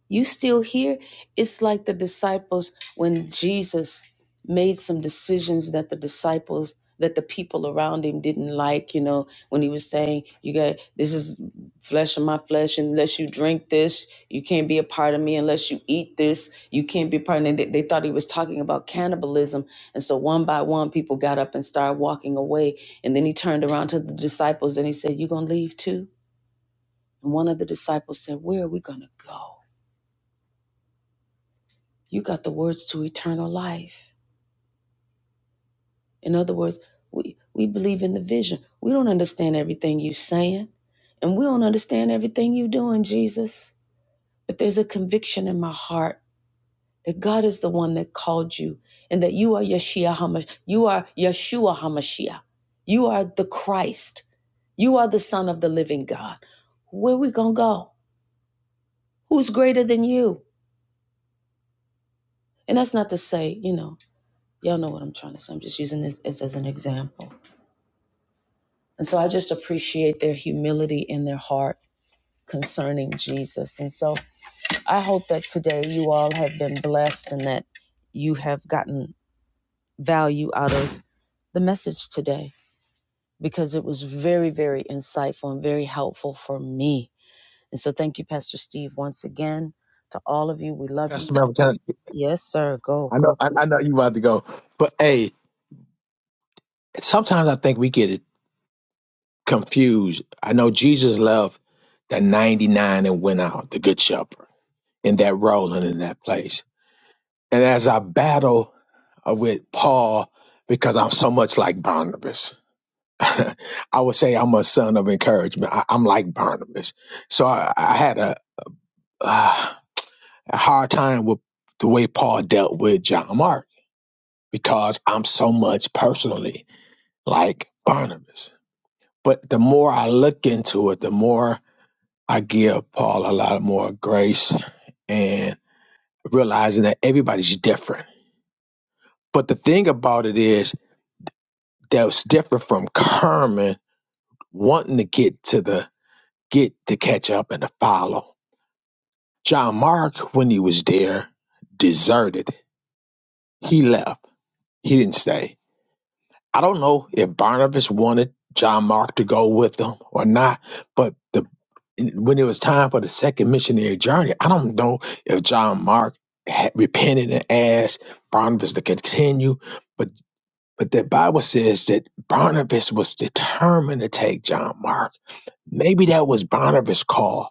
You still here? It's like the disciples when Jesus made some decisions that the disciples that the people around him didn't like, you know, when he was saying, You got this is flesh of my flesh, unless you drink this, you can't be a part of me, unless you eat this, you can't be a part of me. They, they thought he was talking about cannibalism. And so one by one, people got up and started walking away. And then he turned around to the disciples and he said, You gonna leave too? And one of the disciples said, Where are we gonna go? You got the words to eternal life. In other words, we, we believe in the vision. We don't understand everything you're saying, and we don't understand everything you're doing, Jesus. But there's a conviction in my heart that God is the one that called you and that you are Yeshua HaMashiach. You are Yeshua HaMashiach. You are the Christ. You are the Son of the living God. Where we going to go? Who's greater than you? And that's not to say, you know, y'all know what I'm trying to say. I'm just using this as, as an example And so I just appreciate their humility in their heart concerning Jesus. And so I hope that today you all have been blessed and that you have gotten value out of the message today because it was very, very insightful and very helpful for me. And so thank you, Pastor Steve, once again to all of you. We love Pastor you. Melvin, can I, Yes, sir. Go, I know go, I, go. I know you about to go, but hey, sometimes I think we get it confused. I know Jesus loved the ninety nine and went out, the good shepherd, in that role and in that place. And as I battle uh, with Paul, because I'm so much like Barnabas, I would say I'm a son of encouragement. I, I'm like Barnabas. So I, I had a, uh, a hard time with the way Paul dealt with John Mark because I'm so much personally like Barnabas. But the more I look into it, the more I give Paul a lot more grace and realizing that everybody's different. But the thing about it is that was different from Carmen wanting to get to the get to catch up and to follow. John Mark, when he was there, deserted. He left. He didn't stay. I don't know if Barnabas wanted John Mark to go with them or not, but the when it was time for the second missionary journey, I don't know if John Mark had repented and asked Barnabas to continue, but but the Bible says that Barnabas was determined to take John Mark. Maybe that was Barnabas' call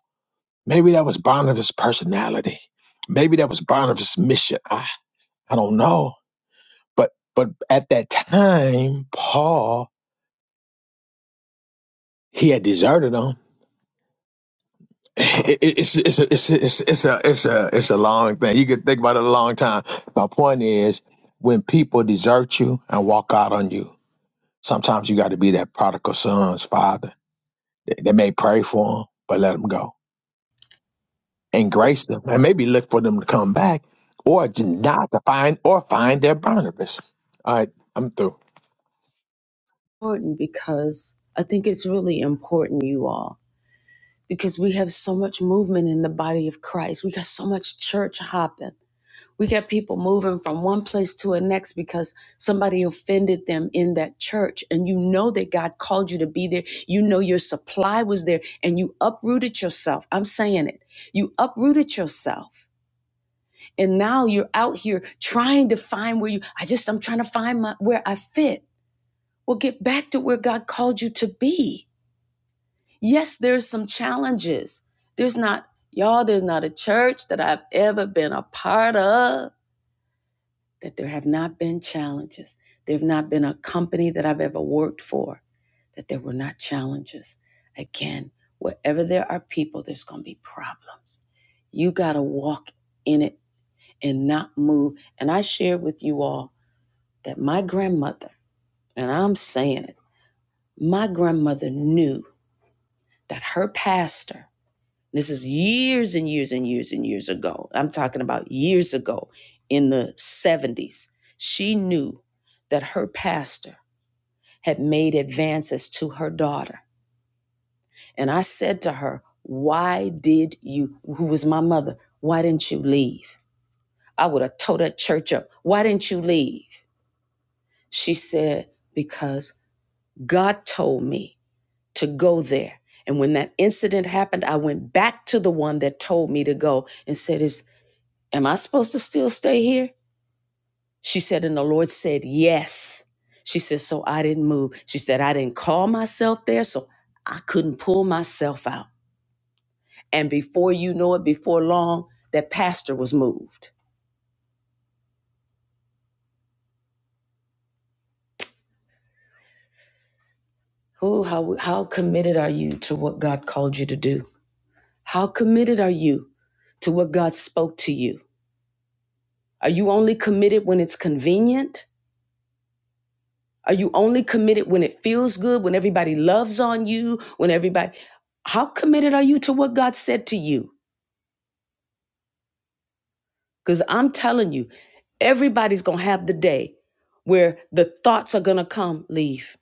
Maybe that was Barnabas' personality. Maybe that was Barnabas' mission. I, I don't know. But but at that time, Paul he had deserted them. It- it- It's it's a, it's a, it's it's a it's a it's a long thing. You could think about it a long time. My point is, when people desert you and walk out on you, sometimes you got to be that prodigal son's father. They they may pray for him, but let him go and grace them and maybe look for them to come back or to not to find or find their Barnabas. All right, I'm through. Important because I think it's really important, you all. because we have so much movement in the body of Christ. We got so much church hopping. We got people moving from one place to the next because somebody offended them in that church. And you know that God called you to be there. You know your supply was there and you uprooted yourself. I'm saying it. You uprooted yourself. And now you're out here trying to find where you, I just, I'm trying to find my, where I fit. Well, get back to where God called you to be Yes, there's some challenges. There's not, y'all, there's not a church that I've ever been a part of that there have not been challenges. There have not been a company that I've ever worked for that there were not challenges. Again, wherever there are people, there's going to be problems. You got to walk in it and not move. And I shared with you all that my grandmother, and I'm saying it, my grandmother knew that her pastor This is years and years and years and years ago. I'm talking about years ago in the 70s. She knew that her pastor had made advances to her daughter. And I said to her, Why did you, who was my mother, why didn't you leave? I would have tore that church up. Why didn't you leave? She said, Because God told me to go there. And when that incident happened, I went back to the one that told me to go and said, "Is Am I supposed to still stay here? She said, and the Lord said, Yes. She said, So I didn't move. She said, I didn't call myself there, so I couldn't pull myself out. And before you know it, before long, that pastor was moved. Oh, how, how committed are you to what God called you to do? How committed are you to what God spoke to you? Are you only committed when it's convenient? Are you only committed when it feels good, when everybody loves on you, when everybody, how committed are you to what God said to you? Because I'm telling you, everybody's going to have the day where the thoughts are going to come leave,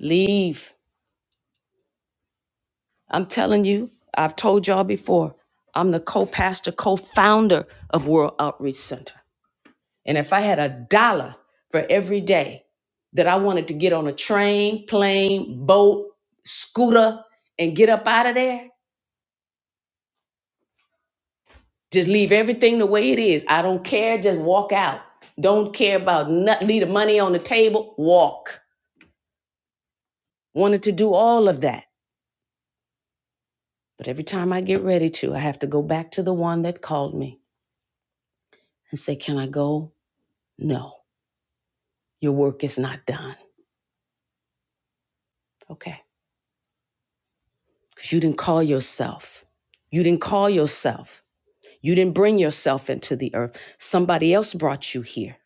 leave. I'm telling you, I've told y'all before, I'm the co pastor, co founder of World Outreach Center. And if I had a dollar for every day that I wanted to get on a train, plane, boat, scooter, and get up out of there, Just leave everything the way it is. I don't care. Just walk out. Don't care about nothing. Leave the money on the table. Walk. Wanted to do all of that. But every time I get ready to, I have to go back to the one that called me and say, Can I go? No, your work is not done. Okay. Because you didn't call yourself. You didn't call yourself. You didn't bring yourself into the earth. Somebody else brought you here.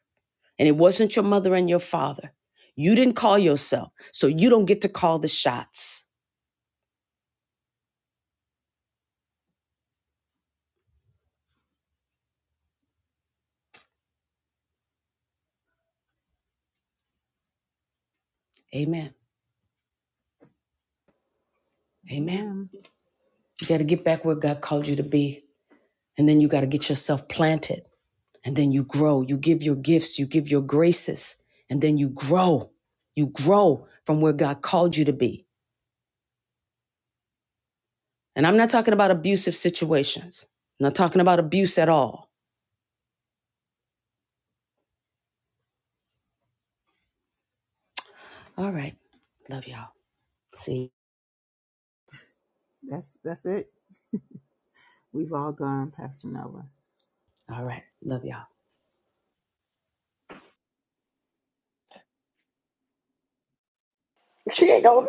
And it wasn't your mother and your father. You didn't call yourself. So you don't get to call the shots. Amen. Amen. Amen. You got to get back where God called you to be. And then you got to get yourself planted. And then you grow. You give your gifts, you give your graces. And then you grow. You grow from where God called you to be. And I'm not talking about abusive situations, I'm not talking about abuse at all. All right. Love y'all. See? That's that's it. We've all gone, Pastor Melba. All right. Love y'all. She ain't going.